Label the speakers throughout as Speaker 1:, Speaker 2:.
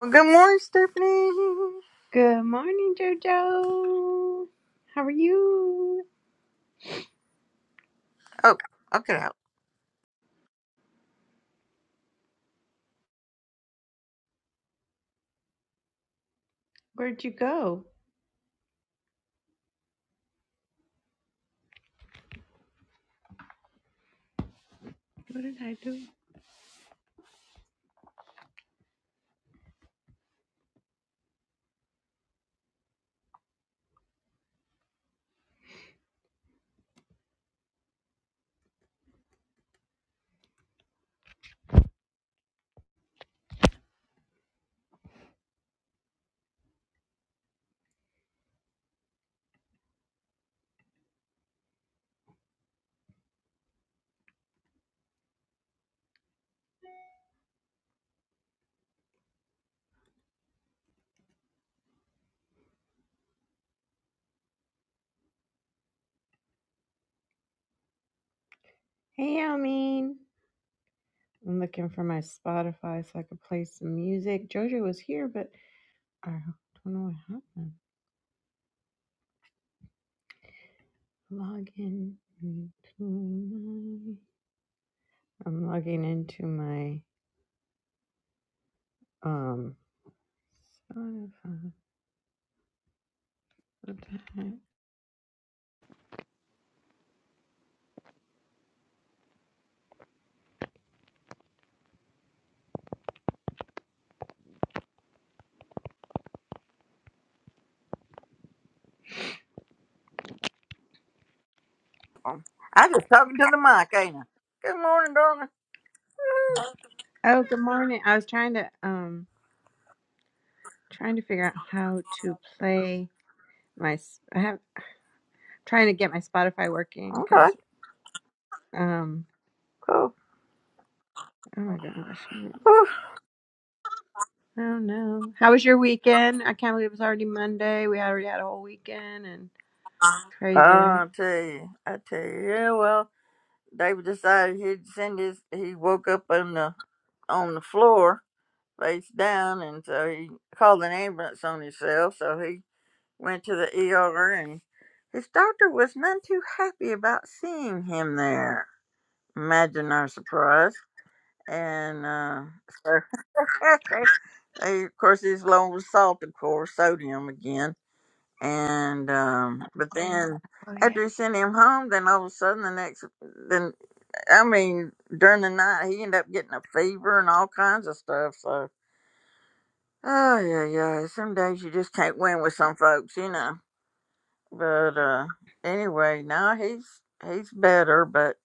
Speaker 1: Well, good morning, Stephanie.
Speaker 2: Good morning, Jojo. How are you?
Speaker 1: Oh, I'll get out.
Speaker 2: Where'd you go? What did I do? Hey, Almeen. I'm looking for my Spotify so I could play some music. Jojo was here, but I don't know what happened. Log into my. I'm logging into my um Spotify. What the heck?
Speaker 1: Um, I just talking to the mic, ain't I? Good morning, darling.
Speaker 2: Oh, good morning. I was trying to um trying to figure out how to play my. s- I have. trying to get my Spotify working
Speaker 1: Okay,
Speaker 2: because um
Speaker 1: cool.
Speaker 2: oh my gosh. I don't
Speaker 1: Whew.
Speaker 2: I don't know. How was your weekend? I can't believe it's already Monday. We already had a whole weekend and
Speaker 1: Oh,
Speaker 2: crazy, right?
Speaker 1: I tell you, I tell you. Yeah, well, David decided he'd send his. He woke up on the on the floor, face down, and so he called an ambulance on himself. So he went to the ER, and his doctor was none too happy about seeing him there. Imagine our surprise. and uh, so they, of course it's loaded with salt, of course, sodium again. And um, but then after he sent him home, then all of a sudden the next, then I mean during the night he ended up getting a fever and all kinds of stuff. So oh yeah, yeah. Some days you just can't win with some folks, you know. But uh, anyway, now he's he's better, but.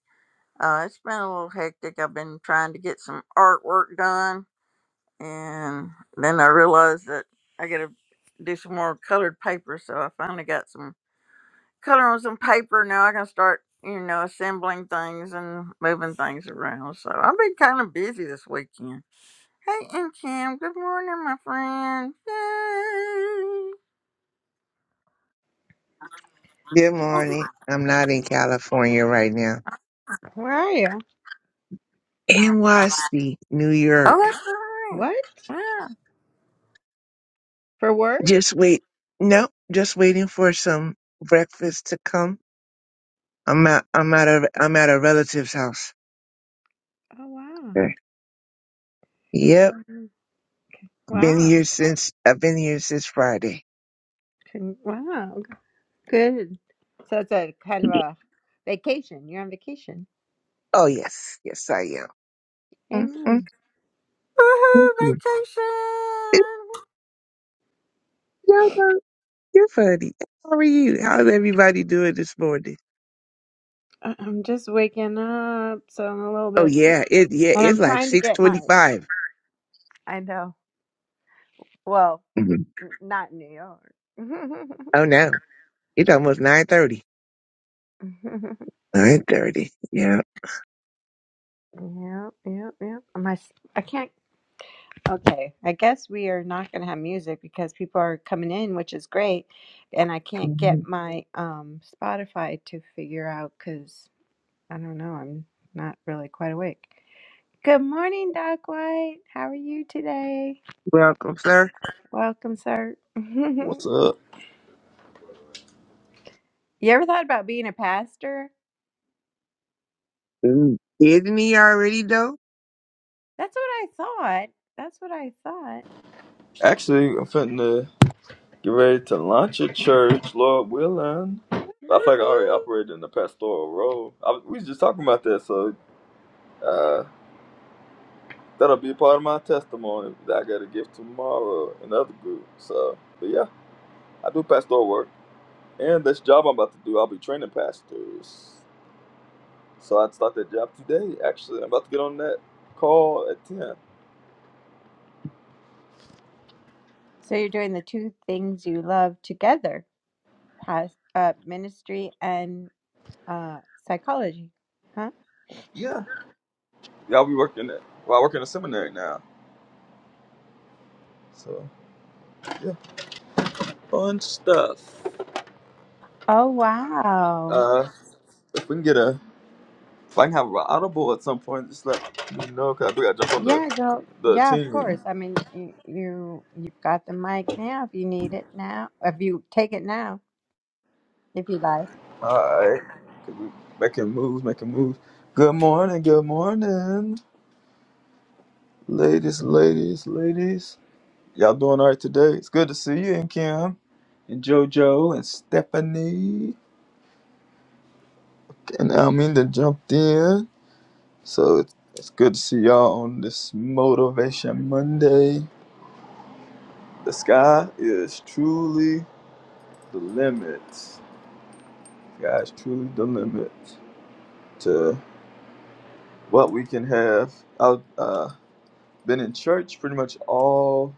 Speaker 1: Uh, it's been a little hectic. I've been trying to get some artwork done And then I realized that I got to do some more colored paper. So I finally got some color on some paper. Now I can start, you know, assembling things and moving things around. So I've been kind of busy this weekend. Hey, and Kim, good morning, my friend. Yay.
Speaker 3: Good morning. I'm not in California right now.
Speaker 2: Where are you?
Speaker 3: NYC, New
Speaker 1: Oh,
Speaker 3: York.
Speaker 1: that's right.
Speaker 2: What?
Speaker 1: Yeah.
Speaker 2: For work?
Speaker 3: Just wait. Nope. Just waiting for some breakfast to come. I'm at, I'm at a, I'm at a relative's house.
Speaker 2: Oh wow.
Speaker 3: Okay. Yep.
Speaker 2: Mhm.
Speaker 3: Been
Speaker 2: Wow.
Speaker 3: here since, I've been here since Friday.
Speaker 2: Con- Wow. Good. So it's a kind of
Speaker 3: Ye-
Speaker 2: a vacation. You're on vacation.
Speaker 3: Oh, yes. Yes, I am.
Speaker 2: Amen.
Speaker 3: Mm-hmm.
Speaker 1: Woohoo, vacation.
Speaker 3: Y'all are, you're funny. How are you? How's everybody doing this morning?
Speaker 2: I- I'm just waking up, so I'm a little
Speaker 3: Oh,
Speaker 2: bit
Speaker 3: yeah. It, yeah.
Speaker 2: and I'm
Speaker 3: It's like
Speaker 2: trying to get my
Speaker 3: 625.
Speaker 2: I know. Well,
Speaker 3: Mhm.
Speaker 2: n- not in New York.
Speaker 3: Oh, no. It's almost 930. Nine thirty. Yeah.
Speaker 2: Yep, yep, yep. My, s- I can't. Okay, I guess we are not going to have music because people are coming in, which is great, and I can't
Speaker 3: Mhm.
Speaker 2: get my um Spotify to figure out because I don't know. I'm not really quite awake. Good morning, Doc White. How are you today?
Speaker 3: Welcome, sir.
Speaker 2: Welcome, sir. you
Speaker 4: What's up?
Speaker 2: ever thought about being a pastor?
Speaker 3: Mm. Isn't he already though?
Speaker 2: That's what I thought. That's what I thought.
Speaker 4: Actually, I'm finna get ready to launch a church, Lord willing. I think I already
Speaker 2: Woohoo!
Speaker 4: operated in the pastoral role. I, was- we was just talking about that, so uh, that'll be part of my testimony that I gotta give tomorrow in the other group. So, but yeah, I do pastoral work, and this job I'm about to do, I'll be training pastors. So I'd start that job today. Actually, I'm about to get on that call at ten.
Speaker 2: So you're doing the two things you love together past uh, ministry and uh, psychology. Huh?
Speaker 4: Yeah, yeah, I'll be working at. Well, I work in a seminary now, so yeah, fun stuff.
Speaker 2: Oh wow!
Speaker 4: Uh, if we can get a, if I can have an audible at some point, just let me know because I do got to jump on the
Speaker 2: Yeah, go.
Speaker 4: the
Speaker 2: Yeah, of
Speaker 4: team.
Speaker 2: course. I mean, you, you you've got the mic now. If you need it now, if you take it now, if you like.
Speaker 4: All right, we making moves, making moves. Good morning, good morning, ladies, ladies, ladies. Y'all doing all right today? It's good to see you and Kim, and JoJo and Stephanie and Alminda jumped in. So it's, it's good to see y'all on this Motivation Monday. The sky is truly the limit. God's truly the limit to what we can have. I've uh, been in church pretty much all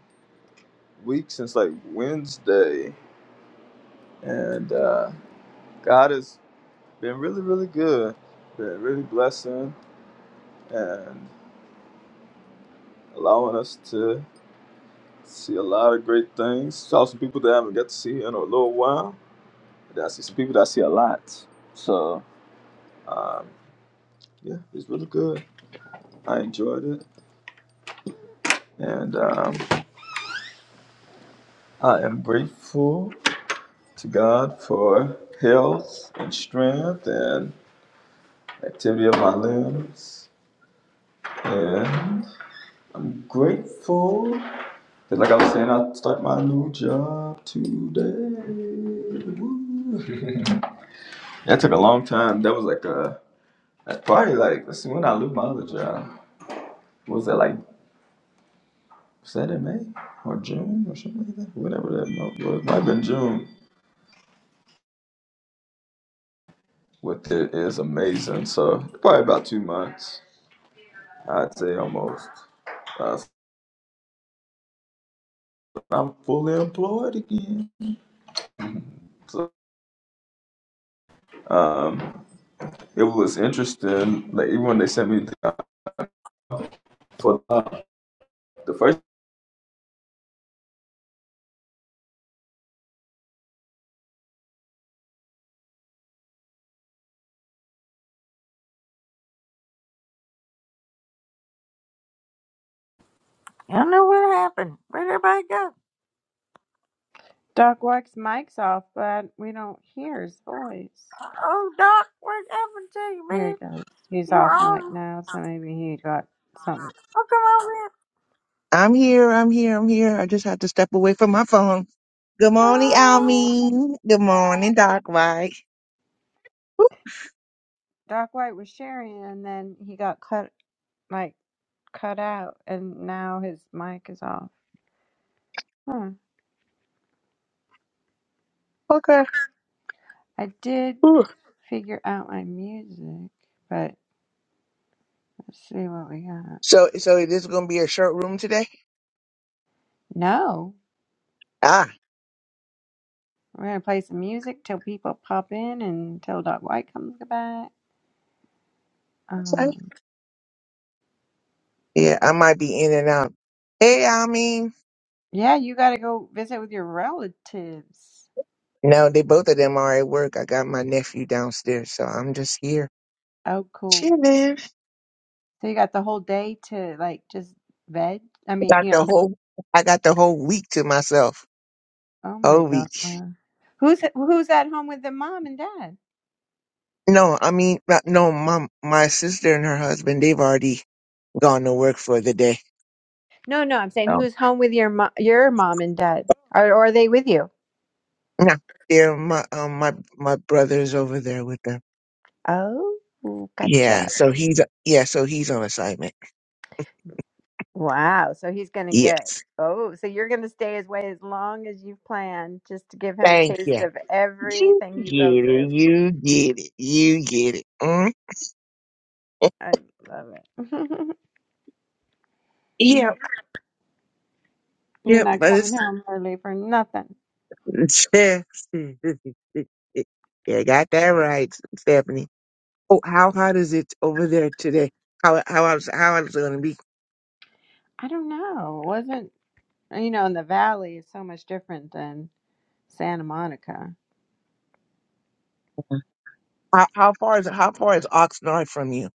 Speaker 4: week since like Wednesday, and uh, God has been really, really good, been really blessing and allowing us to see a lot of great things. Saw some people that I haven't got to see in a little while. But I see some people that I see a lot. So, um, yeah, it's really good. I enjoyed it, and um, I am grateful to God for health and strength and activity of my limbs. And I'm grateful that, like I was saying, I start my new job today. Woo. That took a long time. That was like a that's probably like let's see when I lose my other job. Was that like was that in May or June or something like that? Whatever that month was, It might have been June. What it is amazing. So probably about two months, I'd say almost. Uh, I'm fully employed again. So, um, it was interesting. Like even when they sent me the, for the, the first,
Speaker 1: Y'all know what happened. Where'd everybody go?
Speaker 2: Doc Wax mic's off, but we don't hear his voice.
Speaker 1: Oh, Doc, what happened to you,
Speaker 2: Here he
Speaker 1: man?
Speaker 2: goes. He's
Speaker 1: You were
Speaker 2: off mic
Speaker 1: on.
Speaker 2: now, so maybe he got something.
Speaker 1: Oh, come on
Speaker 3: I'm here. I'm here. I'm here. I just had to step away from my phone. Good morning, Almeen. Good morning, Doc Mike.
Speaker 2: Doc White was sharing, and then he got cut like cut out, and now his mic is off. Huh.
Speaker 3: Okay.
Speaker 2: I did
Speaker 3: Ooh.
Speaker 2: figure out my music, but let's see what we got.
Speaker 3: So, so it is going to be a short room today.
Speaker 2: No,
Speaker 3: Ah.
Speaker 2: we're gonna play some music till people pop in and till Doc White comes back.
Speaker 3: Okay.
Speaker 2: Um,
Speaker 3: Yeah, I might be in and out. Hey, Almeen.
Speaker 2: yeah, you gotta go visit with your relatives.
Speaker 3: No, they both of them are at work. I got my nephew downstairs, so I'm just here
Speaker 2: Oh, cool.
Speaker 3: chilling.
Speaker 2: So you got the whole day to like just veg. I mean,
Speaker 3: Got
Speaker 2: you
Speaker 3: the
Speaker 2: know.
Speaker 3: whole. I got the whole week to myself.
Speaker 2: Oh my
Speaker 3: Whole
Speaker 2: god.
Speaker 3: week.
Speaker 2: Who's who's at home with the mom and dad?
Speaker 3: No, I mean, uh, no, my, my sister and her husband, they've already gone to work for the day.
Speaker 2: No, no, I'm saying
Speaker 3: Oh,
Speaker 2: who's home with your mo- your mom and dad, Are or are they with you?
Speaker 3: No, they're my, um, my, my brother's over there with them.
Speaker 2: Oh, gotcha.
Speaker 3: Yeah. So he's, yeah, so he's on assignment.
Speaker 2: Wow. So he's going to get,
Speaker 3: Yes.
Speaker 2: oh, so you're going to stay his way as long as you've planned just to give him a
Speaker 3: Thank
Speaker 2: taste
Speaker 3: you.
Speaker 2: of
Speaker 3: You
Speaker 2: everything you go
Speaker 3: get
Speaker 2: through.
Speaker 3: it. You get it. You get it. Mm?
Speaker 2: I love it.
Speaker 3: Yep.
Speaker 2: you're
Speaker 3: Yep.
Speaker 2: not
Speaker 3: But
Speaker 2: coming
Speaker 3: it's,
Speaker 2: home early for nothing.
Speaker 3: yeah, got that right, Stephanie. Oh, how hot is it over there today? How, how, hot is- how hot is it going to be?
Speaker 2: I don't know. It wasn't, you know, in the valley is so much different than Santa Monica.
Speaker 3: How, how far is how far is Oxnard from you?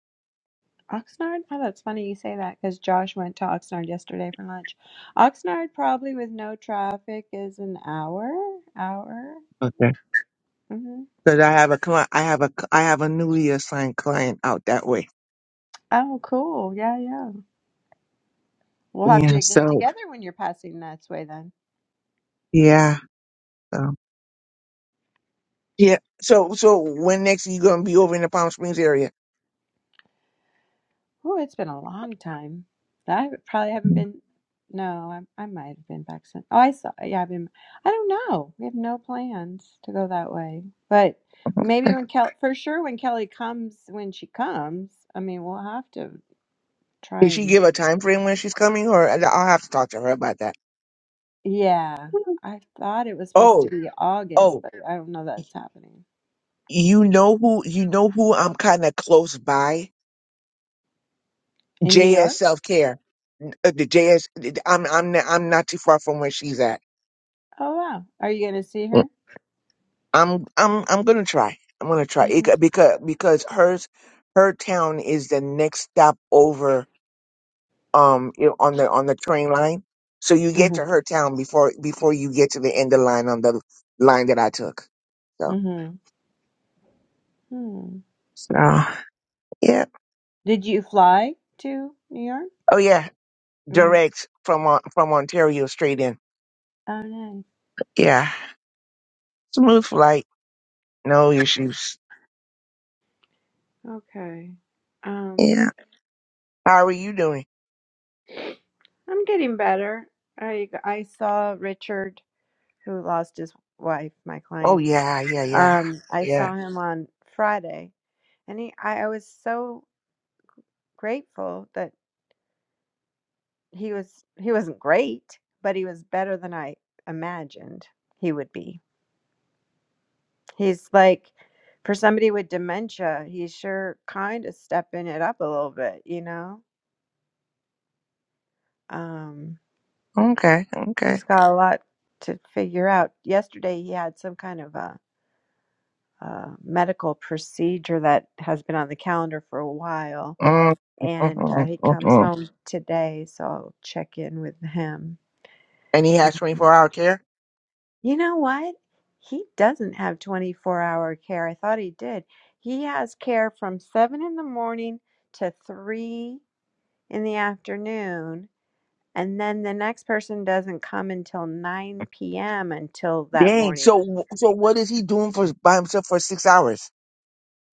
Speaker 2: Oxnard? Oh, that's funny you say that because Josh went to Oxnard yesterday for lunch. Oxnard probably with no traffic is an hour, hour.
Speaker 3: Okay.
Speaker 2: hmm
Speaker 3: Because I have a client, I have a I have a newly assigned client out that way.
Speaker 2: Oh, cool. Yeah, yeah. We'll have
Speaker 3: Yeah.
Speaker 2: to get
Speaker 3: So
Speaker 2: together when you're passing that way then.
Speaker 3: yeah. So yeah. So so when next you gonna be over in the Palm Springs area?
Speaker 2: Oh, it's been a long time. I probably haven't
Speaker 3: Did
Speaker 2: been. No, I, I might have been back since. Oh, I saw. Yeah, I've been. I don't know. We have no plans to go that way, but maybe when Kelly, for sure, when Kelly comes, when she comes, I mean, we'll have to try
Speaker 3: she
Speaker 2: and.
Speaker 3: give a time frame when she's coming, or and I'll have to talk to her about that.
Speaker 2: Yeah, I thought it was supposed to
Speaker 3: Oh
Speaker 2: be August,
Speaker 3: oh,
Speaker 2: but I don't know
Speaker 3: y-
Speaker 2: that's happening
Speaker 3: you know who you know who I'm kind of close by.
Speaker 2: in New
Speaker 3: JS
Speaker 2: York.
Speaker 3: Self Care. Uh, the jsi am I'm I'm I'm not too far from where she's at.
Speaker 2: Oh wow, are you gonna see her?
Speaker 3: I'm I'm I'm gonna try. I'm gonna try
Speaker 2: Mm-hmm.
Speaker 3: it, because because hers her town is the next stop over um you know, on the on the train line. So you get
Speaker 2: Mm-hmm.
Speaker 3: to her town before before you get to the end of the line on the line that I took. So
Speaker 2: Mm-hmm. Hmm.
Speaker 3: so yeah.
Speaker 2: Did you fly to New York?
Speaker 3: Oh yeah,
Speaker 2: hmm
Speaker 3: direct from Mon- from Ontario straight in.
Speaker 2: Oh, nice.
Speaker 3: Yeah, smooth flight, no issues.
Speaker 2: Okay. Um,
Speaker 3: Yeah. How are you doing?
Speaker 2: I'm getting better. I I saw Richard, who lost his wife, my
Speaker 3: Oh
Speaker 2: clients.
Speaker 3: yeah, yeah, yeah,
Speaker 2: Um, I
Speaker 3: yeah.
Speaker 2: saw him on Friday, and he I, I was so grateful that he was he wasn't great, but he was better than I imagined he would be. He's like for somebody with dementia, he's sure kind of stepping it up a little bit, you know. Um,
Speaker 3: Okay, okay.
Speaker 2: He's got a lot to figure out. Yesterday, he had some kind of a, a medical procedure that has been on the calendar for a while, and uh,
Speaker 3: Mm,
Speaker 2: he comes home today, so I'll check in with him.
Speaker 3: and he has
Speaker 2: Mhm.
Speaker 3: 24 hour care.
Speaker 2: You know what? He doesn't have 24 hour care. I thought he did. He has care from 7 in the morning to 3 in the afternoon, and then the next person doesn't come until 9 p.m. until that
Speaker 3: Dang.
Speaker 2: morning.
Speaker 3: So, so what is he doing for by himself for six hours?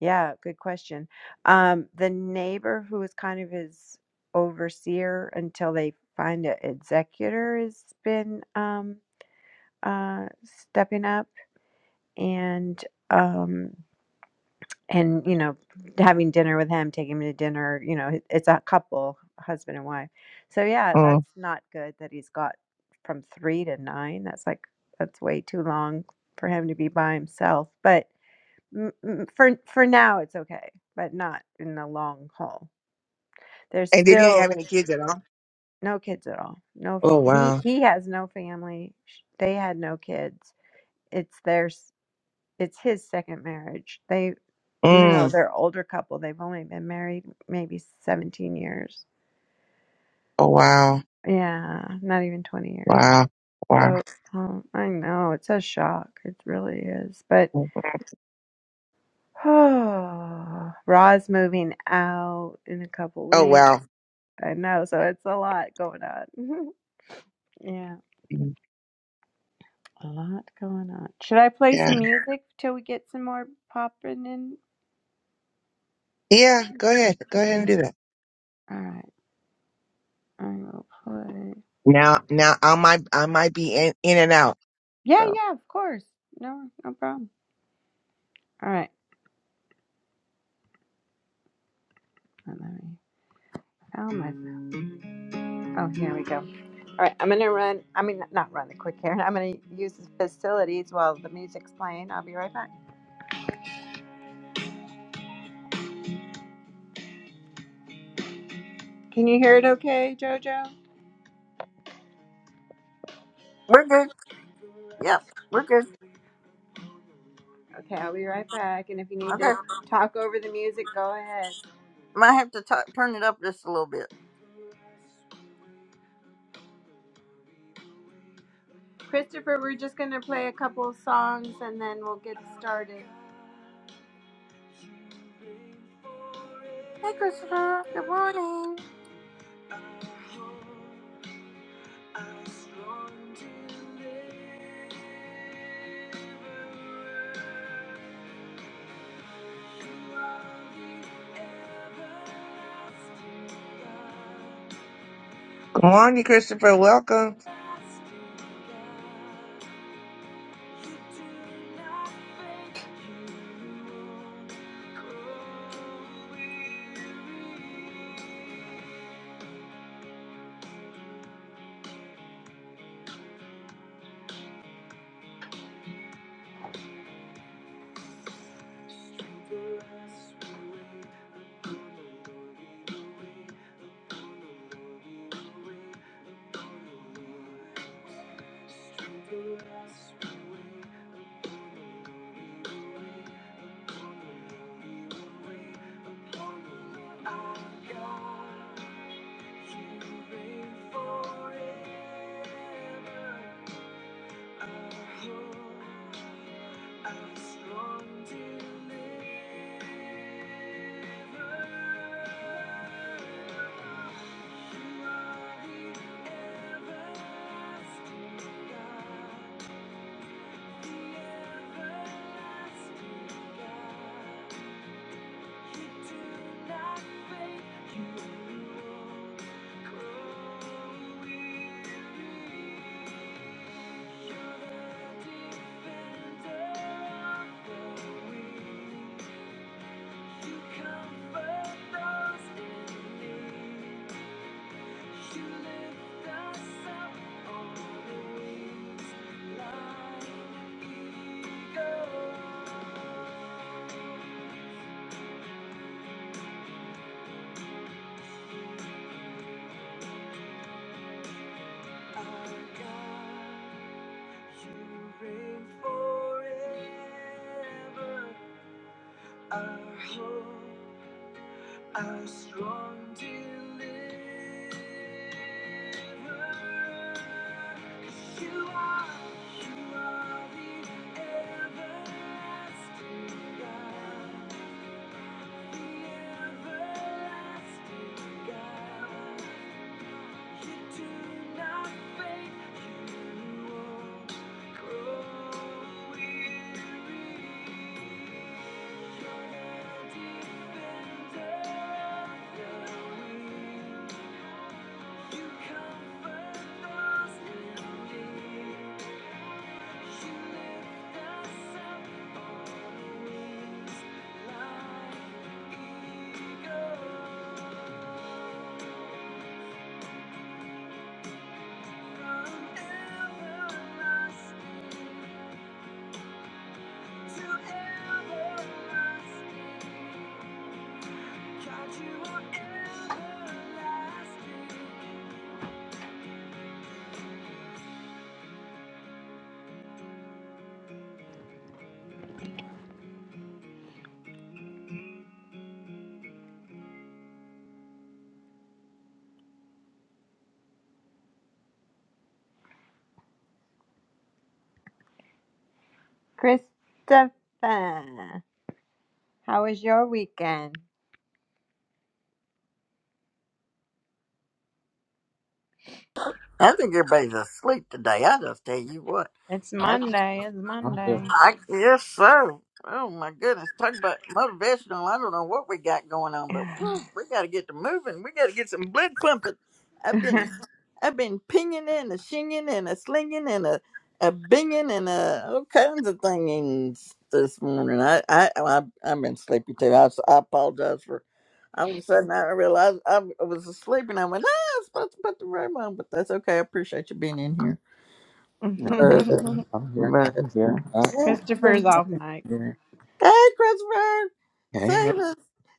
Speaker 2: Yeah, good question. Um, the neighbor who is kind of his overseer until they find an executor has been um, uh, stepping up and um, and you know having dinner with him, taking him to dinner. You know, it- it's a couple, husband and wife. So yeah,
Speaker 3: Mm.
Speaker 2: that's not good that he's got from three to nine. That's like that's way too long for him to be by himself. But Mm, mm, for for now it's okay, but not in the long haul. There's
Speaker 3: And they didn't
Speaker 2: still
Speaker 3: have any kids at all.
Speaker 2: no kids at all. No,
Speaker 3: Oh
Speaker 2: f- he
Speaker 3: wow.
Speaker 2: he has no family. Sh- They had no kids. It's theirs. It's his second marriage. They even though
Speaker 3: Mm.
Speaker 2: they're older couple, they've only been married maybe 17 years.
Speaker 3: Oh wow.
Speaker 2: Yeah, not even 20 years.
Speaker 3: Wow. Wow.
Speaker 2: So um, I know it's a shock. It really is. But Ra's moving out in a couple
Speaker 3: Oh
Speaker 2: weeks
Speaker 3: wow.
Speaker 2: I know, so it's a lot going on. yeah,
Speaker 3: Mm.
Speaker 2: a lot going on. Should I play
Speaker 3: Yeah.
Speaker 2: some music till we get some more popping in?
Speaker 3: Yeah. Go ahead. Go ahead and do that.
Speaker 2: All right, I will play.
Speaker 3: Now, now I might, I might be in, in and out.
Speaker 2: Yeah,
Speaker 3: So,
Speaker 2: yeah, of course. No, no problem. All right, oh, let me found my. Oh, here we go. All right, I'm gonna run. I mean, not run the quick errand. I'm gonna use the facilities while the music's playing. I'll be right back. Can you hear it? Okay, Jojo.
Speaker 1: We're good. Yep, we're good.
Speaker 2: Okay, I'll be right back. And if you need
Speaker 1: Okay.
Speaker 2: to talk over the music, go ahead.
Speaker 1: Might have to t- turn it up just a little bit.
Speaker 2: Christopher, we're just gonna play a couple of songs and then we'll get started.
Speaker 1: Hey, Christopher. Good morning.
Speaker 3: good morning, Christopher. Welcome.
Speaker 2: Comfort those in need. She lifts us up on wings like eagles. Our God, you reign forever. Our hope. Our strong deliverer. 'Cause you are, you are the everlasting God, the everlasting God. You do not fade, you won't grow weary. God, you are everlasting. Christopher, how was your weekend?
Speaker 1: I think everybody's asleep today. I just tell you what.
Speaker 2: It's
Speaker 5: Uh,
Speaker 2: Monday. It's
Speaker 5: I'm
Speaker 2: Monday.
Speaker 5: here.
Speaker 1: I guess so. Oh my goodness. Talk about motivational. I don't know what we got going on, but woo, we gotta get to moving. We gotta get some blood pumping. I've been I've been pinging and a shinging and a slinging and a a binging and a all kinds of things this morning. I I, I I've been sleepy too. I, s- I apologize for. All of a sudden, I realized I was asleep, and I went, "Ah, I was supposed to put the room on," but that's okay. I appreciate you being in here.
Speaker 5: Yeah,
Speaker 1: But,
Speaker 5: I'm here. I'm
Speaker 1: but uh,
Speaker 5: here. I,
Speaker 1: yeah,
Speaker 2: Christopher's off
Speaker 5: I'm
Speaker 2: mic.
Speaker 5: here.
Speaker 1: Hey, Christopher!
Speaker 5: Hey,
Speaker 1: Save
Speaker 5: hey,
Speaker 1: us!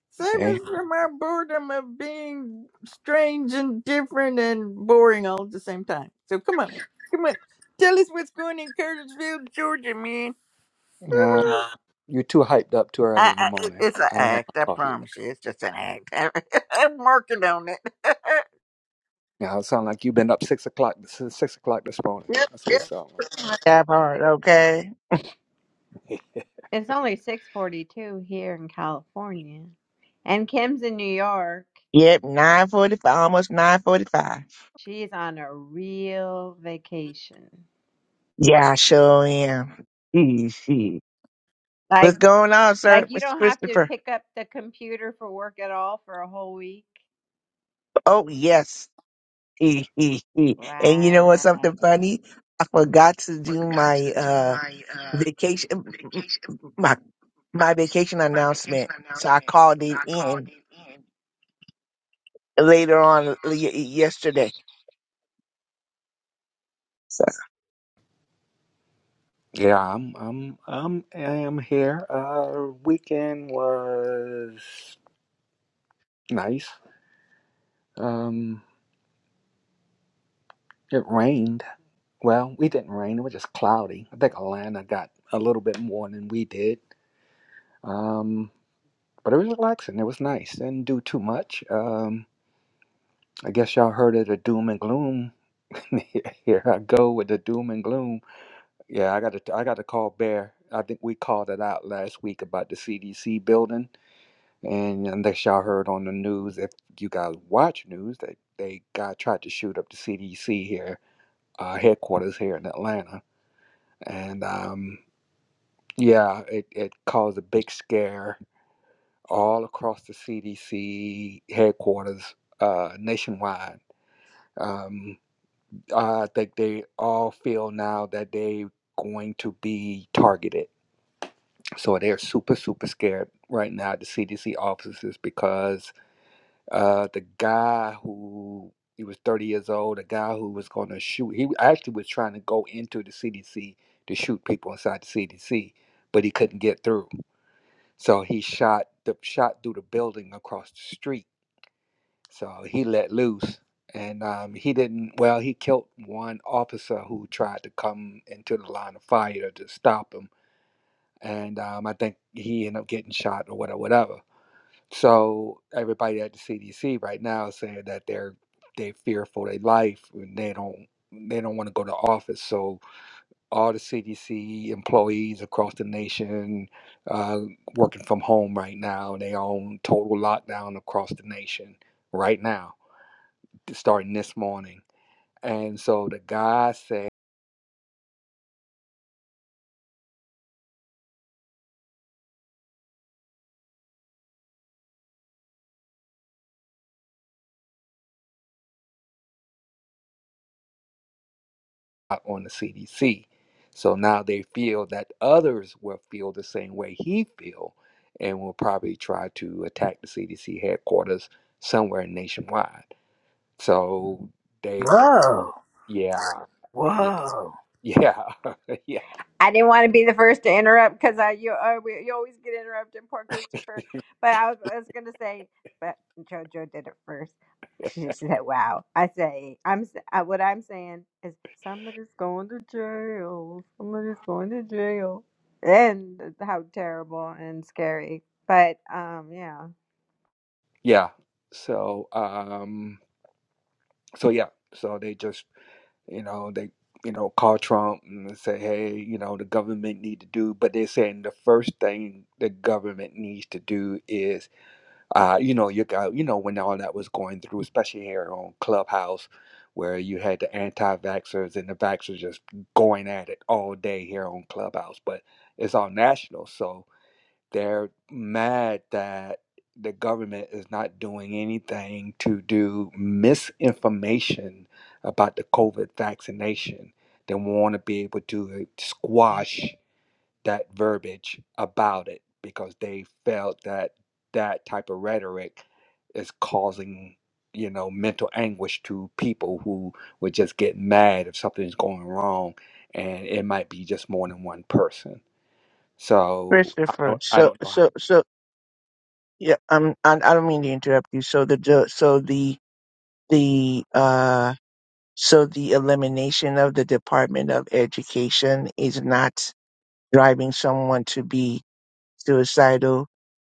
Speaker 1: Save
Speaker 5: hey.
Speaker 1: us from our boredom of being strange and different and boring all at the same time. So come on, come on, tell us what's going in Curtisville, Georgia, man.
Speaker 5: Uh,
Speaker 1: Woohoo.
Speaker 5: you're too hyped up too early
Speaker 1: I,
Speaker 5: in the
Speaker 1: I, it-
Speaker 5: morning.
Speaker 1: it's an
Speaker 5: I ain't had
Speaker 1: act. I
Speaker 5: no coffee.
Speaker 1: promise you, it's just an act. I'm working on it.
Speaker 5: Now it sounds like you've been up six o'clock. Since six o'clock this morning.
Speaker 1: yep,
Speaker 5: That's what it sounds
Speaker 1: yep.
Speaker 3: That part. Okay.
Speaker 5: like.
Speaker 2: It's only 6:42 here in California. And Kim's in New York.
Speaker 3: Yep. Nine forty-five. Almost nine forty-five.
Speaker 2: She's on a real vacation.
Speaker 3: Yeah, I sure am. Easy.
Speaker 2: Like
Speaker 3: What's going on, sir,
Speaker 2: like you
Speaker 3: Mr.
Speaker 2: don't have to
Speaker 3: Christopher?
Speaker 2: pick up the computer for work at all for a whole week.
Speaker 3: Oh yes. and you know what's
Speaker 2: Wow.
Speaker 3: something funny? I forgot to do my uh vacation my my vacation announcement. So I called it in later on y- yesterday. So
Speaker 5: yeah, I'm. I'm. I'm. I am here. Uh, weekend was nice. Um, it rained. Well, we didn't rain. It was just cloudy. I think Atlanta got a little bit more than we did. Um, but it was relaxing. It was nice. Didn't do too much. Um, I guess y'all heard of the doom and gloom. Here I go with the doom and gloom. Yeah, I got to. I got to call Bear. I think we called it out last week about the CDC building, and unless y'all heard on the news, if you guys watch news, that they got tried to shoot up the CDC here, uh, headquarters here in Atlanta, and um, yeah, it, it caused a big scare all across the CDC headquarters uh, nationwide. Um, I think they all feel now that they're going to be targeted. So they're super, super scared right now at the CDC offices because uh, the guy who he was 30 years old, a guy who was going to shoot, he actually was trying to go into the CDC to shoot people inside the CDC, but he couldn't get through. So he shot the shot through the building across the street So he let loose. And um, he didn't, well, he killed one officer who tried to come into the line of fire to stop him. And um, I think he ended up getting shot or whatever, whatever. So everybody at the CDC right now is saying that they're they fear for their life and they don't they don't want to go to office. So all the CDC employees across the nation uh, working from home right now. They on total lockdown across the nation right now starting this morning. And so the guy said on the CDC. So now they feel that others will feel the same way he feel and will probably try to attack the CDC headquarters somewhere nationwide. So they
Speaker 1: Whoa.
Speaker 5: yeah, yeah,
Speaker 1: Whoa.
Speaker 5: yeah, yeah,
Speaker 2: I didn't want to be the first to interrupt because I you uh, we, you always get interrupted, poor Christopher. But I was, I was gonna say, but JoJo did it first. She said, "Wow." I say, I'm s- uh, what I'm saying is somebody's going to jail. Somebody's going to jail, and that's how terrible and scary. But um, yeah,
Speaker 5: yeah. So um so yeah, so they just you know they you know call trump and say hey you know the government need to do but they're saying the first thing the government needs to do is uh you know you got you know when all that was going through especially here on clubhouse where you had the anti-vaxxers and the vaxxers just going at it all day here on clubhouse but it's all national so they're mad that the government is not doing anything to do misinformation about the COVID vaccination. They want to be able to squash that verbiage about it because they felt that that type of rhetoric is causing you know mental anguish to people who would just get mad if something's going wrong and it might be just more than one person so i
Speaker 3: Christopher,
Speaker 5: don't i
Speaker 3: so
Speaker 5: don't know
Speaker 3: so so yeah, um, I, I don't mean to interrupt you. So the the- so the the uh so the elimination of the Department of Education is not driving someone to be suicidal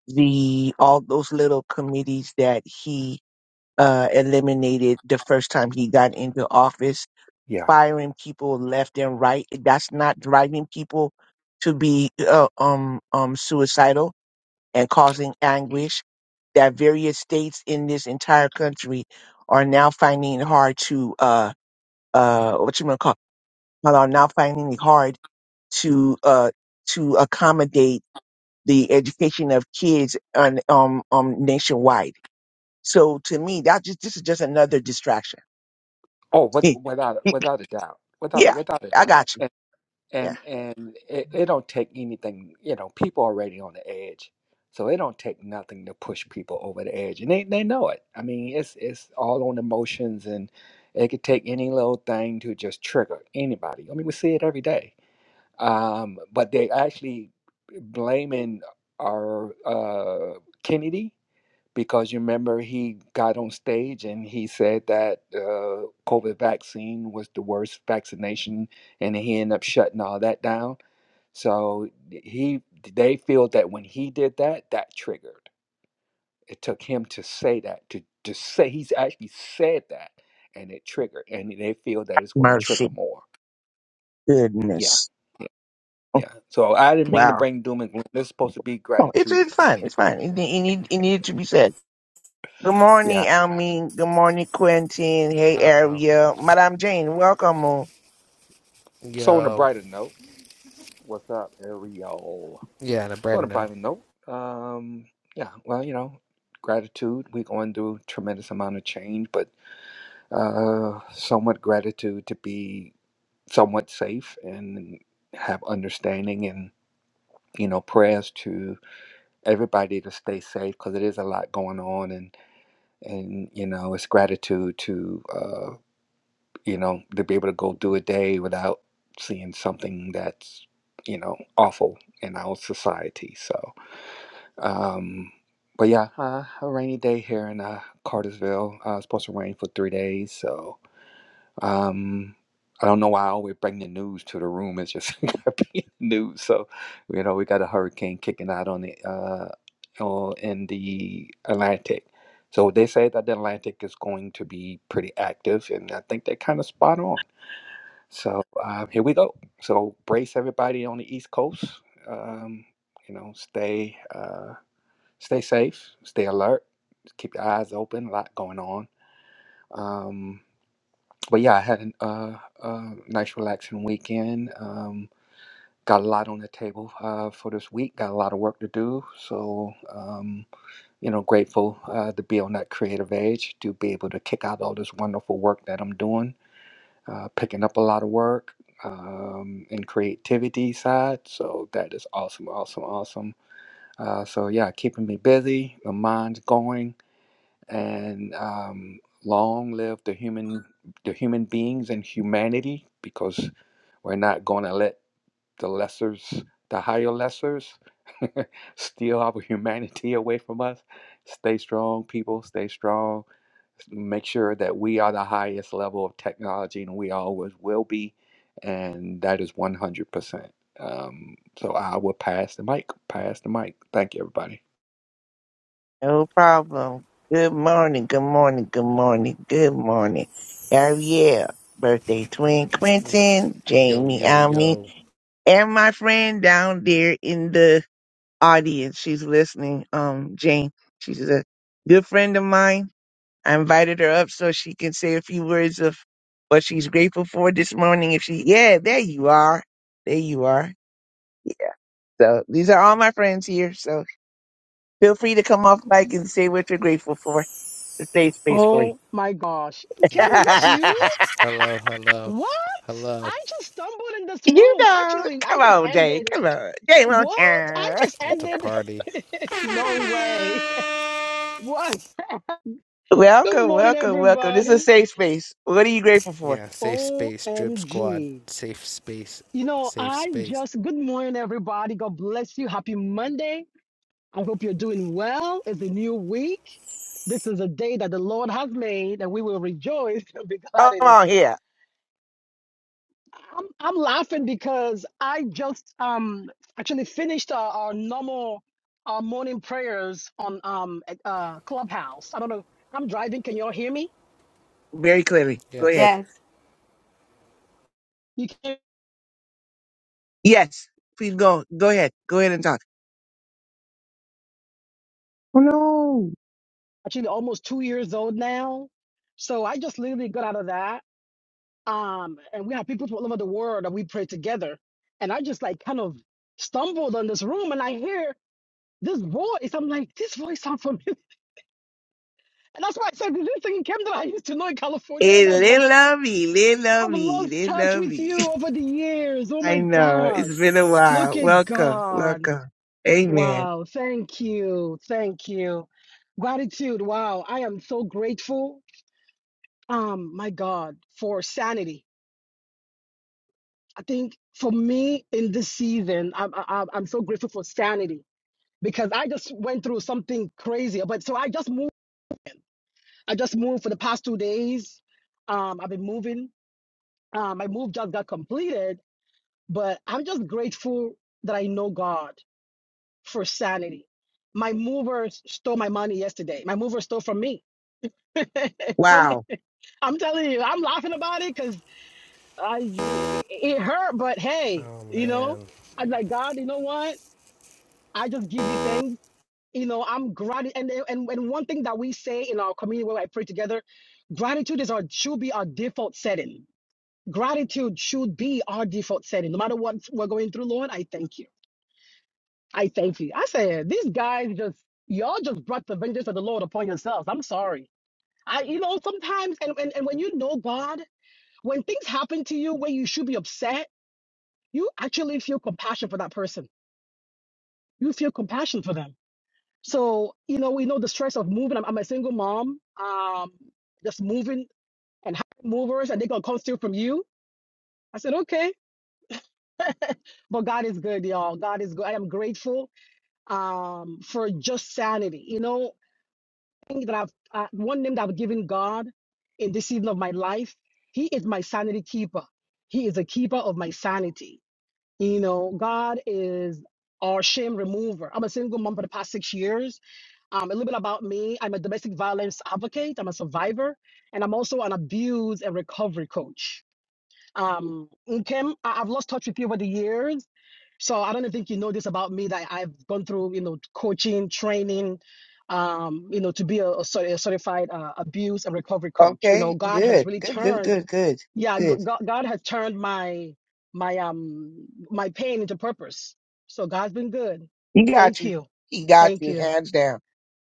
Speaker 3: the all those little committees that he uh, eliminated the first time he got into office,
Speaker 5: Yeah.
Speaker 3: firing people left and right. That's not driving people to be uh, um um suicidal and causing anguish. That various states in this entire country are now finding it hard to uh uh what you gonna call are now finding it hard to uh to accommodate the education of kids on um um nationwide so to me, that just this is just another distraction.
Speaker 5: Oh, with,
Speaker 3: yeah,
Speaker 5: without without a doubt, without without a
Speaker 3: I
Speaker 5: doubt,
Speaker 3: got you.
Speaker 5: and
Speaker 3: Yeah,
Speaker 5: and and it, it don't take anything. You know, people already on the edge, so it don't take nothing to push people over the edge, and they they know it. I mean, it's it's all on emotions, and it could take any little thing to just trigger anybody. I mean, we see it every day. Um, but they actually blaming our uh, Kennedy. because you remember he got on stage and he said that uh, COVID vaccine was the worst vaccination, and he ended up shutting all that down. So he, they feel that when he did that, that triggered. It took him to say that to to say he's actually said that, and it triggered, and they feel that it's going to trigger
Speaker 3: mercy,
Speaker 5: more. Yeah,
Speaker 3: goodness,
Speaker 5: yeah. So I didn't mean to
Speaker 3: wow.
Speaker 5: bring doom and gloom. This is supposed to be
Speaker 3: Oh, it's
Speaker 5: gratitude.
Speaker 3: it's fine. It's fine. It, it need it needed to be said. Good morning,
Speaker 5: Yeah.
Speaker 3: Almin. Good morning, Quentin. Hey,
Speaker 6: Uh,
Speaker 3: Ariel, Madame Jane, welcome. on.
Speaker 5: So on a
Speaker 6: yo,
Speaker 5: brighter note, what's up, Ariel?
Speaker 6: yeah, and a
Speaker 5: So
Speaker 6: brighter
Speaker 5: on a
Speaker 6: now.
Speaker 5: brighter note, um, yeah, well, you know, gratitude. We're going through a tremendous amount of change, but uh, somewhat gratitude to be somewhat safe and have understanding and you know prayers to everybody to stay safe because it is a lot going on and and you know it's gratitude to uh, you know to be able to go through a day without seeing something that's you know awful in our society. So Um, but yeah, uh, a rainy day here in uh, Cartersville. Uh, it's supposed to rain for three days, so um, I don't know why I always bring the news to the room. It's just gotta be in the news. So you know, we got a hurricane kicking out on the uh, on- in the Atlantic. So they say that the Atlantic is going to be pretty active, and I think they're kind of spot on. So uh, here we go. So brace everybody on the East Coast. Um, you know, stay. Uh, stay safe, stay alert, keep your eyes open. A lot going on. Um, but yeah, I had an, uh, a nice, relaxing weekend. Um, got a lot on the table uh, for this week. Got a lot of work to do. So um, you know, grateful uh, to be on that creative edge to be able to kick out all this wonderful work that I'm doing. Uh, picking up a lot of work um, and creativity side. So that is awesome, awesome, awesome. Uh, so yeah, keeping me busy. My mind's going and um, long live the human the human beings and humanity because we're not going to let the lessers the higher lessers steal our humanity away from us stay strong people stay strong make sure that we are the highest level of technology and we always will be and that is 100% um, so i will pass the mic pass the mic thank you everybody
Speaker 3: No problem. Good morning. Good morning. Good morning. Good morning, Ariel. Birthday twin, Quentin,
Speaker 6: Yo,
Speaker 3: Jamie,
Speaker 6: yo,
Speaker 3: Almin,
Speaker 6: yo.
Speaker 3: and my friend down there in the audience. She's listening. Um, Jane, she's a good friend of mine. I invited her up so she can say a few words of what she's grateful for this morning. If she, yeah, there you are. There you are. Yeah. So these are all my friends here. So feel free to come off mic and say what you're grateful for. The safe space for you.
Speaker 7: Oh my gosh. Kim, is this you?
Speaker 6: Hello, hello,
Speaker 7: What?
Speaker 6: hello.
Speaker 7: I just stumbled in this
Speaker 3: you
Speaker 7: room.
Speaker 3: know,
Speaker 7: Actually, I
Speaker 3: come
Speaker 7: just
Speaker 3: on, Jane.
Speaker 7: ended.
Speaker 3: Come on, Jane. won't-
Speaker 7: What? I
Speaker 3: Ah.
Speaker 7: just
Speaker 6: It's a
Speaker 7: ended.
Speaker 6: party.
Speaker 7: No way. What? Good
Speaker 3: Welcome,
Speaker 7: morning,
Speaker 3: welcome, welcome. This is a
Speaker 7: everybody.
Speaker 3: safe space. What are you grateful for?
Speaker 6: Yeah, safe space, drip squad,
Speaker 7: OMG.
Speaker 6: safe space,
Speaker 7: You know,
Speaker 6: safe
Speaker 7: I
Speaker 6: space.
Speaker 7: just, good morning, everybody. God bless you. Happy Monday. I hope you're doing well. It's a new week. This is a day that the Lord has made, and we will rejoice and be glad
Speaker 3: Come
Speaker 7: in it.
Speaker 3: on here.
Speaker 7: I'm I'm laughing because I just um actually finished our, our normal our morning prayers on um at, uh Clubhouse. I don't know. I'm driving. Can y'all hear me?
Speaker 3: Very clearly. Go ahead.
Speaker 6: Yes.
Speaker 2: yes.
Speaker 7: You can
Speaker 3: Yes, please go. Go ahead. Go ahead and talk. Oh, no.
Speaker 7: actually almost two years old now. So I just literally got out of that. Um, and we have people from all over the world that we pray together. And I just like kind of stumbled on this room and I hear this voice. I'm like, this voice sounds familiar. And that's why I said this thing singing Camden I used to know in California
Speaker 3: Hey,
Speaker 7: and I've loved
Speaker 3: little lovey, little
Speaker 7: I've
Speaker 3: lovey,
Speaker 7: lost
Speaker 3: little
Speaker 7: touch with
Speaker 3: lovey.
Speaker 7: you over the years. Oh
Speaker 3: I
Speaker 7: my
Speaker 3: know. It's
Speaker 7: gosh.
Speaker 3: been a
Speaker 7: Look
Speaker 3: while.
Speaker 7: at
Speaker 3: Welcome.
Speaker 7: God.
Speaker 3: Welcome. Amen.
Speaker 7: Wow. Thank you. Thank you. Gratitude. Wow. I am so grateful. Um, my God, for sanity. I think for me in this season, I'm, I'm, I'm so grateful for sanity because I just went through something crazy. But so I just moved. I just moved for the past two days. Um, I've been moving. Um, my move just got completed But I'm just grateful that I know God for sanity. My mover stole my money yesterday. My mover stole from me. Funny.
Speaker 3: Wow.
Speaker 7: I'm telling you, I'm laughing about it because I it hurt, but hey,
Speaker 6: Oh
Speaker 7: you know,
Speaker 6: man.
Speaker 7: I'm like, God, you know what? I just give you thanks. You know, I'm gratitude and, and and one thing that we say in our community where I pray together, gratitude is our should be our default setting. Gratitude should be our default setting. No matter what we're going through, Lord, I thank you. I thank you. I said, these guys just, y'all just brought the vengeance of the Lord upon yourselves. I'm sorry. I, you know, sometimes, and, and, and when you know God, when things happen to you where you should be upset, you actually feel compassion for that person. You feel compassion for them. So, you know, we know the stress of moving. I'm, I'm a single mom, um, just moving and having movers, and they're going to come steal from you. I said, okay. But God is good, y'all. God is good. I am grateful um, for just sanity. You know, thing that I've uh, one name that I've given God in this season of my life. He is my sanity keeper. He is a keeper of my sanity. You know, God is our shame remover. I'm a single mom for the past six years. Um, a little bit about me: I'm a domestic violence advocate. I'm a survivor, and I'm also an abuse and recovery coach. Um, Nkem, I- I've lost touch with you over the years. So I don't think you know this about me that I've gone through, you know, coaching, training, um, you know, to be a, a cer- a certified uh, abuse and recovery coach. You know,
Speaker 3: Okay.
Speaker 7: God has
Speaker 3: Good.
Speaker 7: really
Speaker 3: Good, good,
Speaker 7: turned,
Speaker 3: good, good,
Speaker 7: yeah, G-
Speaker 3: good.
Speaker 7: God, God has turned my my um my pain into purpose. So God's been good.
Speaker 3: He got
Speaker 7: Thank
Speaker 3: you.
Speaker 7: you,
Speaker 3: He got
Speaker 7: thank
Speaker 3: you.
Speaker 7: you.
Speaker 3: Hands down.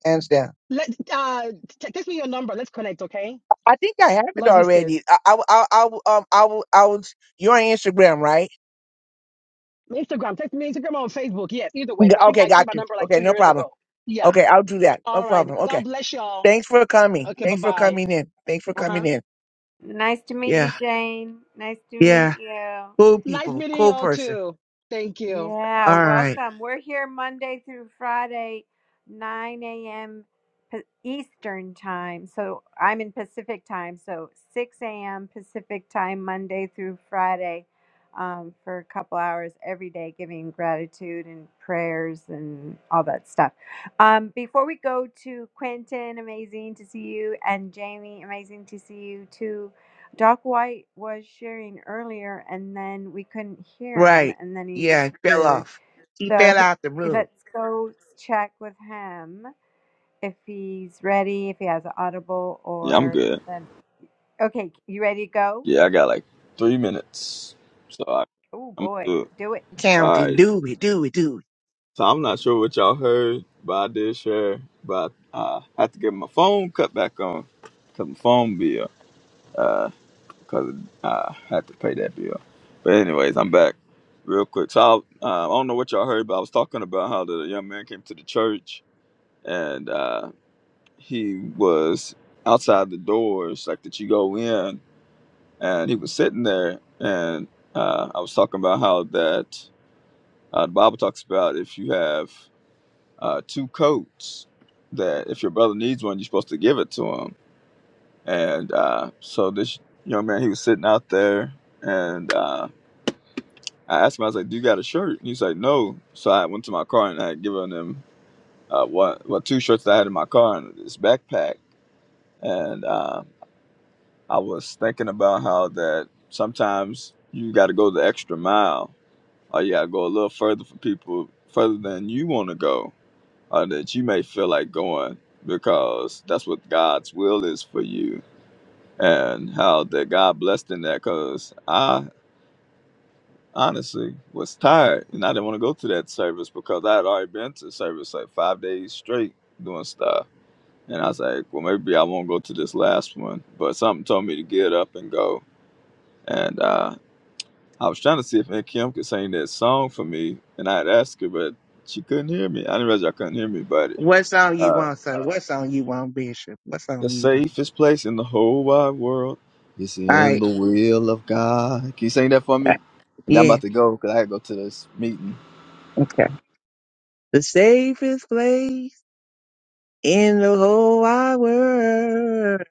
Speaker 3: Hands down.
Speaker 7: Let uh, t- text me your number. Let's connect, okay?
Speaker 3: I think I have it
Speaker 7: Love you, sis.
Speaker 3: already. I, I, I, I, um, I, will- I was, you're on Instagram, right?
Speaker 7: Instagram, text me Instagram or Facebook. Yes, either way because I think
Speaker 3: Okay.
Speaker 7: I changed
Speaker 3: Got
Speaker 7: my
Speaker 3: you.
Speaker 7: number like
Speaker 3: Okay.
Speaker 7: two
Speaker 3: No
Speaker 7: years
Speaker 3: problem.
Speaker 7: ago. Yeah.
Speaker 3: Okay. I'll do that. No
Speaker 7: All right.
Speaker 3: problem. Okay.
Speaker 7: God bless y'all.
Speaker 3: Thanks for coming.
Speaker 7: Okay. Bye
Speaker 3: Thanks for
Speaker 7: bye.
Speaker 3: coming in. Thanks for
Speaker 7: Uh
Speaker 3: coming
Speaker 7: huh.
Speaker 3: in.
Speaker 2: Nice to meet
Speaker 3: Yeah.
Speaker 2: you, Jane. Nice to
Speaker 3: Yeah.
Speaker 2: meet you.
Speaker 3: Cool
Speaker 7: Nice
Speaker 3: people.
Speaker 7: meeting
Speaker 3: Cool
Speaker 7: y'all
Speaker 3: person.
Speaker 7: too. Thank you.
Speaker 2: Yeah,
Speaker 3: All right.
Speaker 2: welcome. We're here Monday through Friday, 9 a.m. Pa- Eastern time. So I'm in Pacific time. So 6 a.m. Pacific time, Monday through Friday, um, for a couple hours every day, giving gratitude and prayers and all that stuff. Um, before we go to Quentin, amazing to see you, and Jamie, amazing to see you too. Doc White was sharing earlier, and then we couldn't hear him,
Speaker 3: Right.
Speaker 2: and then he
Speaker 3: Yeah. Fell
Speaker 2: disappeared.
Speaker 3: off. He
Speaker 2: So
Speaker 3: fell out the room.
Speaker 2: let's go check with him if he's ready, if he has an audible,
Speaker 4: yeah, I'm
Speaker 2: or
Speaker 4: good.
Speaker 2: then. Okay, you ready to go?
Speaker 4: Yeah, I got like three minutes, so I,
Speaker 2: Oh
Speaker 4: I'm gonna
Speaker 2: boy,
Speaker 4: do it.
Speaker 2: do it!
Speaker 4: All
Speaker 3: Counting.
Speaker 4: right.
Speaker 3: Do it. Do it. Do it.
Speaker 4: So I'm not sure what y'all heard, but I did share. But uh, I had to get my phone cut back on, cause my phone bill, uh, cause I had to pay that bill. But anyways, I'm back real quick. So I, uh, I don't know what y'all heard, but I was talking about how the young man came to the church and uh, he was outside the doors like that you go in and he was sitting there and uh, i was talking about how that uh, the bible talks about if you have uh, two coats that if your brother needs one you're supposed to give it to him and uh, so this young man he was sitting out there and uh, i asked him i was like do you got a shirt and he's like no so i went to my car and i had given him uh, what, what two shirts that i had in my car and this backpack and um, I was thinking about how that sometimes you got to go the extra mile, or you got to go a little further for people, further than you want to go, or that you may feel like going, because that's what God's will is for you, and how that God blessed in that. Because I honestly was tired, and I didn't want to go to that service because I had already been to service like five days straight doing stuff. And I was like, well, maybe I won't go to this last one. But something told me to get up and go. And uh, I was trying to see if Aunt Kim could sing that song for me, and I'd ask her, but she couldn't hear me. I didn't realize y'all couldn't hear me, but
Speaker 3: What song you
Speaker 4: uh,
Speaker 3: want, son? What song you want, Bishop? What
Speaker 4: the
Speaker 3: song you want?
Speaker 4: safest place in the whole wide world is
Speaker 3: All
Speaker 4: in
Speaker 3: right.
Speaker 4: the will of God. Can you sing that for
Speaker 3: Uh,
Speaker 4: me? And I'm
Speaker 3: Yeah.
Speaker 4: about to go because I gotta go to this meeting.
Speaker 3: Okay. The safest place in the whole wide world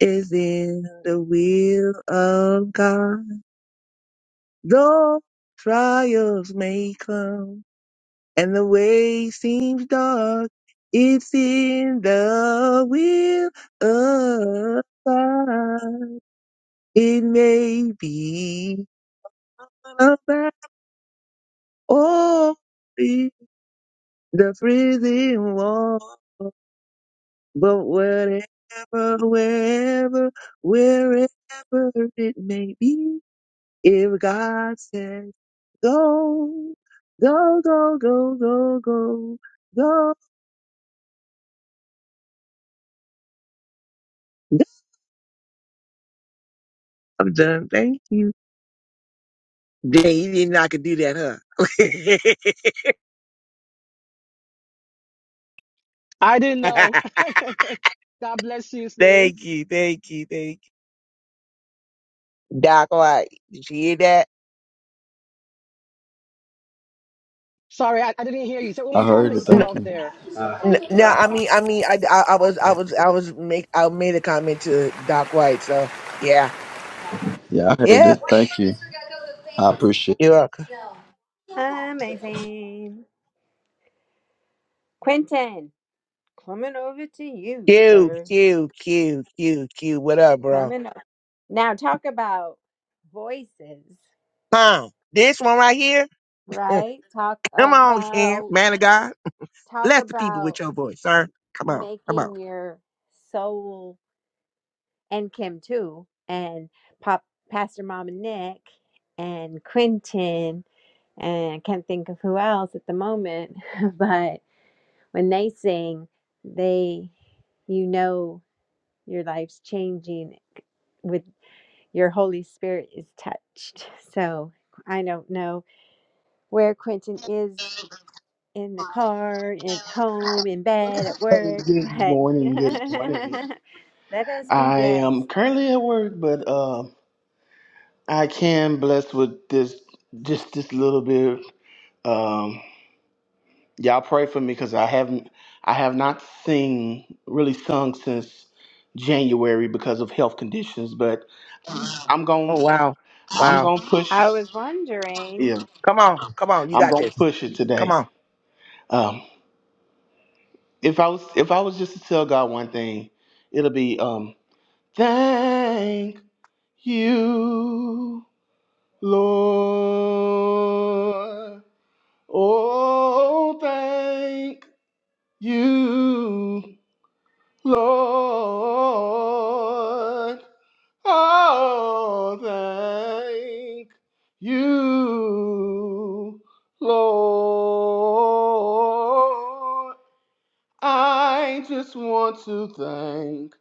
Speaker 3: is in the will of God. Though trials may come. and the way seems dark. It's in the will of God. It may be about all the the prison wall, but whatever, wherever, wherever it may be, if God says go, go, go, go, go, go, go, I'm done. Thank you. Dang, you didn't know I could do that,
Speaker 7: I didn't
Speaker 3: huh?
Speaker 7: know. God bless you, sis.
Speaker 3: thank you, thank you, thank you. Doc White, did you hear that?
Speaker 7: Sorry, I, I didn't hear you. So one more
Speaker 4: I
Speaker 7: time
Speaker 4: heard
Speaker 7: that
Speaker 4: it.
Speaker 7: you cut
Speaker 3: No,
Speaker 4: Thank
Speaker 7: off
Speaker 4: you.
Speaker 7: there.
Speaker 3: no, no, I mean, I mean, I, I, I was, I
Speaker 6: Yeah,
Speaker 3: was, I was make, I made a comment to Doc White, so yeah,
Speaker 4: Yeah, I heard
Speaker 3: yeah,
Speaker 4: it. Thank you. I appreciate it.
Speaker 3: you're welcome.
Speaker 2: Amazing, Quentin. Coming over to you,
Speaker 3: Q,
Speaker 2: sir.
Speaker 3: Q, Q, Q, Q. What up, bro?
Speaker 2: Coming up now. Talk about voices,
Speaker 3: Huh? This one right here. Mm,
Speaker 2: right? Talk
Speaker 3: Come on, Ken,
Speaker 2: about
Speaker 3: man of God,
Speaker 2: talk
Speaker 3: bless the people
Speaker 2: about.
Speaker 3: with your voice, sir. Come on, come on.
Speaker 2: making your soul and Kim too, and Pop Pastor Mom and Nick and Quentin and I can't think of who else at the moment, but when they sing, they you know your life's changing with your Holy Spirit is touched. So I don't know where Quentin is in the car, at home, in bed, at work,
Speaker 8: Good
Speaker 2: but
Speaker 8: morning. Good morning.
Speaker 2: let us be
Speaker 8: I
Speaker 2: blessed.
Speaker 8: am currently at work, but um, I can bless with this just this little bit. Um, y'all pray for me because I haven't I have not sing really sung since January because of health conditions. But I'm
Speaker 3: Oh
Speaker 8: going
Speaker 3: wow,
Speaker 8: I'm
Speaker 3: wow.
Speaker 8: gonna
Speaker 2: I
Speaker 8: push.
Speaker 2: was wondering.
Speaker 8: Yeah,
Speaker 3: Come on, come on. You
Speaker 8: I'm
Speaker 3: got
Speaker 8: gonna
Speaker 3: this.
Speaker 8: push it
Speaker 3: Come
Speaker 8: today.
Speaker 3: on.
Speaker 8: Um, if I was if I was just to tell God one thing, it'll be um, thank you. Lord. Oh, thank you, Lord. Oh, thank you, Lord. I just want to thank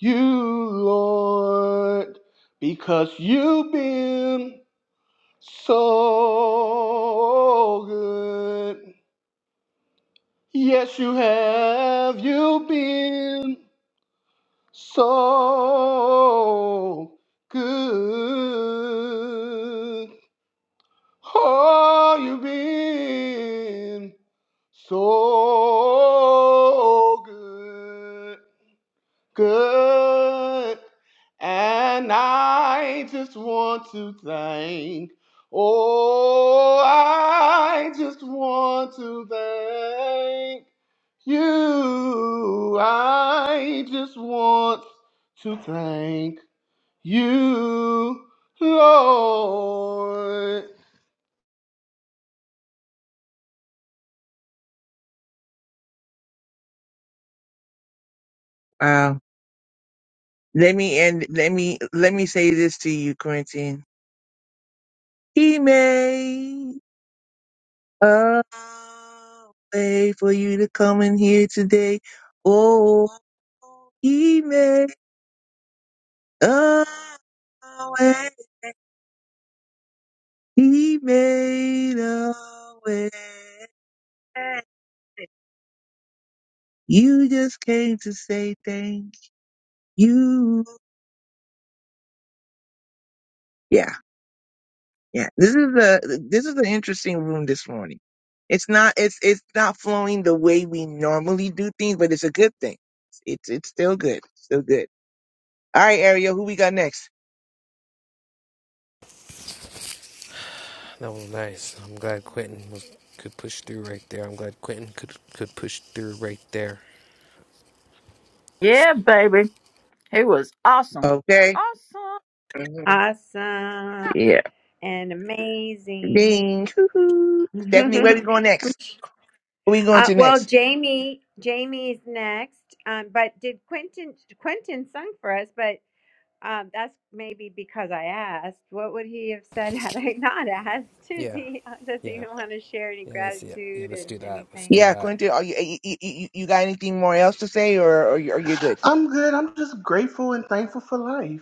Speaker 8: you, Lord, because you've been So good. Yes, you have. You've been so good. Oh, you've been so good. good. And I just want to thank, oh, I just want to thank you. I just want to thank you, Lord.
Speaker 3: Wow. Let me end. Let me let me say this to you, Quentin. He made a way for you to come in here today. Oh, he made a way. He made a way. You just came to say thank you. Yeah. Yeah, this is a this is an interesting room this morning. It's not it's it's not flowing the way we normally do things, but it's a good thing. It's it's still good, still good. All right, Ariel, who we got next?
Speaker 6: that was nice. I'm glad Quentin was could push through right there. I'm glad Quentin could could push through right there.
Speaker 1: Yeah, baby, it was awesome,
Speaker 3: Okay.
Speaker 1: awesome.
Speaker 3: hmm
Speaker 2: Awesome
Speaker 3: Yeah.
Speaker 2: and amazing.
Speaker 3: Ding. Hoo-hoo. Stephanie, where we
Speaker 2: uh,
Speaker 3: going next? Who we going to
Speaker 2: well,
Speaker 3: next?
Speaker 2: Jamie, Jamie's next. Um, but did Quentin Quentin sung for us? But um, that's maybe because I asked. What would he have said had I not asked? Is
Speaker 6: Yeah,
Speaker 2: he does he
Speaker 6: yeah,
Speaker 2: want to share any
Speaker 6: yeah. Let's yeah, yeah.
Speaker 2: gratitude
Speaker 6: Let's do
Speaker 2: and
Speaker 6: that. Let's
Speaker 2: anything?
Speaker 6: do
Speaker 3: Yeah,
Speaker 6: that.
Speaker 3: Quentin, are you you, you you- you got anything more else to say, or or you- are you good?
Speaker 8: I'm good. I'm just grateful and thankful for life.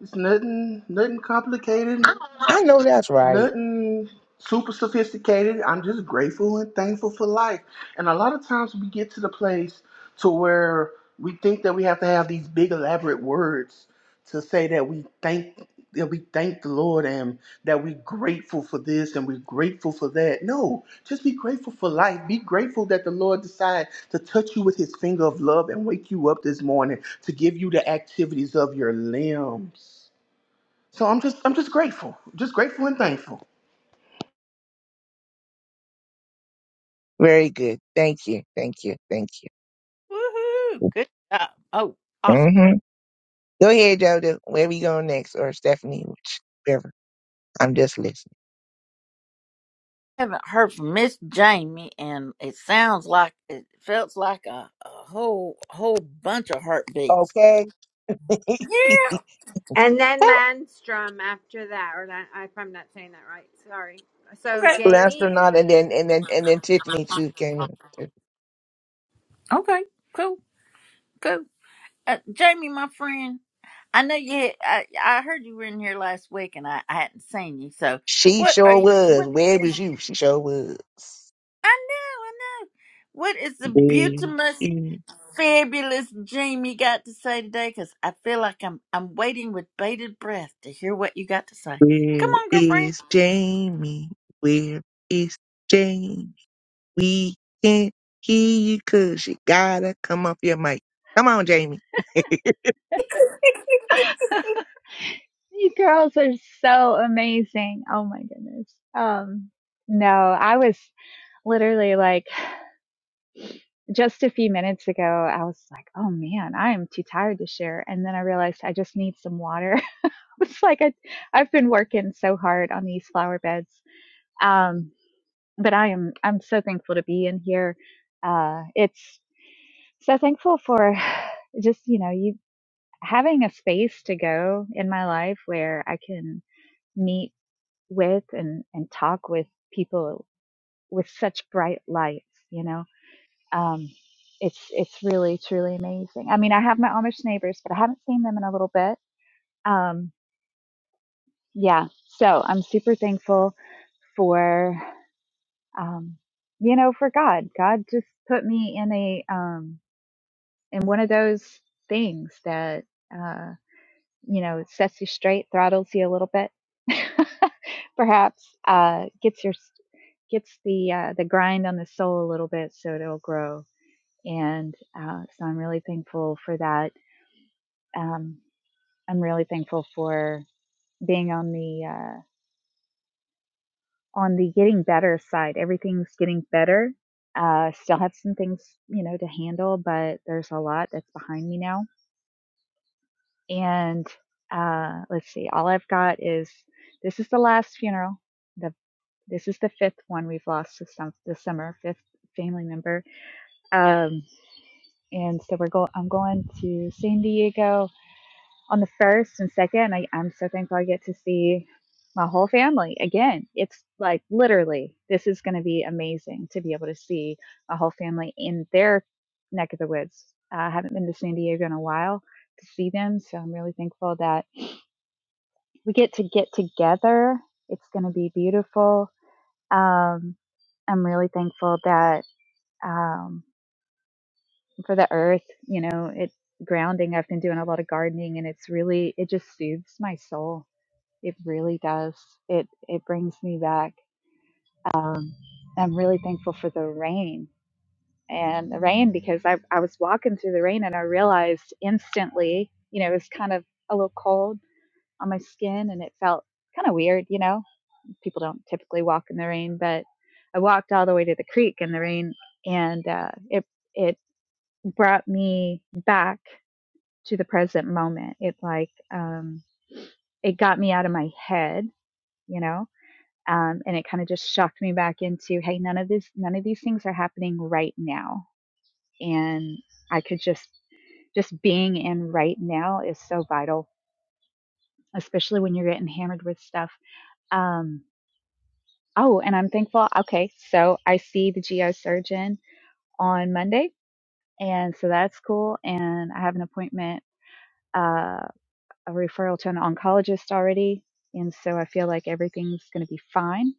Speaker 8: It's nothing, nothing complicated.
Speaker 3: I know that's right.
Speaker 8: nothing super sophisticated. I'm just grateful and thankful for life. And a lot of times we get to the place to where we think that we have to have these big elaborate words to say that we thank that we thank the Lord and that we're grateful for this and we're grateful for that. No, just be grateful for life. Be grateful that the Lord decided to touch you with his finger of love and wake you up this morning to give you the activities of your limbs. So I'm just I'm just grateful. Just grateful and thankful.
Speaker 3: Very good. Thank you. Thank you. Thank you.
Speaker 1: Woohoo! Good job. Oh, awesome.
Speaker 3: Mm-hmm. Go ahead, Jojo. Where we going next? Or Stephanie, whichever. I'm just listening.
Speaker 1: haven't heard from Miss Jamie, and it sounds like it felt like a, a whole whole bunch of heartbeats.
Speaker 3: Okay.
Speaker 1: Yeah.
Speaker 2: And then Landstrom after that, or Lan- if I'm not saying that right, sorry. So
Speaker 1: Okay.
Speaker 3: Last or
Speaker 2: Jamie,
Speaker 3: not, and then and then and then Tiffany too came in.
Speaker 1: Okay. Cool. Cool. Uh, Jamie, my friend, I know you. had- I, I heard you were in here last week, and I, I hadn't seen you. So,
Speaker 3: She
Speaker 1: what are
Speaker 3: sure
Speaker 1: you? What
Speaker 3: was. Where
Speaker 1: is?
Speaker 3: was you? She sure was.
Speaker 1: I know, I know. What is the
Speaker 3: Where
Speaker 1: beautiful,
Speaker 3: is,
Speaker 1: fabulous dream you got to say today? Because I feel like I'm I'm waiting with bated breath to hear what you got to say.
Speaker 3: where
Speaker 1: Come on, girlfriend.
Speaker 3: is Jamie? Where is Jamie? We can't hear you 'cause you gotta come off your mic. Come on, Jamie.
Speaker 9: You girls are so amazing. Oh my goodness. Um, no, I was literally like just a few minutes ago, I was like, oh man, I am too tired to share. And then I realized I just need some water. It's like I, I've been working so hard on these flower beds. Um, but I am, I'm so thankful to be in here. Uh, it's so thankful for just, you know, you having a space to go in my life where I can meet with and, and talk with people with such bright lights, you know. Um, it's it's really truly amazing. I mean, I have my Amish neighbors, but I haven't seen them in a little bit. Um, yeah, so I'm super thankful for um, you know for God. God just put me in a um, in one of those things that. uh, you know, sets you straight, throttles you a little bit, perhaps, uh, gets your gets the uh, the grind on the soul a little bit, so it'll grow. And uh, so I'm really thankful for that. Um, I'm really thankful for being on the uh, on the getting better side. Everything's getting better. Uh, still have some things you know to handle, but there's a lot that's behind me now. And uh, let's see, all I've got is this is the last funeral the This is the fifth one we've lost this, sum- this summer, fifth family member. Um, and so we're going. I'm going to San Diego on the first and second. I, I'm so thankful I get to see my whole family again. It's like literally, this is going to be amazing to be able to see a whole family in their neck of the woods. Uh, I haven't been to San Diego in a while to see them, so I'm really thankful that we get to get together. It's going to be beautiful Um, I'm really thankful that um, for the earth, you know, it's grounding. I've been doing a lot of gardening and it's really, it just soothes my soul. It really does. It, it brings me back. Um, I'm really thankful for the rain and the rain because I, I was walking through the rain and I realized instantly, you know, it was kind of a little cold on my skin and it felt kind of weird, you know, people don't typically walk in the rain, but I walked all the way to the creek in the rain, and uh, it it brought me back to the present moment. It like um, it got me out of my head, you know, um, and it kind of just shocked me back into hey, none of this, none of these things are happening right now, and I could just just being in right now is so vital, especially when you're getting hammered with stuff. Um, oh, and I'm thankful. Okay, so I see the geosurgeon on Monday. And so that's cool. And I have an appointment, uh, a referral to an oncologist already. And so I feel like everything's going to be fine.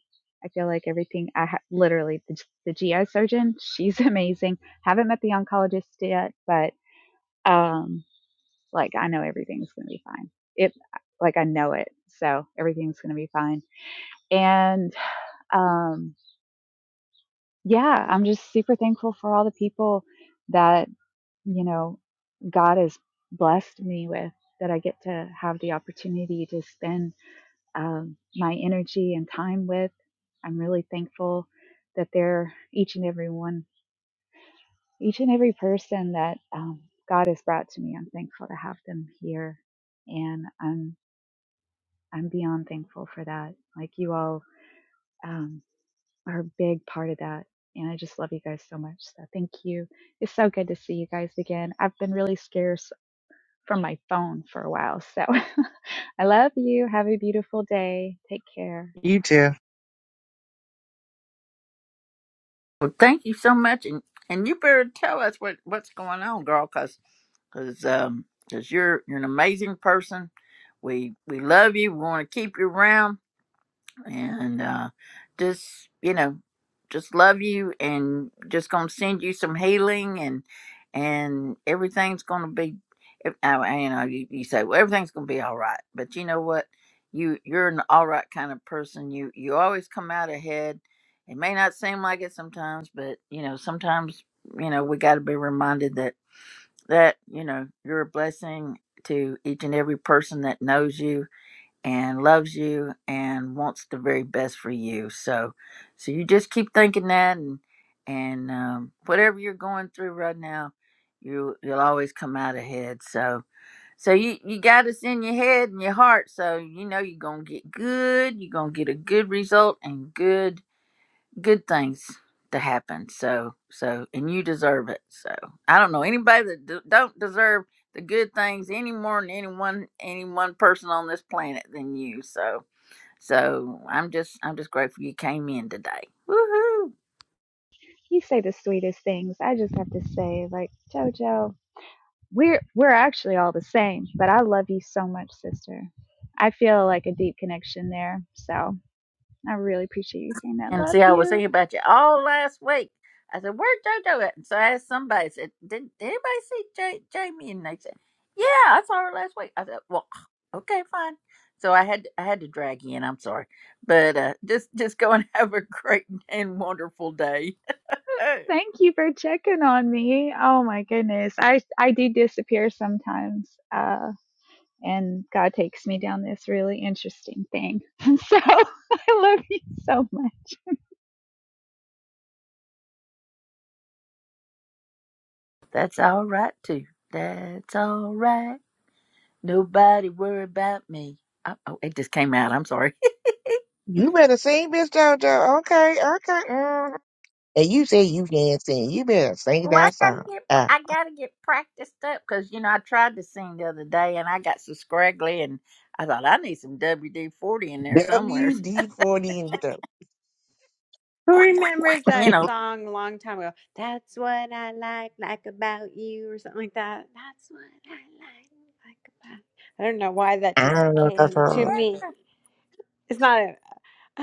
Speaker 9: I feel like everything, I ha- literally, the, the GI surgeon, she's amazing. Haven't met the oncologist yet, but um, like I know everything's going to be fine. It, like I know it. So everything's going to be fine. And um, yeah, I'm just super thankful for all the people that. you know, God has blessed me with that I get to have the opportunity to spend um, my energy and time with. I'm really thankful that they're each and every one, each and every person that um, God has brought to me. I'm thankful to have them here, and I'm I'm beyond thankful for that. Like you all um, are a big part of that. And I just love you guys so much. So thank you. It's so good to see you guys again. I've been really scarce from my phone for a while. So I love you. Have a beautiful day. Take care.
Speaker 3: You too.
Speaker 1: Well, thank you so much, and and you better tell us what what's going on, girl, because because um because you're you're an amazing person. We we love you. We want to keep you around and uh, just you know just love you and just gonna send you some healing and and everything's gonna be if- I, I- you know you, you say well everything's gonna be all right but you know what you you're an all right kind of person you you always come out ahead it may not seem like it sometimes but you know sometimes you know we got to be reminded that that you know you're a blessing to each and every person that knows you and loves you and wants the very best for you. So, so you just keep thinking that, and and um, whatever you're going through right now, you you'll always come out ahead. So, so you you got this in your head and your heart. So you know you're gonna get good. You're gonna get a good result and good good things to happen. So, so, and you deserve it. So, I don't know anybody that d- don't deserve the good things any more than anyone, any one person on this planet than you. So, so I'm just, I'm just grateful you came in today. Woohoo!
Speaker 9: You say the sweetest things. I just have to say, like, Jojo, we're we're actually all the same, but I love you so much, sister. I feel like a deep connection there. So I really appreciate you saying that.
Speaker 1: And
Speaker 9: Love
Speaker 1: see, I was
Speaker 9: you.
Speaker 1: thinking about you all last week. I said, "Where'd JoJo at?" And so I asked somebody. I said, "Did, did anybody see J- Jamie?" And they said, "Yeah, I saw her last week." I said, "Well, okay, fine." So I had I had to drag you in. I'm sorry, but uh, just just go and have a great and wonderful day. Uh,
Speaker 9: Thank you for checking on me. Oh my goodness. I I do disappear sometimes. Uh and God takes me down this really interesting thing. So I love you so much.
Speaker 1: That's all right too. That's all right. Nobody worry about me. I, oh, it just came out. I'm sorry.
Speaker 3: You better sing, Miss Jojo. Okay, okay. Mm-hmm. And you say you can't sing. You better sing
Speaker 1: Well, I
Speaker 3: that
Speaker 1: gotta
Speaker 3: song.
Speaker 1: get
Speaker 3: Uh,
Speaker 1: I gotta get practiced up because you know I tried to sing the other day and I got so scraggly and I thought I need some WD forty in there somewhere.
Speaker 3: WD-40 and the
Speaker 2: who remembers
Speaker 1: You
Speaker 2: that
Speaker 1: know,
Speaker 2: song a long time ago? That's what I like like about you, or something like that. That's what I like like about. I don't know why that
Speaker 3: I
Speaker 2: just
Speaker 3: don't know that
Speaker 2: came to
Speaker 3: song.
Speaker 2: me.
Speaker 1: Yeah.
Speaker 2: It's not a.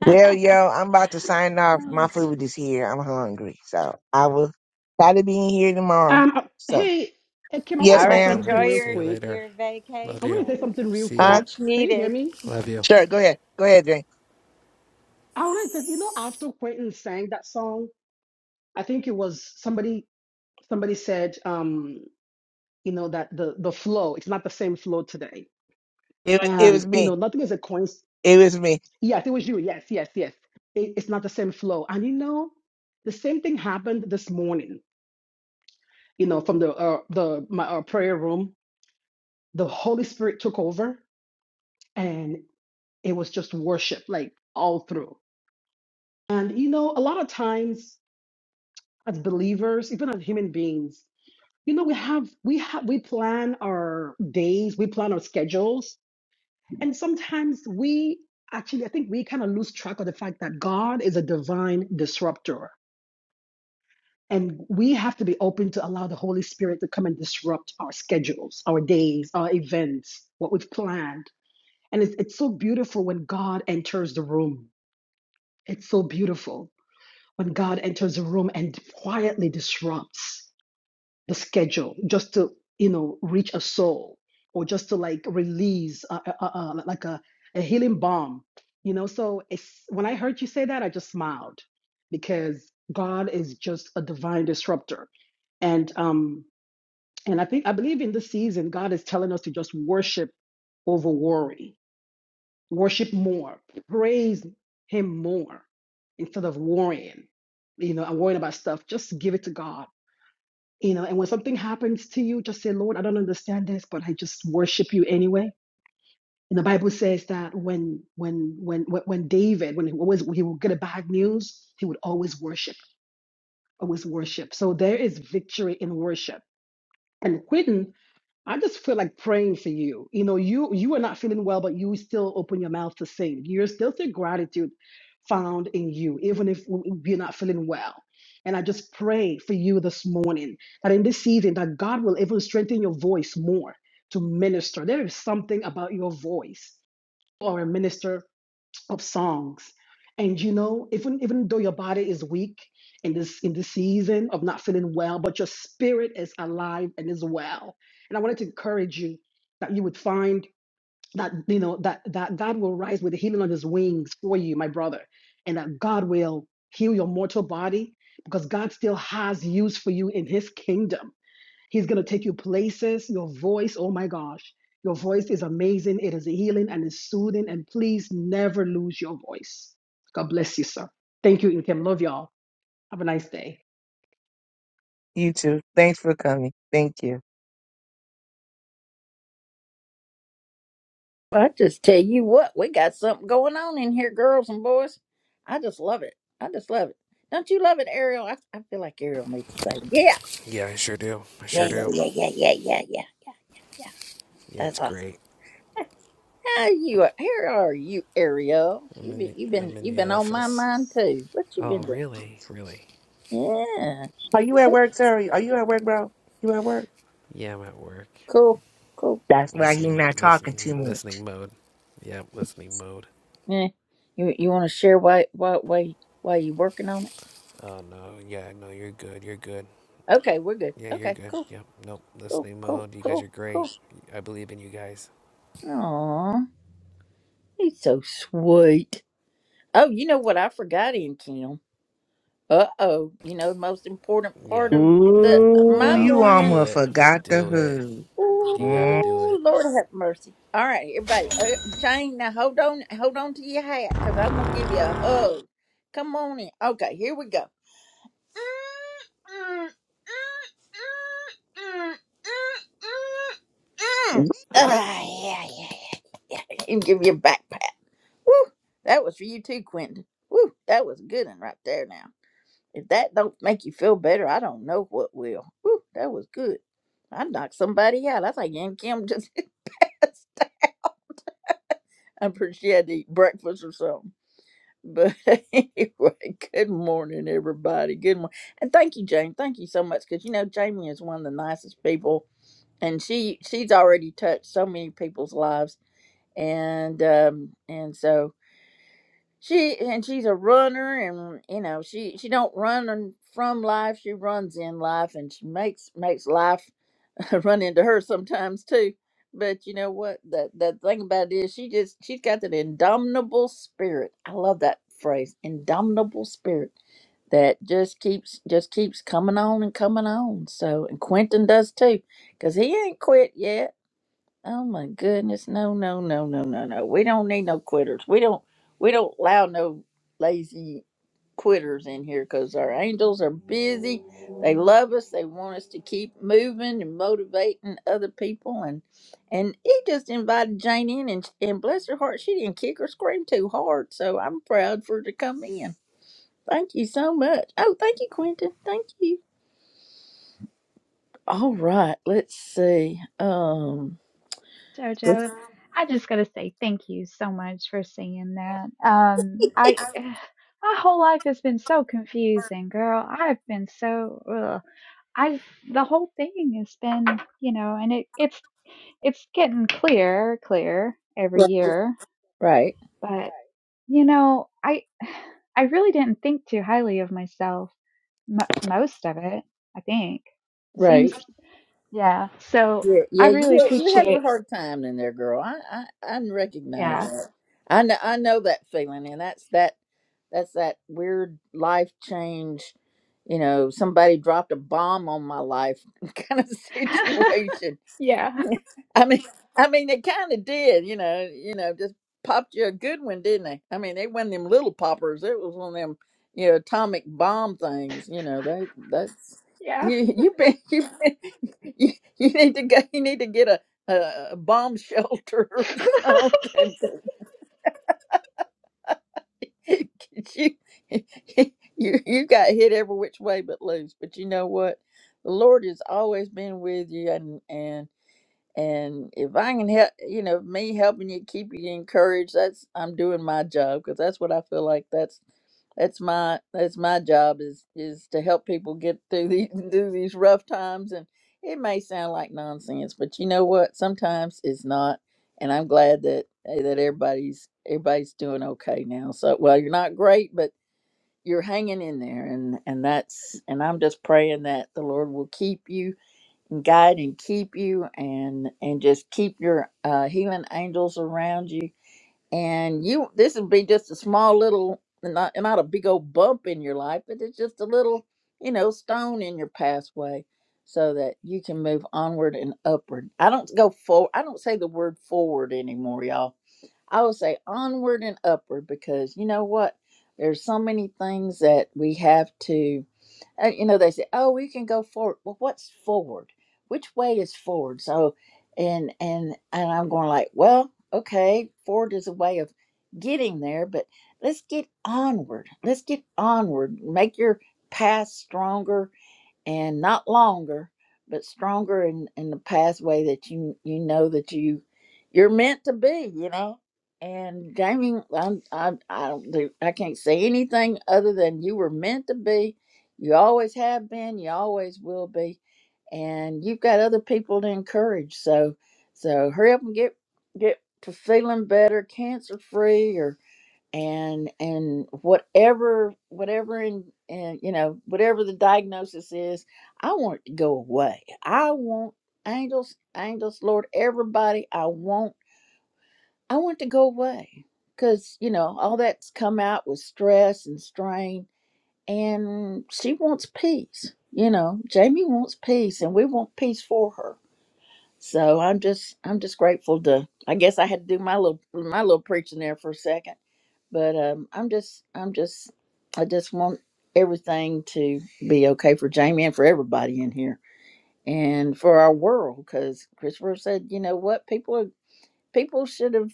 Speaker 3: Well, yo, I'm about to sign off. My food is here. I'm hungry. So I will try to be in here tomorrow.
Speaker 7: Um. uh,
Speaker 3: So,
Speaker 7: Hey, hey, Kim, I want
Speaker 3: yes,
Speaker 7: to
Speaker 2: All
Speaker 7: say
Speaker 2: right,
Speaker 6: All
Speaker 3: ma'am.
Speaker 7: something
Speaker 2: enjoy
Speaker 6: right.
Speaker 7: real
Speaker 6: See
Speaker 2: your
Speaker 6: you
Speaker 7: quick.
Speaker 6: later.
Speaker 2: your
Speaker 6: Love
Speaker 7: I want to
Speaker 6: you.
Speaker 7: say
Speaker 2: vacation,
Speaker 7: something real
Speaker 6: See ya.
Speaker 3: Huh?
Speaker 7: quick.
Speaker 2: much
Speaker 7: Can you hear
Speaker 2: needed.
Speaker 7: me?
Speaker 6: Love you.
Speaker 3: Sure. Go ahead. Go ahead, Jane.
Speaker 7: I want to say, you know, after Quentin sang that song, I think it was somebody. Somebody said, um. you know that the the flow it's not the same flow today
Speaker 3: It, wa- it
Speaker 7: and
Speaker 3: was
Speaker 7: you know
Speaker 3: me.
Speaker 7: nothing is a coincidence
Speaker 3: It was me.
Speaker 7: yes it was you yes yes yes it, it's not the same flow and you know the same thing happened this morning you know from the uh, the my uh, prayer room the holy spirit took over and it was just worship like all through and you know a lot of times as believers even as human beings you know we have we have we plan our days we plan our schedules And sometimes we actually, I think we kind of lose track of the fact that God is a divine disruptor. And we have to be open to allow the Holy Spirit to come and disrupt our schedules, our days, our events, what we've planned. And it's, it's so beautiful when God enters the room. It's so beautiful when God enters the room and quietly disrupts. the schedule just to you know reach a soul or just to like release uh, uh, uh, like a, a healing balm you know so it's when i heard you say that i just smiled because god is just a divine disruptor and um and i think i believe in this season god is telling us to just worship over worry worship more praise him more instead of worrying you know and worrying about stuff just give it to god you know, and when something happens to you, just say, Lord, I don't understand this, but I just worship you anyway. And the Bible says that when when when when when David, when he always he would get a bad news, he would always worship, always worship. So there is victory in worship. And quitting I just feel like praying for you. You know, you you are not feeling well, but you still open your mouth to sing. You're still see gratitude found in you, even if you're not feeling well. And I just pray for you this morning that in this season that God will even strengthen your voice more to minister. There is something about your voice or a minister of songs. And you know, even even though your body is weak in this in this season of not feeling well, but your spirit is alive and is well. And I wanted to encourage you that you would find that you know that that God will rise with the healing on his wings for you, my brother, and that God will heal your mortal body because God still has use for you in his kingdom. He's going to take you places. Your voice, oh my gosh, your voice is amazing. It is healing and it's soothing. And please never lose your voice. God bless you, sir. Thank you, Inkem. Love y'all. Have a nice day.
Speaker 3: You too. Thanks for coming. Thank you.
Speaker 1: I just tell you what, we got something going on in here, girls and boys. I just love it. I just love it. Don't you love it, Ariel? I, I feel like Ariel needs to say, yeah,
Speaker 6: Yeah, I sure do. I
Speaker 1: yeah,
Speaker 6: sure
Speaker 1: yeah,
Speaker 6: do.
Speaker 1: yeah, yeah, yeah, yeah, yeah, yeah, yeah. yeah.
Speaker 6: Yeah,
Speaker 1: That's
Speaker 6: it's
Speaker 1: awesome.
Speaker 6: great.
Speaker 1: How you? are? Here are you, Ariel?
Speaker 6: I'm
Speaker 1: You
Speaker 6: in
Speaker 1: be,
Speaker 6: the,
Speaker 1: you been
Speaker 6: I'm in
Speaker 1: you been
Speaker 6: the
Speaker 1: on my
Speaker 6: office.
Speaker 1: mind too. What you
Speaker 6: Oh,
Speaker 1: been doing?
Speaker 6: really? Really?
Speaker 1: Yeah.
Speaker 3: Are you at work, Terry? Are you at work, bro? You at work?
Speaker 6: Yeah, I'm at work.
Speaker 1: Cool. Cool.
Speaker 3: That's why he's
Speaker 6: Listening,
Speaker 3: not talking too
Speaker 6: listening,
Speaker 3: much.
Speaker 6: listening mode. Yeah, listening mode.
Speaker 1: Yeah. You you want to share why why why why you working on it?
Speaker 6: Oh no, yeah, no, you're good. You're good.
Speaker 1: Okay, we're good.
Speaker 6: Yeah, you're
Speaker 1: Okay.
Speaker 6: good.
Speaker 1: Cool.
Speaker 6: Yep. Nope.
Speaker 1: Cool.
Speaker 6: Listening
Speaker 1: Cool.
Speaker 6: mode. You guys
Speaker 1: Cool.
Speaker 6: are great.
Speaker 1: Cool.
Speaker 6: I believe in you guys.
Speaker 1: Aw, he's so sweet. Oh, you know what I forgot, in Kim. Uh oh. You know the most important part
Speaker 6: Yep.
Speaker 1: of the
Speaker 6: Yep.
Speaker 3: Ooh,
Speaker 1: my
Speaker 6: Yep.
Speaker 3: you
Speaker 1: morning.
Speaker 6: Do
Speaker 3: almost
Speaker 6: it.
Speaker 3: forgot the
Speaker 6: Do it.
Speaker 3: hood.
Speaker 6: You gotta
Speaker 3: Mm.
Speaker 6: do
Speaker 1: Ooh,
Speaker 6: it.
Speaker 1: Lord have mercy. All right, everybody. Uh, Jane, now hold on, hold on to your hat, cause I'm gonna give you a hug. Come on in. Okay, here we go. Ah, yeah, yeah, yeah. And give you a backpack. Woo! That was for you too, Quentin. Woo! That was a good one right there now. If that don't make you feel better, I don't know what will. Woo! That was good. I knocked somebody out. I think Aunt Kim just I'm pretty sure she had to eat breakfast or something. But anyway, good morning, everybody. Good morning, and thank you, Jamie. Thank you so much because you know Jamie is one of the nicest people, and she she's already touched so many people's lives, and um and so she and she's a runner, and you know she she don't run in- from life, she runs in life, and she makes makes life. I run into her sometimes too. But you know what? The the thing about it is she just she's got that indomitable spirit. I love that phrase, indomitable spirit that just keeps just keeps coming on and coming on. So and Quentin does too, cause he ain't quit yet. Oh my goodness, no, no, no, no, no, no. We don't need no quitters. We don't we don't allow no lazy quitters in here because our angels are busy. They love us. They want us to keep moving and motivating other people. And and he just invited Jane in, and and bless her heart, she didn't kick or scream too hard. So I'm proud for her to come in. Thank you so much. Oh, thank you, Quentin. Thank you. All right, let's see. Um,
Speaker 9: Jojo, I just gotta say thank you so much for saying that. Um, I my whole life has been so confusing, girl. I've been so ugh. I the whole thing has been, you know, and it it's it's getting clearer, clearer every year.
Speaker 1: right,
Speaker 9: But you know, I I really didn't think too highly of myself m- most of it. I think it
Speaker 1: right.
Speaker 9: seems, yeah. So
Speaker 1: Yeah,
Speaker 9: I
Speaker 1: yeah. You
Speaker 9: really
Speaker 1: had, you had a
Speaker 9: appreciate,
Speaker 1: hard time in there, girl. I I, I recognize
Speaker 9: yeah.
Speaker 1: that. I know I know that feeling, and that's that That's that weird life change, you know, somebody dropped a bomb on my life kind of situation.
Speaker 9: yeah.
Speaker 1: I mean, I mean, they kind of did, you know, you know, just popped you a good one, didn't they? I mean, they wasn't them little poppers. It was one of them, you know, atomic bomb things. You know, that that's
Speaker 9: Yeah.
Speaker 1: you. You been you been, you, you need to go. You need to get a a, a bomb shelter or something. Could you, you you got hit every which way but loose. But you know what? The Lord has always been with you, and and and if I can help, you know, me helping you keep you encouraged, that's I'm doing my job because that's what I feel like. That's that's my that's my job is is to help people get through these through these rough times. And it may sound like nonsense, but you know what? Sometimes it's not. And I'm glad that eh, that everybody's everybody's doing okay now. So well, you're not great, but you're hanging in there, and and that's and I'm just praying that the Lord will keep you guide and keep you and and just keep your uh healing angels around you and you this would be just a small little not not a big old bump in your life but it's just a little you know stone in your pathway so that you can move onward and upward i don't go for i don't say the word forward anymore y'all I would say onward and upward because you know what? There's so many things that we have to, uh, you know, they say, oh, we can go forward. Well, what's forward? Which way is forward? So, and and and I'm going like, well, okay, forward is a way of getting there, but let's get onward. Let's get onward. Make your past stronger and not longer, but stronger in, in the pathway that you you know that you you're meant to be, you know. And Jamie, I I I don't do, I can't say anything other than you were meant to be. You always have been. You always will be. And you've got other people to encourage. So so hurry up and get get to feeling better, cancer free, or and and whatever whatever and and you know whatever the diagnosis is i want it to go away i want angels angels lord everybody i want i want it to go away because you know all that's come out with stress and strain and she wants peace you know jamie wants peace and we want peace for her so I'm just I'm just grateful to I guess I had to do my little my little preaching there for a second. But um I'm just I'm just I just want everything to be okay for Jamie and for everybody in here and for our world cuz Christopher said, you know what, people are people should have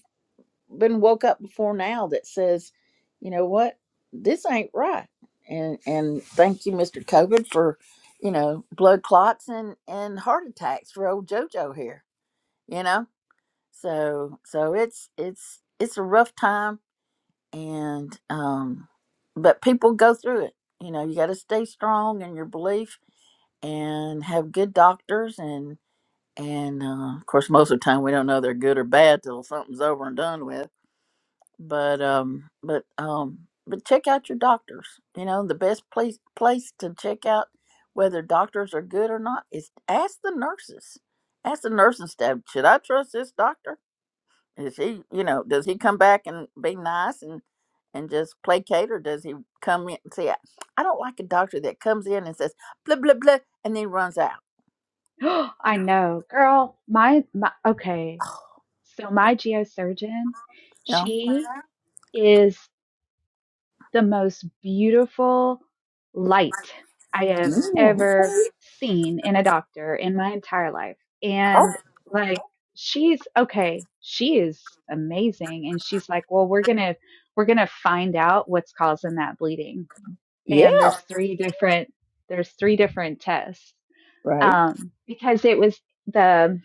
Speaker 1: been woke up before now that says, you know what, this ain't right. And and thank you Mr. COVID for, you know, blood clots and and heart attacks for old JoJo here, you know? So so it's it's it's a rough time and um but people go through it. You know, you got to stay strong in your belief and have good doctors and and uh, of course most of the time we don't know they're good or bad till something's over and done with. But um but um but check out your doctors. You know, the best place place to check out whether doctors are good or not is ask the nurses. Ask the nursing staff, should I trust this doctor? Is he, you know, does he come back and be nice and and just placate, or does he come in? See, I, I don't like a doctor that comes in and says blah blah blah and then runs out.
Speaker 9: I know, girl. My, my okay. So my geosurgeon,
Speaker 1: You know?
Speaker 9: she is the most beautiful light I have
Speaker 1: Mm.
Speaker 9: ever seen in a doctor in my entire life.
Speaker 1: Oh,
Speaker 9: And like she's okay, she is amazing and she's like, "Well, we're going to we're going to find out what's causing that bleeding."
Speaker 1: yeah.
Speaker 9: And there's three different there's three different tests.
Speaker 1: Right.
Speaker 9: um, because it was the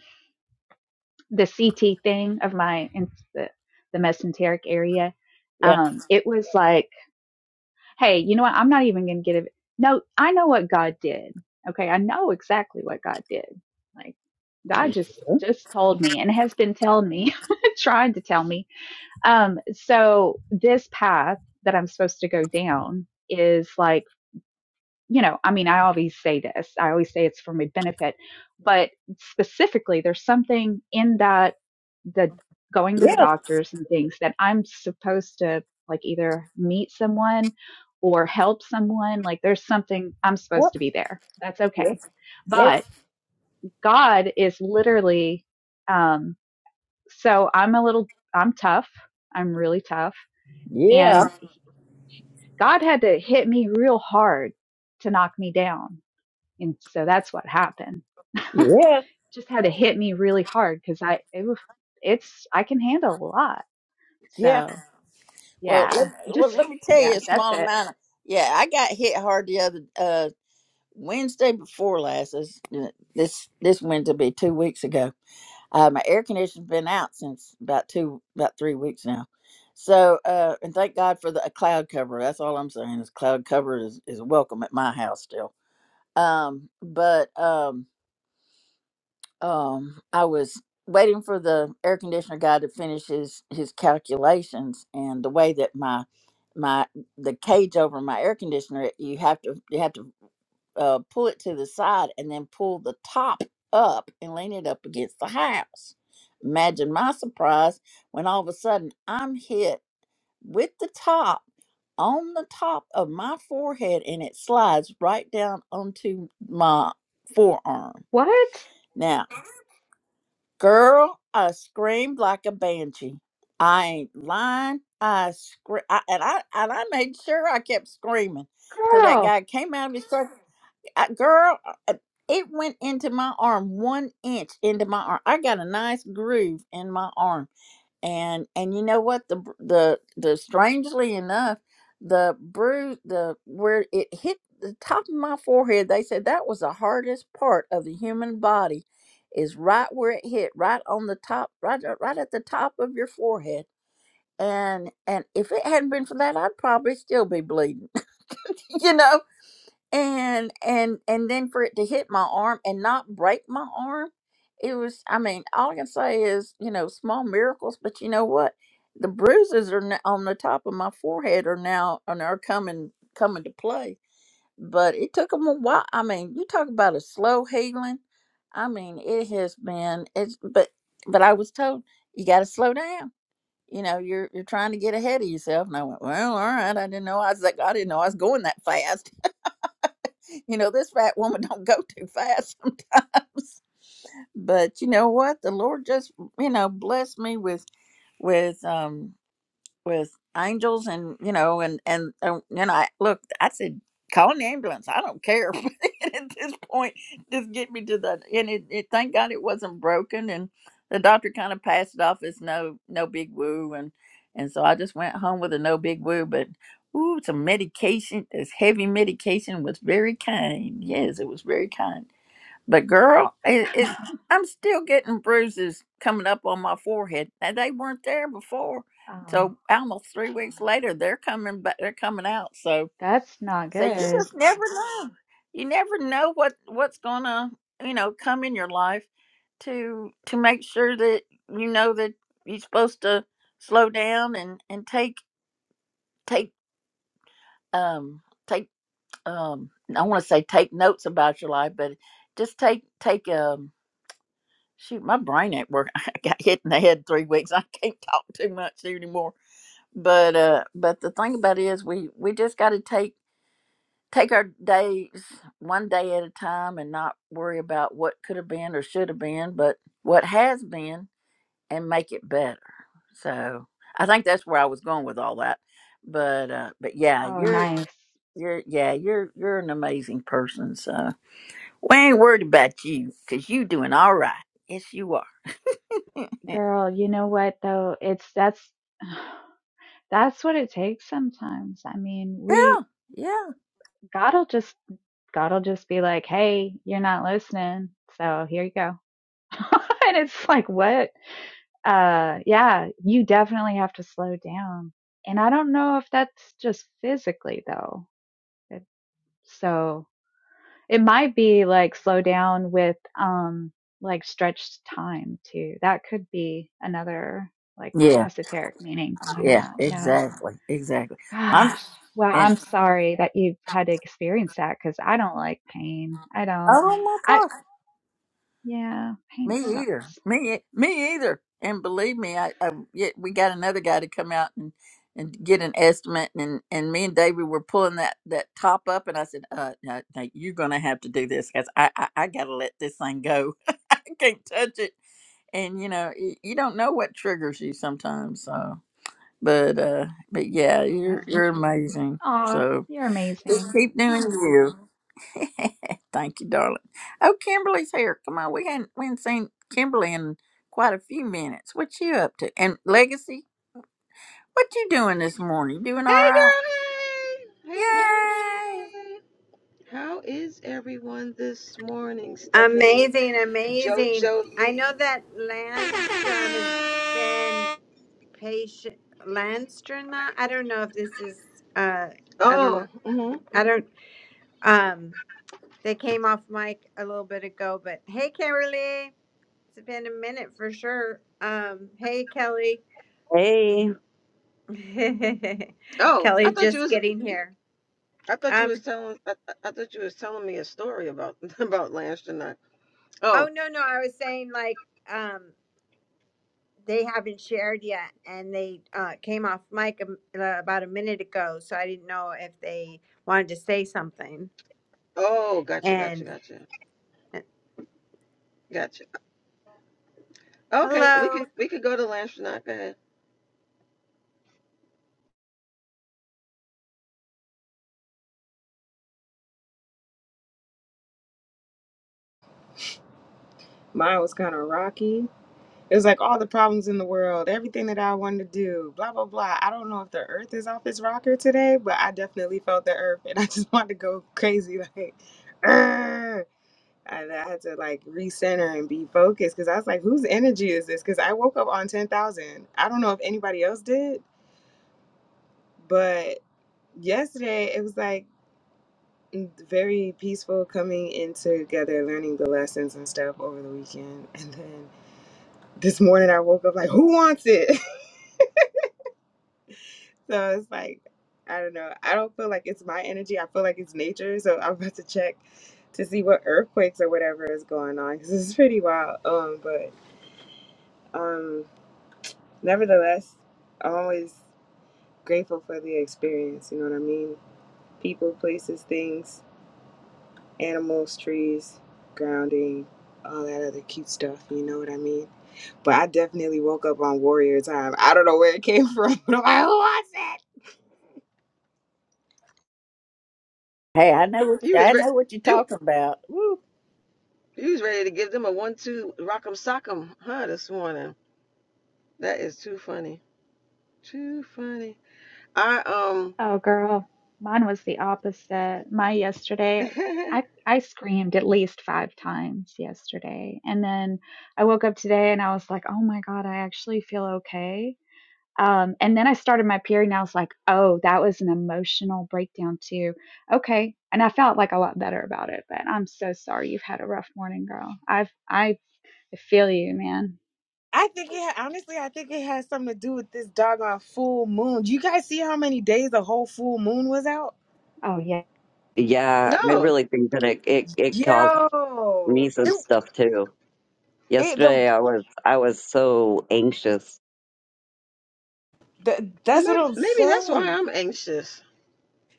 Speaker 9: the CT thing of my in the, the mesenteric area.
Speaker 1: Yeah.
Speaker 9: Um, it was like, hey, you know what? I'm not even gonna get it. No, I know what God did. Okay, I know exactly what God did. Like God
Speaker 1: Yeah.
Speaker 9: just just told me and has been telling me, trying to tell me. Um, so this path that I'm supposed to go down is like you know, I mean, I always say this, I always say it's for my benefit, but specifically, there's something in that, the going to the
Speaker 1: Yeah.
Speaker 9: doctors and things that I'm supposed to like either meet someone or help someone. Like, there's something I'm supposed
Speaker 1: Yep.
Speaker 9: to be there. That's okay.
Speaker 1: Yes. Yes.
Speaker 9: But God is literally, um, so I'm a little, I'm tough. I'm really tough.
Speaker 1: Yeah.
Speaker 9: And God had to hit me real hard to knock me down And so that's what happened.
Speaker 1: Yeah.
Speaker 9: Just had to hit me really hard because I, it, it's, I can handle a lot.
Speaker 1: Yeah.
Speaker 9: So
Speaker 1: Well, let,
Speaker 9: yeah, it
Speaker 1: well,
Speaker 9: just,
Speaker 1: let me tell
Speaker 9: yeah,
Speaker 1: you a
Speaker 9: that's
Speaker 1: small
Speaker 9: it.
Speaker 1: amount. Of, yeah, I got hit hard the other uh Wednesday before last. This this this Wednesday will be two weeks ago Uh, my air conditioner's been out since about two, about three weeks now. So, uh, and thank God for the a cloud cover. That's all I'm saying is cloud cover is, is welcome at my house still. Um, but um, um, I was waiting for the air conditioner guy to finish his his calculations and the way that my my the cage over my air conditioner you have to you have to uh, pull it to the side and then pull the top up and lean it up against the house. Imagine my surprise when all of a sudden I'm hit with the top on the top of my forehead and it slides right down onto my forearm.
Speaker 9: What?
Speaker 1: Now, girl, I screamed like a banshee. I ain't lying. I scream, I, and I and I made sure I kept screaming till that
Speaker 9: Girl.
Speaker 1: guy came out of his truck I, girl, uh, uh, it went into my arm, one inch into my arm. I got a nice groove in my arm, and and you know what? The br- the the strangely enough, the bruise, the where it hit the top of my forehead. They said that was the hardest part of the human body, is right where it hit, right on the top, right uh, right at the top of your forehead. And and if it hadn't been for that, I'd probably still be bleeding, you know and and and then for it to hit my arm and not break my arm it was i mean all i can say is you know small miracles but you know what the bruises are now on the top of my forehead are now and are coming coming to play but it took them a while i mean you talk about a slow healing i mean it has been it's but but i was told you got to slow down you know you're you're trying to get ahead of yourself and i went well all right i didn't know i was like i didn't know i was going that fast you know this fat woman don't go too fast sometimes but you know what the lord just you know blessed me with with um with angels and you know and and uh, and you know I, look i said call an ambulance i don't care at this point just get me to the and it, it thank god it wasn't broken and the doctor kind of passed it off as no no big woo and and so i just went home with a no big woo but ooh some medication this heavy medication was very kind yes it was very kind but girl, it, it, I'm still getting bruises coming up on my forehead, and they weren't there before.
Speaker 9: Oh,
Speaker 1: So almost three weeks later, they're coming, but they're coming out. So,
Speaker 9: that's not
Speaker 1: so you
Speaker 9: good.
Speaker 1: just never know. You never know what what's gonna, you know, come in your life to to make sure that you know that you're supposed to slow down and and take take um take um I want to say take notes about your life, but just take take um shoot, my brain ain't working. I got hit in the head three weeks. I can't talk too much anymore. But uh, but the thing about it is, we we just got to take take our days one day at a time and not worry about what could have been or should have been, but what has been and make it better. So I think that's where I was going with all that. But uh, but yeah,
Speaker 9: Oh,
Speaker 1: you're
Speaker 9: nice.
Speaker 1: you're yeah you're you're an amazing person. So we ain't worried about you because you doing all right. Yes, you are.
Speaker 9: Girl, you know what though? It's, that's, that's what it takes sometimes. I mean,
Speaker 1: Yeah,
Speaker 9: we,
Speaker 1: yeah,
Speaker 9: God'll just, God'll just be like, hey, you're not listening. So here you go. and it's like, what? uh yeah you definitely have to slow down and i don't know if that's just physically though it, so it might be like slow down with um like stretched time too that could be another like
Speaker 1: yeah,
Speaker 9: esoteric meaning behind
Speaker 1: yeah.
Speaker 9: that yeah
Speaker 1: Exactly, exactly. Well, I'm
Speaker 9: gosh well
Speaker 1: and
Speaker 9: i'm sorry that you've had to experience that because i don't like pain i don't
Speaker 1: oh my
Speaker 9: i
Speaker 1: gosh,
Speaker 9: yeah pain
Speaker 1: me either.
Speaker 9: sucks
Speaker 1: Me, me either. And believe me, I, I yet we got another guy to come out and and get an estimate, and and me and David were pulling that that top up, and I said, uh, no, no, you're gonna have to do this because I, I I gotta let this thing go. I can't touch it. And you know, y- you don't know what triggers you sometimes. So, but uh, but yeah,
Speaker 9: oh
Speaker 1: you're
Speaker 9: that's the
Speaker 1: you're
Speaker 9: truth
Speaker 1: amazing.
Speaker 9: oh
Speaker 1: So.
Speaker 9: you're
Speaker 1: Just
Speaker 9: amazing
Speaker 1: keep doing you. Thank you, darling. Oh, Kimberly's here. Come on, we hadn't we hadn't seen Kimberly in quite a few minutes. What you up to? And Legacy, what you doing this morning? You doing all
Speaker 10: Hey
Speaker 1: right?
Speaker 10: girl, hey! Hey
Speaker 1: Yay!
Speaker 10: girl, hey! How is everyone this morning, Stephanie?
Speaker 2: Amazing, amazing.
Speaker 10: Jojo
Speaker 2: I know
Speaker 10: Lee.
Speaker 2: that Landstrom has been.
Speaker 6: i
Speaker 2: Patient Landstrana. I don't know if this is uh I don't
Speaker 10: Oh,
Speaker 2: know.
Speaker 10: mm hmm
Speaker 2: I don't um they came off mic a little bit ago, but hey Kimberly. It's been a minute for sure. Um hey Kelly.
Speaker 11: Hey,
Speaker 10: oh! I
Speaker 2: Kelly
Speaker 10: thought you
Speaker 2: just
Speaker 10: was.
Speaker 2: getting here.
Speaker 10: I thought you
Speaker 2: Um
Speaker 10: was telling. I, I thought you was telling me a story about about last night.
Speaker 2: oh
Speaker 10: Oh,
Speaker 2: no no, I was saying like um they haven't shared yet and they uh came off mic um, uh, about a minute ago, so I didn't know if they wanted to say something.
Speaker 10: oh, gotcha, gotcha,
Speaker 2: And
Speaker 10: gotcha,
Speaker 2: uh,
Speaker 10: gotcha. Okay, we
Speaker 2: Hello.
Speaker 10: could we could go to last night. Go ahead.
Speaker 12: Mine was kind of rocky. It was like all the problems in the world, everything that I wanted to do, blah, blah, blah. I don't know if the earth is off its rocker today, but I definitely felt the earth and I just wanted to go crazy. Like, "Arr!" I, I had to like recenter and be focused because I was like, whose energy is this? Because I woke up on 10,000. I don't know if anybody else did, but yesterday it was like very peaceful coming in together, learning the lessons and stuff over the weekend. And then this morning I woke up like, who wants it? so it's like, I don't know. I don't feel like it's my energy. I feel like it's nature. So I'm about to check to see what earthquakes or whatever is going on because it's pretty wild. Um, but um, nevertheless, I'm always grateful for the experience. You know what I mean? People, places, things, animals, trees, grounding, all that other cute stuff. You know what I mean? But I definitely woke up on Warrior Time. I don't know where it came from, but I'm like, who was it?
Speaker 1: Hey, I know what
Speaker 10: You was
Speaker 1: I
Speaker 10: re-
Speaker 1: know what you're
Speaker 10: you
Speaker 1: talking about. Woo.
Speaker 10: you was ready to give them a one two rock'em sock'em, huh? This morning. That is too funny. Too funny. I um.
Speaker 9: Oh, girl, mine was the opposite. My yesterday, I I screamed at least five times yesterday, and then I woke up today and I was like, "Oh my God, I actually feel okay." Um, and then I started my period, and I was like, "Oh, that was an emotional breakdown too." Okay, and I felt like a lot better about it. But I'm so sorry you've had a rough morning, girl. I've I I feel you, man.
Speaker 12: I think it ha- honestly, I think it has something to do with this doggone full moon. Do you guys see how many days the whole full moon was out?
Speaker 9: Oh yeah,
Speaker 11: yeah, I
Speaker 10: no,
Speaker 11: really think that it, it it caused me
Speaker 12: Yo,
Speaker 11: some
Speaker 12: it,
Speaker 11: stuff too.
Speaker 12: it the,
Speaker 11: Yesterday, I was I was so anxious.
Speaker 12: the that's what
Speaker 10: maybe,
Speaker 12: I'm
Speaker 10: maybe that's why
Speaker 12: saying.
Speaker 10: I'm anxious.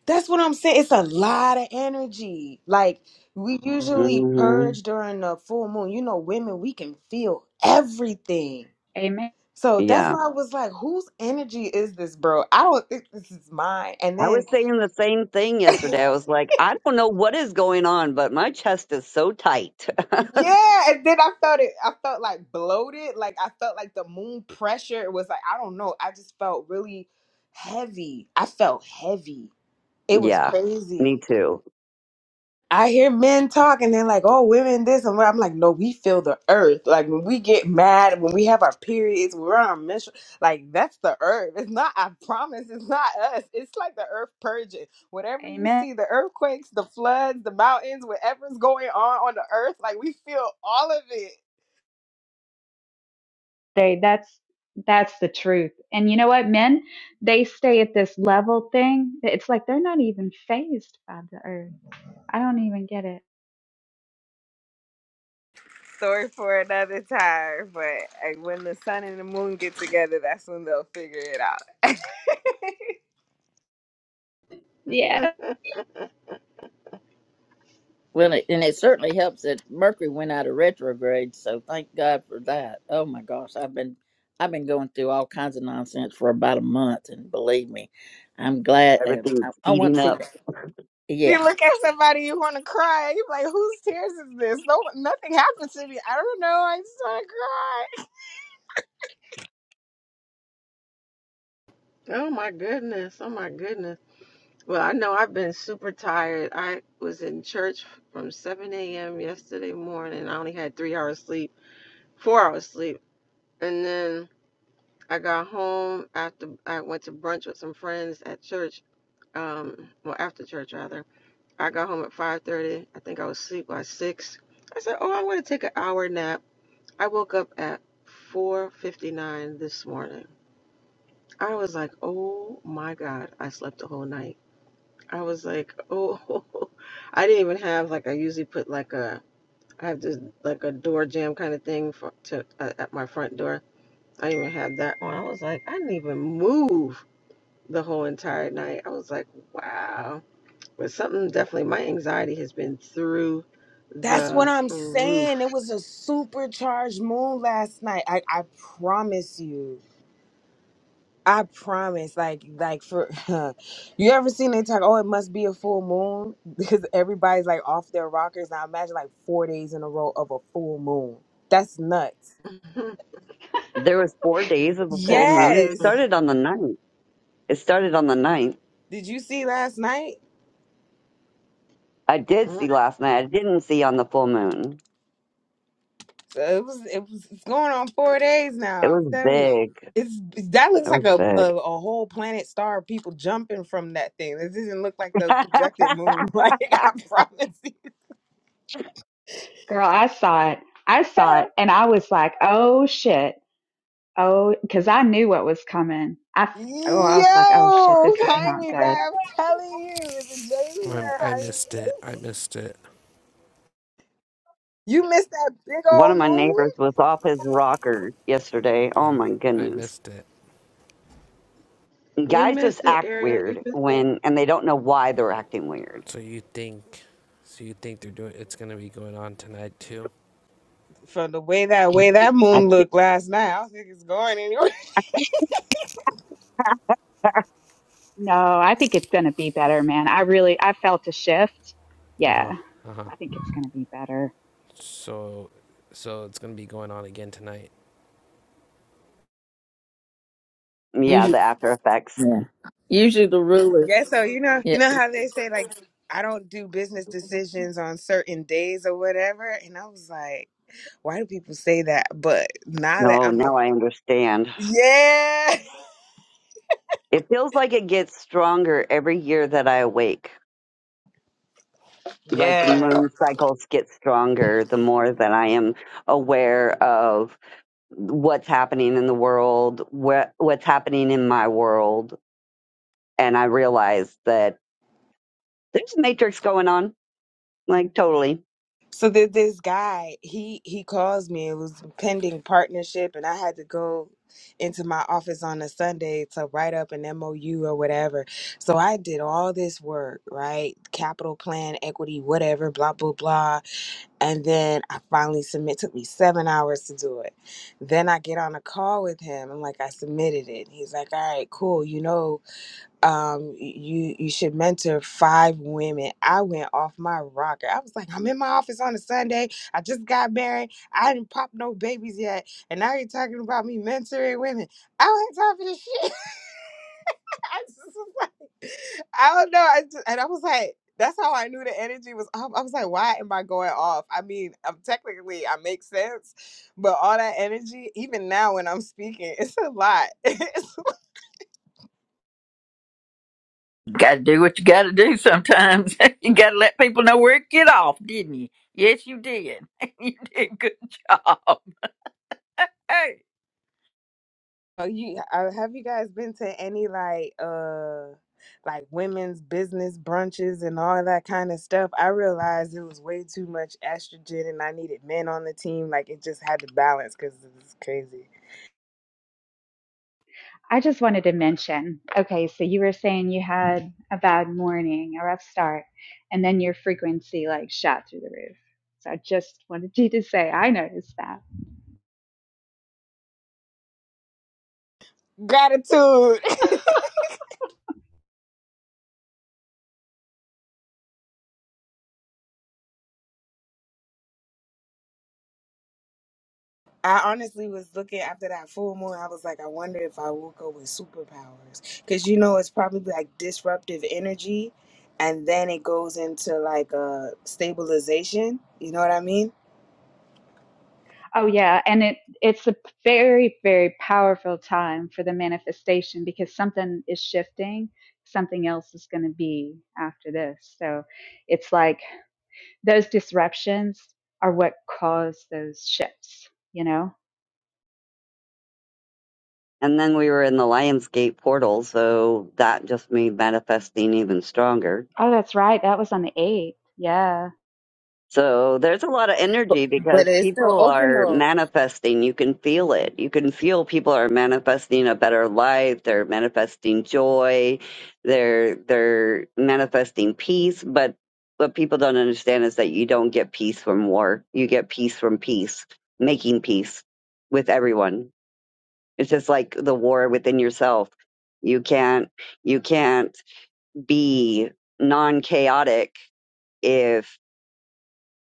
Speaker 12: That's what I'm saying. It's a lot of energy. Like we Mhm. usually
Speaker 11: hmm
Speaker 12: purge during the full moon. You know, women, we can feel everything.
Speaker 9: amen,
Speaker 12: So that's
Speaker 11: Yeah,
Speaker 12: why I was like, whose energy is this, bro? I don't think this is mine. And
Speaker 11: I
Speaker 12: then
Speaker 11: was saying the same thing yesterday. I was like, I don't know what is going on, but my chest is so tight.
Speaker 12: yeah, and then I felt it I felt like bloated. Like I felt like the moon pressure It was like, I don't know. I just felt really heavy. I felt heavy. It was
Speaker 11: Yeah,
Speaker 12: crazy.
Speaker 11: me too.
Speaker 12: I hear men talk and they're like, oh, women this and what. I'm like, no, we feel the earth. Like when we get mad, when we have our periods, when we're on our menstrual, like that's the earth. It's not, I promise, it's not us. It's like the earth purging. Whatever you
Speaker 9: amen.
Speaker 12: see, the earthquakes, the floods, the mountains, whatever's going on on the earth, like we feel all of it.
Speaker 9: They that's that's the truth. And you know what, men, they stay at this level thing. It's like they're not even phased by the earth. I don't even get it.
Speaker 12: Story for another time. But like, when the sun and the moon get together, that's when they'll figure it out.
Speaker 9: Yeah.
Speaker 1: Well, it, and it certainly helps that Mercury went out of retrograde, so thank God for that. Oh my gosh, I've been I've been going through all kinds of nonsense for about a month, and believe me, I'm glad. And I,
Speaker 11: Everything's
Speaker 1: I want to
Speaker 11: speeding
Speaker 1: see
Speaker 11: up.
Speaker 1: that. Yeah,
Speaker 12: You look at somebody, you want to cry. You're like, whose tears is this? No, nothing happened to me. I don't know. I just want to cry.
Speaker 10: Oh my goodness. Oh my goodness. Well, I know I've been super tired. I was in church from 7 a.m. yesterday morning. I only had three hours sleep, four hours sleep. And then I got home after I went to brunch with some friends at church. Um, well, after church rather. I got home at 5:30. I think I was asleep by six. I said, "Oh, I'm going to take an hour nap." I woke up at 4:59 this morning. I was like, oh my God, I slept the whole night. I was like, oh, I didn't even have like I usually put like a I have this like a door jam kind of thing for to uh, at my front door. I didn't even have that on. I was like, I didn't even move the whole entire night. I was like, wow. But something definitely, my anxiety has been through
Speaker 12: That's what
Speaker 10: the
Speaker 12: I'm saying. It
Speaker 10: roof.
Speaker 12: was a supercharged moon last night. I, I promise you. I promise. Like, like for you ever seen they talk? Oh, it must be a full moon because everybody's like off their rockers. Now imagine like four days in a row of a full moon. That's nuts.
Speaker 10: you
Speaker 11: There was four days of a full
Speaker 9: That's true.
Speaker 11: moon. It
Speaker 12: Yes.
Speaker 11: started on the ninth. It started on the ninth.
Speaker 12: Did you see last night?
Speaker 11: I did see last night. I didn't see on the full moon.
Speaker 12: So it was it was it's going on four days
Speaker 11: It
Speaker 12: now.
Speaker 11: was
Speaker 12: I'm telling you.
Speaker 11: big.
Speaker 12: It's that
Speaker 11: It
Speaker 12: looks like
Speaker 11: was
Speaker 12: a, a,
Speaker 11: big.
Speaker 12: a whole planet star of people jumping from that thing. This doesn't look like the projected moon. Like I promise you.
Speaker 9: Girl, I saw it. I saw it and I was like, "Oh shit." Oh, cuz I knew what was coming. I f- oh, I was like, "Oh shit,
Speaker 12: Yo,
Speaker 9: this is not
Speaker 12: Jaime,
Speaker 9: good."
Speaker 12: I'm telling you, is it Jamie or
Speaker 6: I
Speaker 12: Jaime?
Speaker 6: missed it. I missed it.
Speaker 12: You missed that big
Speaker 11: One of
Speaker 12: old
Speaker 11: my
Speaker 12: moon?
Speaker 11: neighbors was off his rocker yesterday. Oh
Speaker 6: Yeah,
Speaker 11: my
Speaker 6: I
Speaker 11: goodness.
Speaker 6: missed it.
Speaker 11: Guys just
Speaker 10: missed it,
Speaker 11: act
Speaker 10: Ariel. You
Speaker 11: weird
Speaker 10: missed it.
Speaker 11: when, and they don't know why they're acting weird.
Speaker 6: So you think, so you think they're doing? It's gonna be going on tonight too.
Speaker 12: From the way that way that
Speaker 11: I,
Speaker 12: moon looked last night, I don't think it's going anywhere.
Speaker 9: No, I think it's going to be better, man. I really I felt a shift.
Speaker 6: Uh
Speaker 9: Yeah.
Speaker 6: huh.
Speaker 9: I think it's going to be better.
Speaker 6: So, so it's gonna be going on again tonight.
Speaker 11: yeah,
Speaker 1: Usually,
Speaker 11: the after effects.
Speaker 1: yeah. Usually the rule is,
Speaker 12: Yeah, so you know,
Speaker 1: yeah,
Speaker 12: you know how they say like I don't do business decisions on certain days or whatever, and I was like, why do people say that? But now that
Speaker 11: No,
Speaker 12: I'm a
Speaker 11: now I understand.
Speaker 12: yeah,
Speaker 11: It feels like it gets stronger every year that I awake. Like the
Speaker 12: yeah.
Speaker 11: moon cycles get stronger the more that I am aware of what's happening in the world, what, what's happening in my world, and I realized that there's a matrix going on, like totally.
Speaker 12: So there's this guy, he he calls me. It was pending partnership, and I had to go into my office on a Sunday to write up an MOU or whatever. So I did all this work, right? Capital plan, equity, whatever, blah blah blah And then I finally submit. Took me seven hours to do it. Then I get on a call with him. I'm like, I submitted it. He's like, All right, cool. You know, um, you you should mentor five women. I went off my rocker. I was like, I'm in my office on a Sunday. I just got married. I didn't pop no babies yet, and now you're talking about me mentoring women. I don't have time for this shit. I just was like, I don't know. I just, and I was like, that's how I knew the energy was off. I was like, why am I going off? I mean, I'm technically I make sense, but all that energy, even now when I'm speaking, it's a lot. It's- like
Speaker 1: gotta do what you gotta do sometimes. you gotta let people know where it get off, didn't you? Yes, you did. you did a good job. Hey.
Speaker 12: Oh, you uh, have you guys been to any like uh like women's business brunches and all that kind of stuff? I realized it was way too much estrogen and I needed men on the team. Like it just had to balance because it was crazy.
Speaker 9: I just wanted to mention, okay, so you were saying you had a bad morning, a rough start, and then your frequency like shot through the roof. So I just wanted you to say I noticed that.
Speaker 12: Gratitude. I honestly was looking after that full moon. I was like, I wonder if I woke up with superpowers because you know it's probably like disruptive energy, and then it goes into like a stabilization. You know what I mean?
Speaker 9: Oh yeah, and it it's a very very powerful time for the manifestation because something is shifting, something else is going to be after this. So it's like those disruptions are what cause those shifts, you know?
Speaker 11: And then we were in the Lionsgate portal, so that just made manifesting even stronger.
Speaker 9: Oh, that's right. That was on the 8th. Yeah.
Speaker 11: So there's a lot of energy because
Speaker 12: But it's still
Speaker 11: people
Speaker 12: open
Speaker 11: are
Speaker 12: though.
Speaker 11: manifesting. You can feel it. You can feel people are manifesting a better life. They're manifesting joy. They're they're manifesting peace. But what people don't understand is that you don't get peace from war. You get peace from peace, making peace with everyone It's just like the war within yourself. You can't you can't be non-chaotic if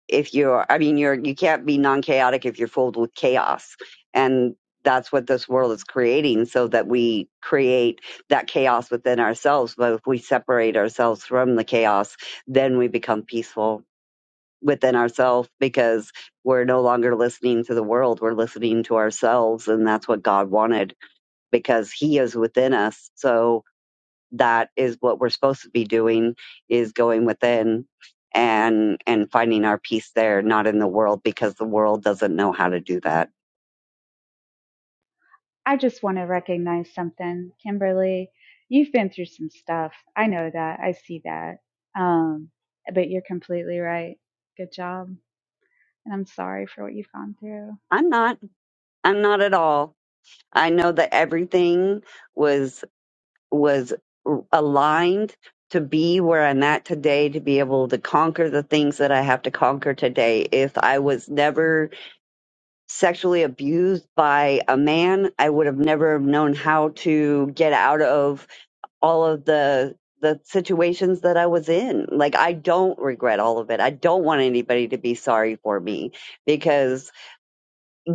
Speaker 11: if you're I mean you're you can't be non-chaotic if you're filled with chaos. And that's what this world is creating so that we create that chaos within ourselves. But if we separate ourselves from the chaos, then we become peaceful within ourselves because we're no longer listening to the world. We're listening to ourselves. And that's what God wanted because he is within us. So that is what we're supposed to be doing is going within and and finding our peace there, not in the world because the world doesn't know how to do that.
Speaker 9: I just want to recognize something. Kimberly, you've been through some stuff. I know that. I see that. Um, but you're completely right. Good job. And I'm sorry for what you've gone through.
Speaker 11: I'm not I'm not at all. I know that everything was was aligned to be where I'm at today to be able to conquer the things that I have to conquer today. If I was never sexually abused by a man, I would have never known how to get out of all of the the situations that I was in. Like I don't regret all of it. I don't want anybody to be sorry for me because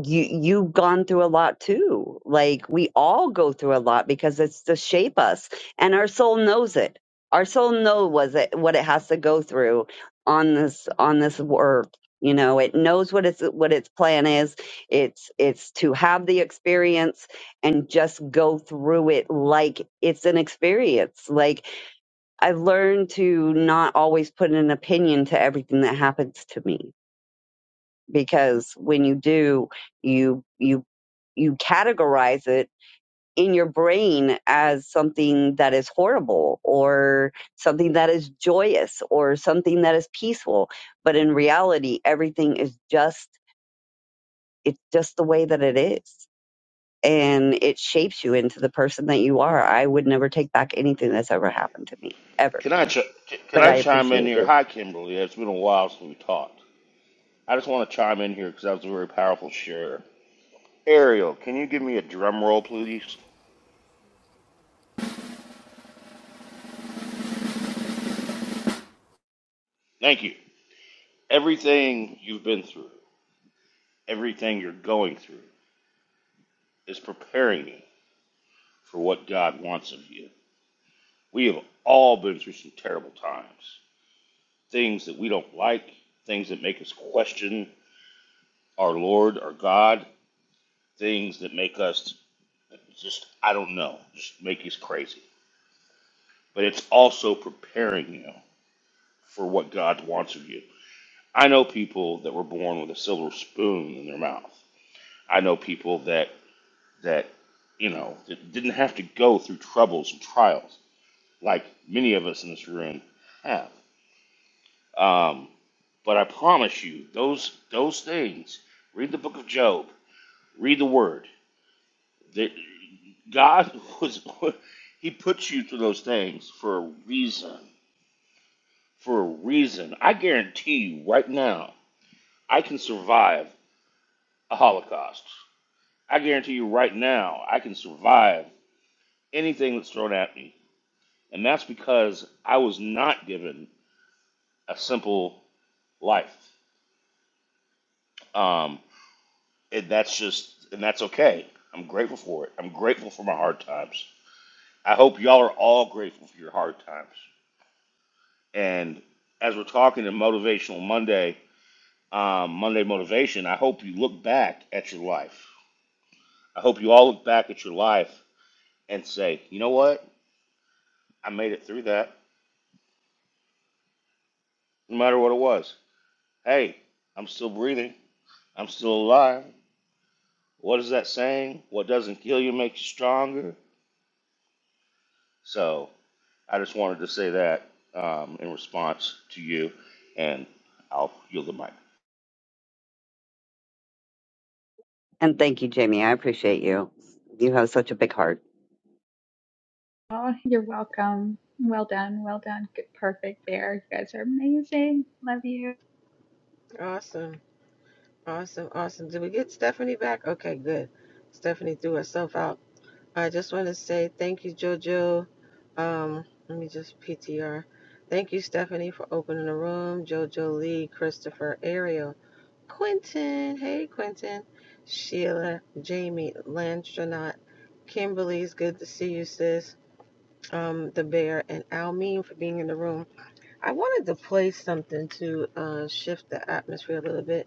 Speaker 11: you you've gone through a lot too like we all go through a lot because it's to shape us and our soul knows it our soul knows was it what it has to go through on this on this earth you know it knows what its what its plan is it's it's to have the experience and just go through it like it's an experience like i've learned to not always put an opinion to everything that happens to me because when you do, you you you categorize it in your brain as something that is horrible or something that is joyous or something that is peaceful. But in reality, everything is just, it's just the way that it is. And it shapes you into the person that you are. I would never take back anything that's ever happened to me, ever.
Speaker 13: Can I ch- can
Speaker 11: But
Speaker 13: I
Speaker 11: I
Speaker 13: chime in
Speaker 11: appreciate
Speaker 13: here?
Speaker 11: you.
Speaker 13: Hi, Kimberly. It's been a while since we talked. I just want to chime in here because that was a very powerful share. Ariel, can you give me a drum roll, please? Thank you. Everything you've been through, everything you're going through, is preparing you for what God wants of you. We have all been through some terrible times, things that we don't like, things that make us question our Lord, our God, things that make us just I don't know, just make us crazy. but it's also preparing you for what God wants of you. I know people that were born with a silver spoon in their mouth. I know people that that you know that didn't have to go through troubles and trials like many of us in this room have. Um, but I promise you, those those things. Read the book of Job. Read the Word. That God was He puts you through those things for a reason. For a reason. I guarantee you right now I can survive a Holocaust. I guarantee you right now, I can survive anything that's thrown at me. And that's because I was not given a simple life. Um, and that's just, and that's okay. I'm grateful for it. I'm grateful for my hard times. I hope y'all are all grateful for your hard times. And as we're talking to Motivational Monday, um, Monday Motivation, I hope you look back at your life. I hope you all look back at your life and say, you know what? I made it through that, no matter what it was. Hey, I'm still breathing. I'm still alive. What is that saying? What doesn't kill you makes you stronger. So I just wanted to say that um, in response to you, and I'll yield the mic.
Speaker 11: And thank you, Jamie. I appreciate you. You have such a big heart.
Speaker 9: Oh, you're welcome. Well done. Well done. Good, perfect bear. You guys are amazing. Love you.
Speaker 10: Awesome. Awesome, awesome. Did we get Stephanie back? Okay, good. Stephanie threw herself out. I just want to say thank you, JoJo. Um, let me just PTR. Thank you, Stephanie, for opening the room. JoJo Lee, Christopher, Ariel, Quentin. Hey, Quentin. Sheila, Jamie, Landstronaut, Kimberly's good to see you, sis. Um, the Bear, and Almeen for being in the room. I wanted to play something to uh, shift the atmosphere a little bit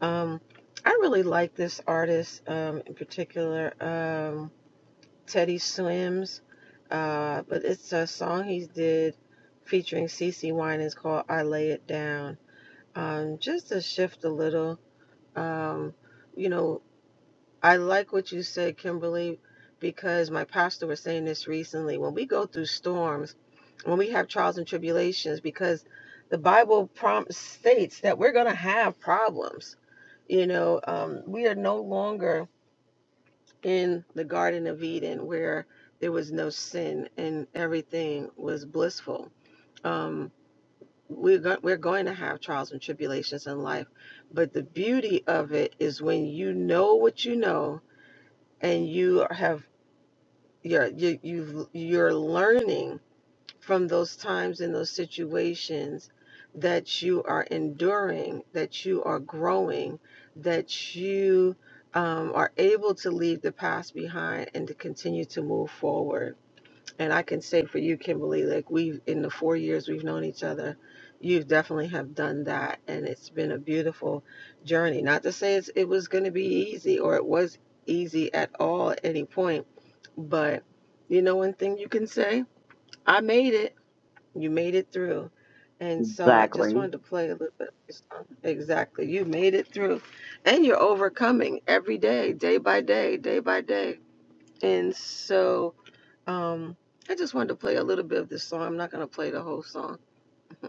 Speaker 10: um, I really like this artist um, in particular, um, Teddy Swims. Uh, but it's a song he did featuring CeCe Winans called "I Lay It Down." Um, just to shift a little, um, you know, I like what you said, Kimberly, because my pastor was saying this recently. When we go through storms, when we have trials and tribulations, because the Bible prom- states that we're going to have problems you know, um, we are no longer in the Garden of Eden where there was no sin and everything was blissful. Um, we're, go- we're going to have trials and tribulations in life, but the beauty of it is when you know what you know and you have you're, you, you've, you're learning from those times and those situations that you are enduring, that you are growing, that you um, are able to leave the past behind and to continue to move forward. And I can say for you, Kimberly, like we've in the four years we've known each other, you definitely have done that, and it's been a beautiful journey. Not to say it's, it was going to be easy or it was easy at all at any point, but you know one thing you can say: I made it you made it through. And so I just
Speaker 11: Exactly.
Speaker 10: wanted to play a little bit. of this song. Exactly. You made it through. And you're overcoming every day, day by day, day by day. And so um, I just wanted to play a little bit of this song. I'm not going to play the whole song.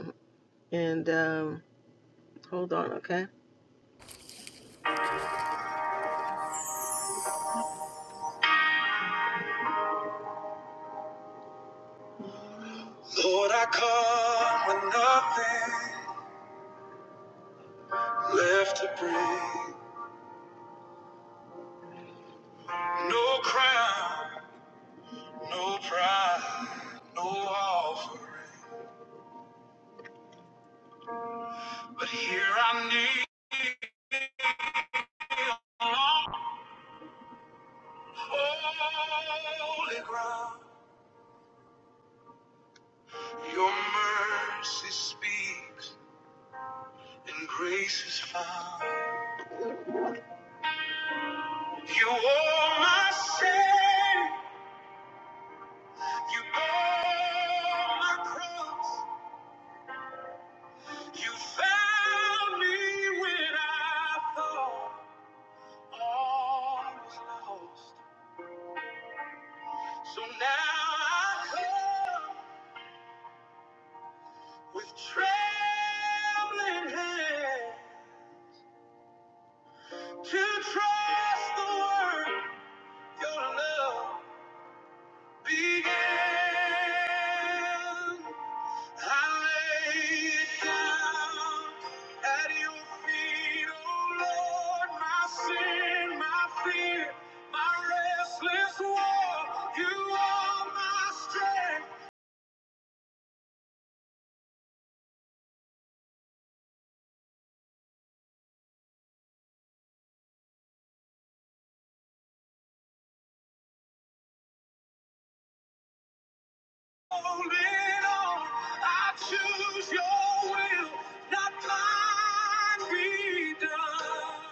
Speaker 10: and um, hold on, okay? Lord, I come with nothing left to bring. No crown, no pride, no offering. But here I kneel on holy ground. Your mercy speaks and grace is found. You owe my sin. You owe my cross. You found me when I thought all was lost. So now I come. With trembling hand to trust the work your love began. I lay it down at your feet, oh Lord, my sin, my fear, my restless war. You are my strength. Hold on. I choose your will, not mine be done.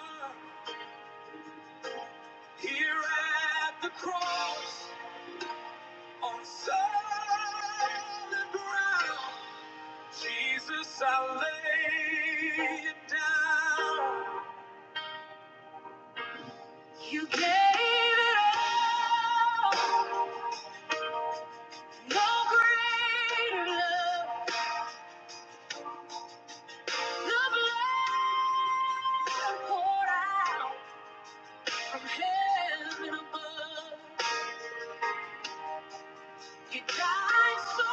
Speaker 10: Here at the cross, on solid ground, Jesus, I lay it down. You gave it all. No greater love, the blood poured out. from heaven above. He died so I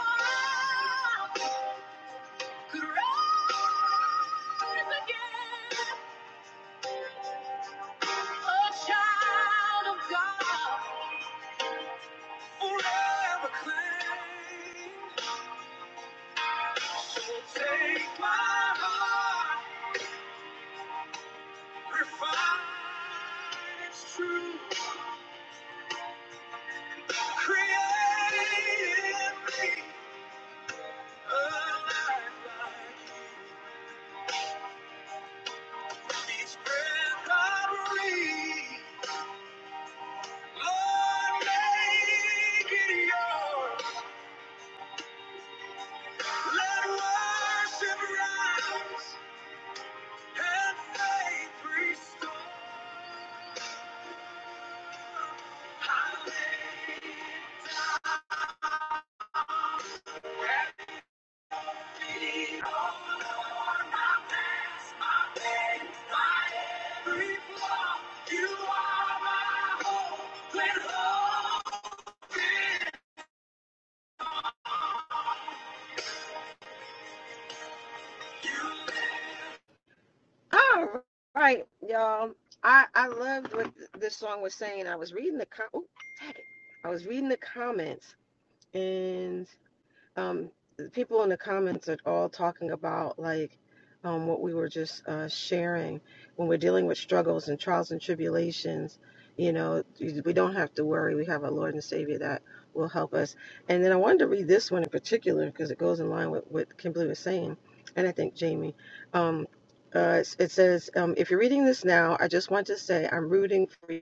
Speaker 10: could rise again, a child of God, forever claimed. Take my heart, refine its truth, create in me a life like you. each breath I breathe. Lord, make it yours. Let worship rise and faith restore. I lay it all on my past, my pain, my every flaw. You are my hope when hope All right, y'all. I I loved what th- this song was saying. I was reading the com- ooh, I was reading the comments, and um, people in the comments are all talking about like um, what we were just uh, sharing when we're dealing with struggles and trials and tribulations. You know, we don't have to worry. We have a Lord and Savior that will help us. And then I wanted to read this one in particular because it goes in line with what Kimberly was saying, and I think Jamie. Um, uh, it's- it says, um, if you're reading this now, I just want to say I'm rooting for you.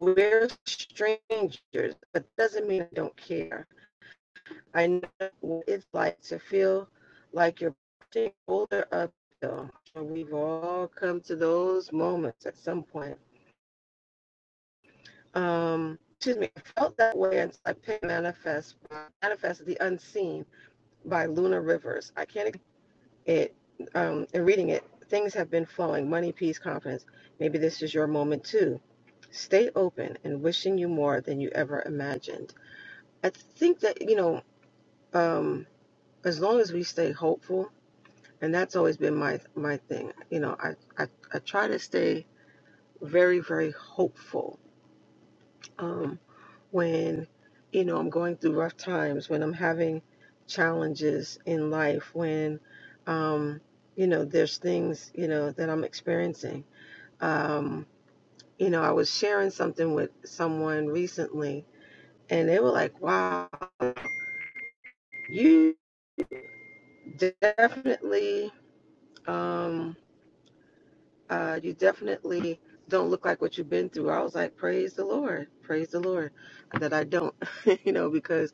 Speaker 10: We're strangers, but doesn't mean I don't care. I know what it's like to feel like you're pushing older uphill. We've all come to those moments at some point. Um, excuse me, I felt that way until I picked Manifest, Manifest the Unseen by Luna Rivers. I can't it, um, in reading it, things have been flowing, money, peace, confidence. Maybe this is your moment too. Stay open and wishing you more than you ever imagined. I think that, you know, um, as long as we stay hopeful, and that's always been my my thing you know i i, I try to stay very very hopeful um when you know i'm going through rough times when i'm having challenges in life when um you know there's things you know that i'm experiencing um you know i was sharing something with someone recently and they were like wow you definitely um uh, you definitely don't look like what you've been through. I was like, praise the Lord, praise the Lord that I don't, you know, because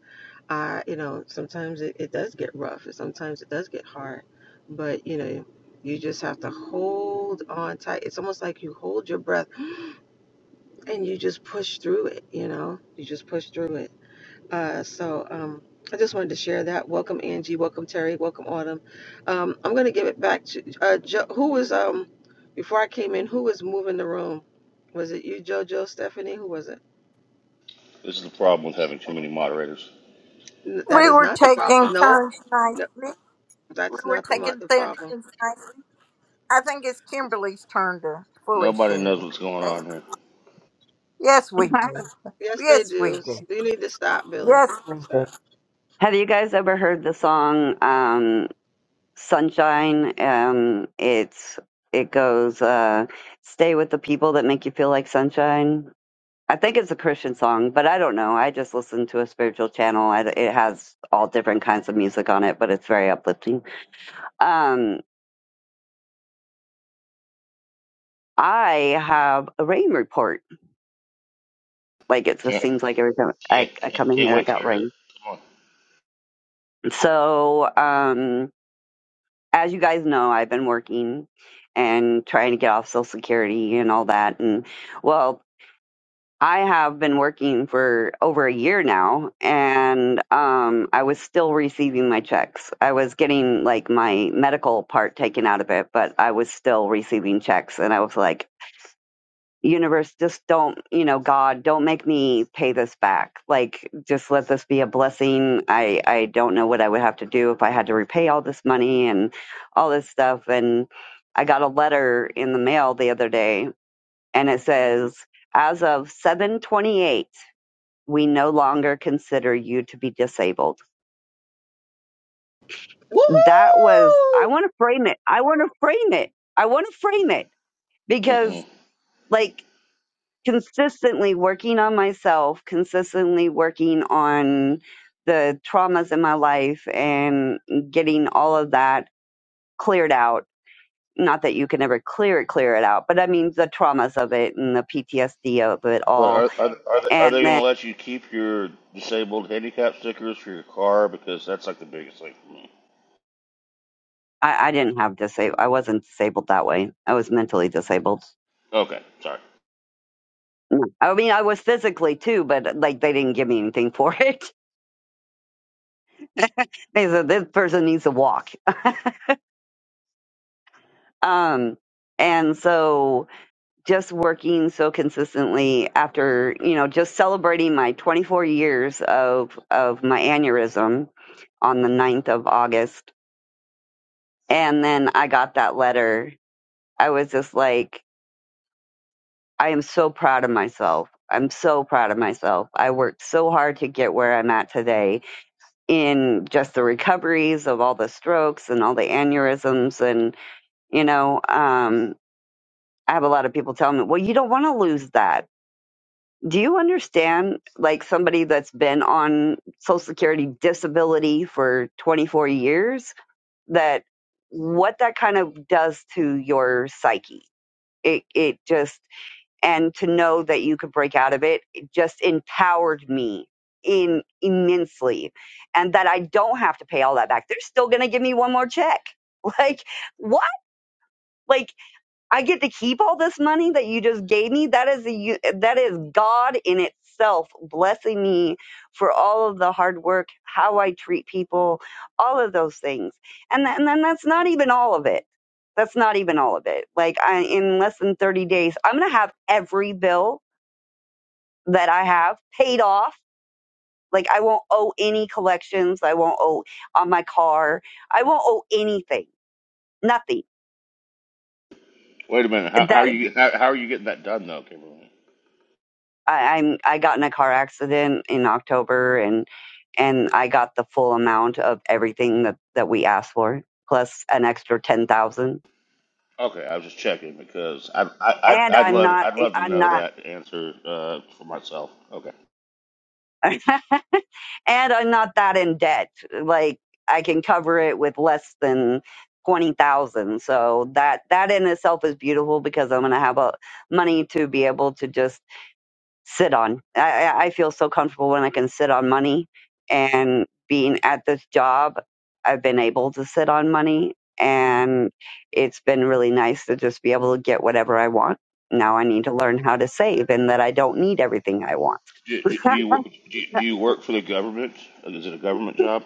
Speaker 10: I, you know, sometimes it, it does get rough and sometimes it does get hard, but you know, you just have to hold on tight. It's almost like you hold your breath and you just push through it, you know, you just push through it. Uh, so um, I just wanted to share that. Welcome Angie. Welcome Terry. Welcome Autumn. Um, I'm going to give it back to uh, jo- who was um before I came in. Who was moving the room? Was it you, JoJo, Stephanie? Who was it?
Speaker 13: This is the problem with having too many moderators.
Speaker 10: N- that is not the problem. No, no, that's not the mo- the problem.
Speaker 1: I think Kimberly's turn to fully
Speaker 13: Nobody knows
Speaker 1: sharing.
Speaker 13: what's going
Speaker 1: Thank
Speaker 13: on
Speaker 1: you.
Speaker 13: here.
Speaker 1: Yes, we do.
Speaker 10: Yes, they
Speaker 1: Yes, we
Speaker 10: do.
Speaker 1: do.
Speaker 10: You need to stop, Billy.
Speaker 1: Yes, we do.
Speaker 11: Have you guys ever heard the song um, "Sunshine"? Um, it's it goes, uh, "Stay with the people that make you feel like sunshine." I think it's a Christian song, but I don't know. I just listen to a spiritual channel. I, it has all different kinds of music on it, but it's very uplifting. Um, I have a rain report. Like it just
Speaker 13: Can't
Speaker 11: seems like every time
Speaker 13: can't
Speaker 11: I, I
Speaker 13: can't,
Speaker 11: come in
Speaker 13: can't
Speaker 11: here, I
Speaker 13: wait to
Speaker 11: got
Speaker 13: hear it.
Speaker 11: rain.
Speaker 13: Come
Speaker 11: So um, as you guys know, I've been working and trying to get off Social Security and all that. And well, I have been working for over a year now, and um, I was still receiving my checks. I was getting like my medical part taken out of it, but I was still receiving checks. And I was like, universe just don't you know god don't make me pay this back like just let this be a blessing i i don't know what i would have to do if i had to repay all this money and all this stuff and i got a letter in the mail the other day and it says as of 728 we no longer consider you to be disabled that was
Speaker 10: Woohoo!
Speaker 11: i want to frame it i want to frame it i want to frame it
Speaker 13: on. Mm-mm.
Speaker 11: because like consistently working on myself, consistently working on the traumas in my life and getting all of that cleared out. Not that you can ever clear it, clear it out, but I mean the traumas of it and the PTSD of it
Speaker 13: But
Speaker 11: all.
Speaker 13: are are are they, are
Speaker 11: And
Speaker 13: they going to
Speaker 11: then
Speaker 13: let you keep your disabled handicap stickers for your car? Because that's like the biggest thing for me.
Speaker 11: I, I didn't have disabled. I wasn't disabled that way. I was mentally disabled.
Speaker 13: Okay, sorry.
Speaker 11: I mean, I was physically too, but like they didn't give me anything for it. They said this person needs to walk. Um, and so just working so consistently after you know just celebrating my 24 years of of my aneurysm on the 9th of august and then i got that letter i was just like i am so proud of myself i'm so proud of myself i worked so hard to get where i'm at today in just the recoveries of all the strokes and all the aneurysms and you know um i have a lot of people telling me well you don't want to lose that Do you understand, like somebody that's been on Social Security disability for 24 years, that what that kind of does to your psyche? It, it just, and to know that you could break out of it, it just empowered me in immensely. And that I don't have to pay all that back. They're still going to give me one more check. Like, what? Like, I get to keep all this money that you just gave me. That is a that is God in itself blessing me for all of the hard work, how I treat people, all of those things. And th- and then that's not even all of it. That's not even all of it. Like I, in less than 30 days, I'm going to have every bill that I have paid off. Like I won't owe any collections. I won't owe on my car. I won't owe anything. Nothing
Speaker 13: Wait a minute. How, how
Speaker 11: that.
Speaker 13: are you how, how are you getting that done though, Kimberly?
Speaker 11: I, I'm I got in a car accident in October and and I got the full amount of everything that that we asked for plus an extra 10,000
Speaker 13: Okay, I was just checking because I I I'd,
Speaker 11: and
Speaker 13: I'd
Speaker 11: I'm
Speaker 13: love
Speaker 11: not
Speaker 13: I'd
Speaker 11: eh,
Speaker 13: love to
Speaker 11: I'm
Speaker 13: know
Speaker 11: not
Speaker 13: that answer uh, for myself. Okay.
Speaker 11: and I'm not that in debt like I can cover it with less than 20,000 so that that in itself is beautiful because I'm going to have a money to be able to just sit on. I, I feel so comfortable when I can sit on money. And being at this job, I've been able to sit on money. And it's been really nice to just be able to get whatever I want. Now I need to learn how to save and that I don't need everything I want.
Speaker 13: Do, do, do you do you do you work for the government? Like, Is it a government job?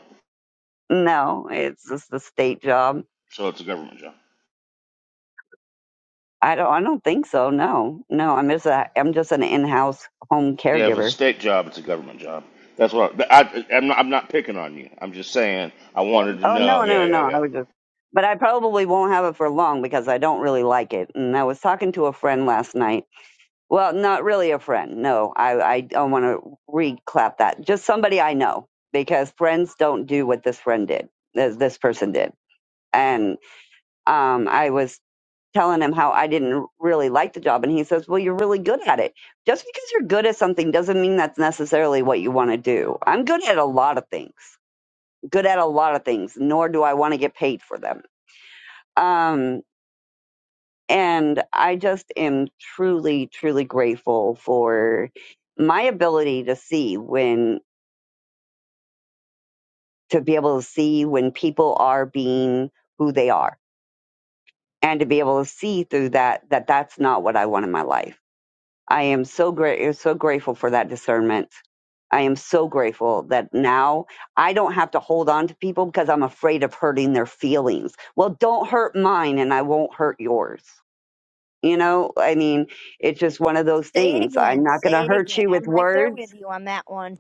Speaker 11: No, it's just a state job.
Speaker 13: So it's a government job.
Speaker 11: I don't I don't think so. No. No, I'm just a I'm just an in-house home
Speaker 13: Yeah, if it's a
Speaker 11: caregiver
Speaker 13: state job, it's a government job. That's what I, I I'm not I'm not picking on you. I'm just saying I wanted to
Speaker 11: Oh
Speaker 13: know.
Speaker 11: no,
Speaker 13: Yeah,
Speaker 11: no,
Speaker 13: yeah,
Speaker 11: no. I
Speaker 13: yeah.
Speaker 11: was just but I probably won't have it for long because I don't really like it. And I was talking to a friend last night. Well, not really a friend. No, I, I don't want to reclap that. Just somebody I know because friends don't do what this friend did, this, this person did. And um, I was telling him how I didn't really like the job. And he says, Well, you're really good at it. Just because you're good at something doesn't mean that's necessarily what you want to do. I'm good at a lot of things, good at a lot of things, nor do I want to get paid for them um, and I just am truly, truly grateful for my ability to see when, to be able to see when people are being who they are and to be able to see through that, that that's not what I want in my life. I am so great, so grateful for that discernment. I am so grateful that now I don't have to hold on to people because I'm afraid of hurting their feelings. Well, don't hurt mine and I won't hurt yours You know, I mean, it's just one of those
Speaker 14: Say it
Speaker 11: things. I'm
Speaker 14: again.
Speaker 11: not going to
Speaker 14: Say it
Speaker 11: hurt
Speaker 14: again.
Speaker 11: you with
Speaker 14: I'm right there with
Speaker 11: words,
Speaker 14: you on that one.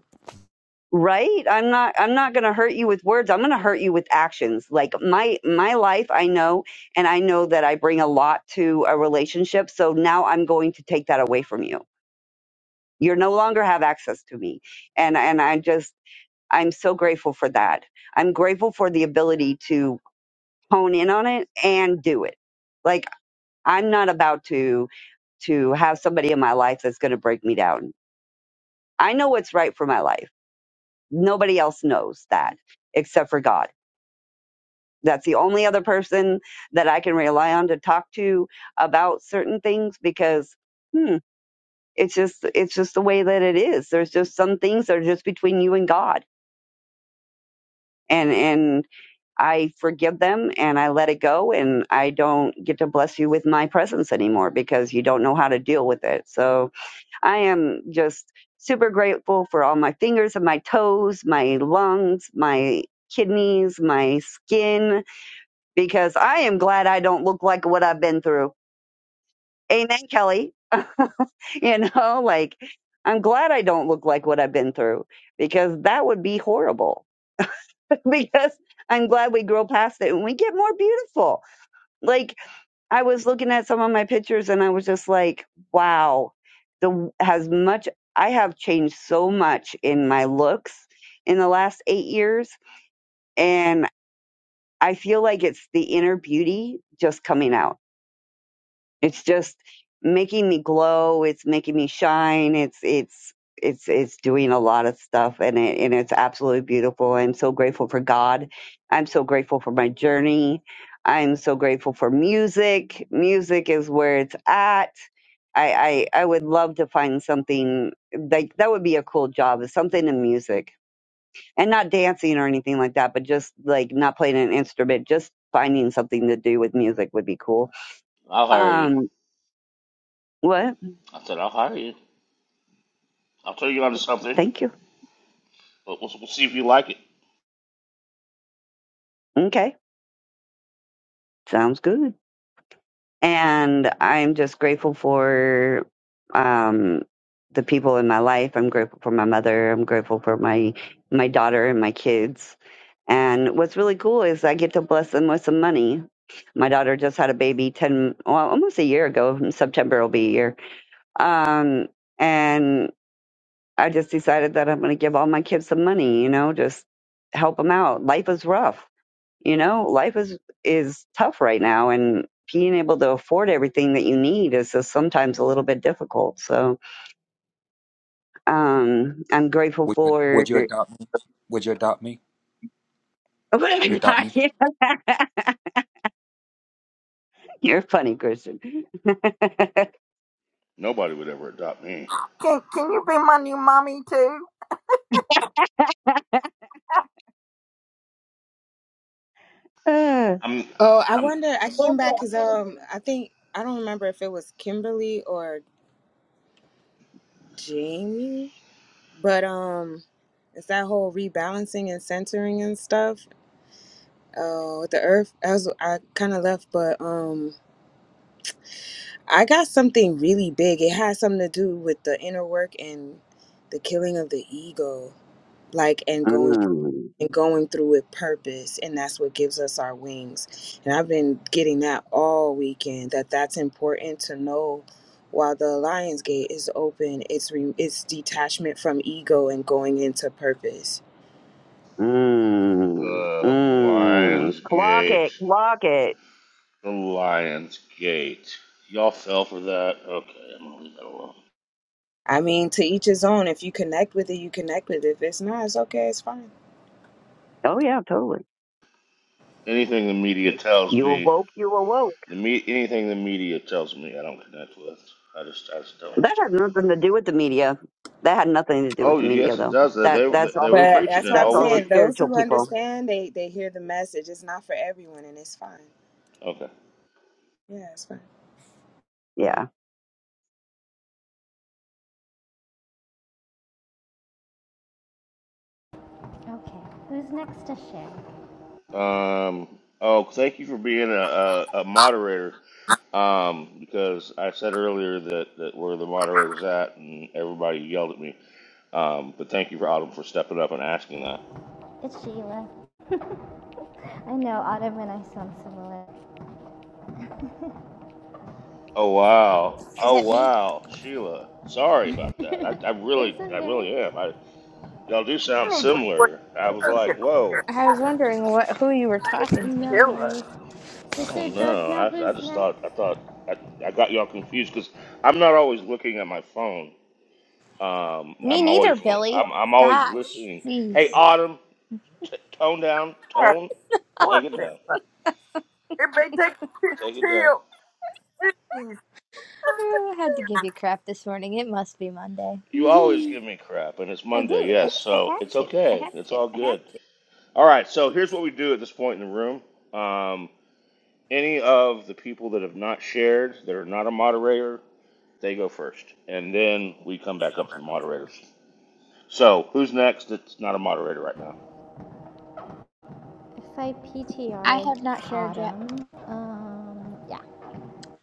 Speaker 11: right? I'm not I'm not going to hurt you with words. I'm going to hurt you with actions. Like my my life, I know and I know that I bring a lot to a relationship, so now I'm going to take that away from you. You are no longer have access to me. And and I just I'm so grateful for that. I'm grateful for the ability to hone in on it and do it Like. I'm not about to to have somebody in my life that's going to break me down. I know what's right for my life. Nobody else knows that except for God. That's the only other person that I can rely on to talk to about certain things because hmm, it's just it's just the way that it is. There's just some things that are just between you and God. And and I forgive them and I let it go and I don't get to bless you with my presence anymore because you don't know how to deal with it. So I am just super grateful for all my fingers and my toes, my lungs, my kidneys, my skin, because I am glad I don't look like what I've been through. Amen, Kelly. you know, like I'm glad I don't look like what I've been through because that would be horrible. because I'm glad we grow past it and we get more beautiful. Like I was looking at some of my pictures and I was just like, wow, the has much I have changed so much in my looks in the last 8 years and I feel like it's the inner beauty just coming out. It's just making me glow. It's making me shine. It's it's it's it's doing a lot of stuff, and it and it's absolutely beautiful. I'm so grateful for God. I'm so grateful for my journey. I'm so grateful for music. Music is where it's at. I, I I would love to find something like that would be a cool job is something in music and not dancing or anything like that, but just like not playing an instrument, just finding something to do with music would be cool.
Speaker 13: I'll hire you.
Speaker 11: Um, what?
Speaker 13: I said I'll hire you. I'll turn you on something,
Speaker 11: Thank you.
Speaker 13: but we'll, we'll see if you like it.
Speaker 11: Okay. Sounds good. And I'm just grateful for um the people in my life. I'm grateful for my mother. I'm grateful for my my daughter and my kids. And what's really cool is I get to bless them with some money. My daughter just had a baby 10 well, almost a year ago. In September will be a year. Um and I just decided that I'm going to give all my kids some money, you know, just help them out. Life is rough you know life is is tough right now and being able to afford everything that you need is just sometimes a little bit difficult so um i'm grateful
Speaker 5: would you,
Speaker 11: for
Speaker 5: would you adopt me would you adopt me
Speaker 11: what i
Speaker 5: you adopt
Speaker 11: got
Speaker 5: me
Speaker 11: you're funny christian
Speaker 13: Nobody would ever adopt me.
Speaker 1: Can, can you be my new mommy too?
Speaker 11: uh,
Speaker 13: I'm
Speaker 12: Oh, I
Speaker 13: I'm
Speaker 12: wonder. I came back because um, I think I don't remember if it was Kimberly or Jamie, but um, it's that whole rebalancing and centering and stuff. Oh, with the Earth, I was I kind of left, but um, I got something really big. It has something to do with the inner work and the killing of the ego, like and going
Speaker 11: mm,
Speaker 12: and going through with purpose and that's what gives us our wings and i've been getting that all weekend that that's important to know while the Lions gate is open it's re- it's detachment from ego and going into purpose
Speaker 11: mm,
Speaker 13: The
Speaker 11: mm.
Speaker 13: Lions
Speaker 11: clock
Speaker 13: Gate.
Speaker 11: it clock it
Speaker 13: The Lions Gate. Y'all fell for that. Okay, I'm gonna leave that alone.
Speaker 12: i mean to each his own if you connect with it you connect with it if it's not it's okay it's fine
Speaker 11: oh yeah totally
Speaker 13: Anything the media tells
Speaker 11: you
Speaker 13: me,
Speaker 11: awoke you awoke
Speaker 13: the me anything the media tells me, I don't connect with. I just, I just don't.
Speaker 11: that had nothing to do with the media that had nothing to do
Speaker 13: Oh
Speaker 11: with the
Speaker 13: yes,
Speaker 11: media
Speaker 13: it
Speaker 11: though
Speaker 13: does. They,
Speaker 11: that
Speaker 13: they,
Speaker 11: that's all
Speaker 13: they were
Speaker 12: but
Speaker 13: preaching
Speaker 12: that's
Speaker 13: it
Speaker 12: why i'm
Speaker 11: that's
Speaker 13: all
Speaker 11: all the
Speaker 12: saying
Speaker 13: week.
Speaker 12: those
Speaker 11: spiritual
Speaker 12: who
Speaker 11: people
Speaker 12: understand they they hear the message it's not for everyone and it's fine
Speaker 13: Okay.
Speaker 12: yeah it's fine
Speaker 11: yeah
Speaker 15: Okay, who's next to share?
Speaker 13: Um. Oh, thank you for being a, a, a moderator. Um, because I said earlier that, that where the moderator's at, and everybody yelled at me. Um, but thank you, Autumn, for stepping up and asking that.
Speaker 15: It's Sheila. I know Autumn and I sound similar.
Speaker 13: Oh wow.
Speaker 14: Is
Speaker 13: Oh
Speaker 14: that me?
Speaker 13: wow, Sheila. Sorry about that. I, I
Speaker 15: it's
Speaker 13: really I
Speaker 15: okay.
Speaker 13: really am. I y'all do sound
Speaker 1: I need to quit.
Speaker 13: similar. I was
Speaker 1: I need to
Speaker 13: like, whoa.
Speaker 1: quit.
Speaker 14: I was wondering what who you were talking to.
Speaker 15: No worries.
Speaker 1: Killing.
Speaker 13: I
Speaker 15: Sister
Speaker 13: don't
Speaker 15: Jojo,
Speaker 13: know.
Speaker 15: know
Speaker 13: I, I
Speaker 15: who's
Speaker 13: just thought
Speaker 15: next?
Speaker 13: I thought I, I got y'all confused because I'm not always looking at my phone. Um,
Speaker 14: Me
Speaker 13: I'm always
Speaker 14: neither, Billy.
Speaker 13: I'm, I'm always
Speaker 14: Gosh,
Speaker 13: listening. Hey
Speaker 14: jeez.
Speaker 13: Autumn, t- tone down, tone, take
Speaker 1: What's
Speaker 13: it
Speaker 1: it?
Speaker 13: down,
Speaker 1: Everybody take a
Speaker 13: take it down.
Speaker 1: pill.
Speaker 14: Oh, I had to give you crap this morning. It must be Monday.
Speaker 13: You always give me crap, and it's
Speaker 14: I
Speaker 13: Monday,
Speaker 14: do.
Speaker 13: yes,
Speaker 14: I, I
Speaker 13: so
Speaker 14: have
Speaker 13: it's
Speaker 14: to. I
Speaker 13: okay.
Speaker 14: have
Speaker 13: It's
Speaker 14: to.
Speaker 13: all
Speaker 14: I have
Speaker 13: good.
Speaker 14: to.
Speaker 13: All right, so here's what we do at this point in the room. Um. Any of the people that have not shared, that are not a moderator, they go first. And then we come back up to the moderators. So, who's next that's not a moderator right now?
Speaker 15: If I P T
Speaker 14: I
Speaker 15: R, it's
Speaker 14: have not shared yet.
Speaker 15: Autumn. Um, yeah.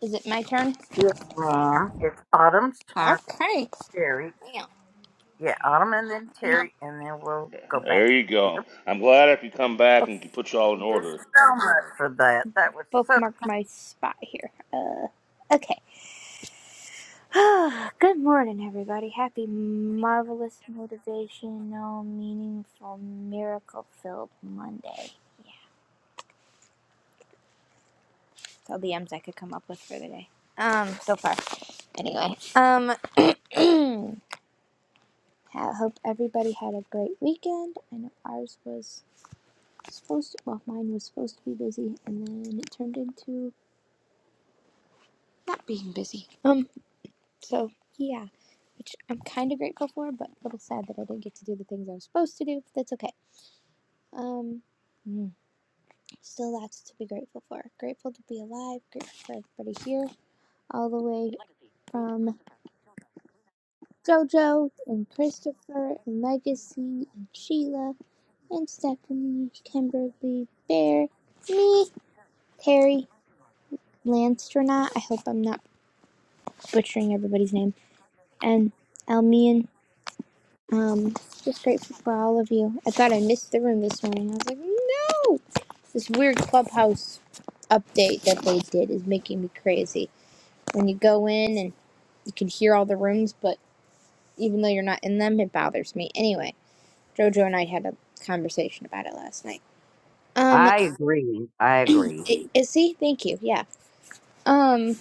Speaker 14: Is it my turn?
Speaker 1: Yeah, it's Autumn's turn.
Speaker 14: Okay.
Speaker 1: Terry.
Speaker 14: Yeah.
Speaker 1: Yeah, Autumn and then
Speaker 14: Let me
Speaker 1: Terry, and then we'll go back.
Speaker 13: There you go. I'm glad if you come back
Speaker 14: Book,
Speaker 13: and can put you all in
Speaker 1: Thank you
Speaker 13: order.
Speaker 1: so much for that. That was so.
Speaker 14: bookmark my spot here. Uh, okay. Good morning, everybody. Happy, marvelous, motivational, meaningful, miracle filled Monday. That's all the M's I could come up with for the day. Um, so far, anyway. Um, I hope everybody had a great weekend. I know ours was supposed to, well, mine was supposed to be busy, and then it turned into not being busy. Um, so yeah, which I'm kind of grateful for, but a little sad that I didn't get to do the things I was supposed to do, but that's okay. Um, mm. still lots to be grateful for. Grateful to be alive, grateful for everybody here, all the way from JoJo and Christopher and Legacy and Sheila and Stephanie, Kimberly, Bear, me, Terry, Landstronaut. I hope I'm not butchering everybody's name, and Elmian. Um, just grateful for all of you. I thought I missed the room this morning. I was like, no! This weird clubhouse update that they did is making me crazy. When you go in and you can hear all the rooms, but even though you're not in them, it bothers me. Anyway, Jojo and I had a conversation about it last night. Um,
Speaker 11: I agree. I agree.
Speaker 14: it, it, see, thank you. Yeah. Um,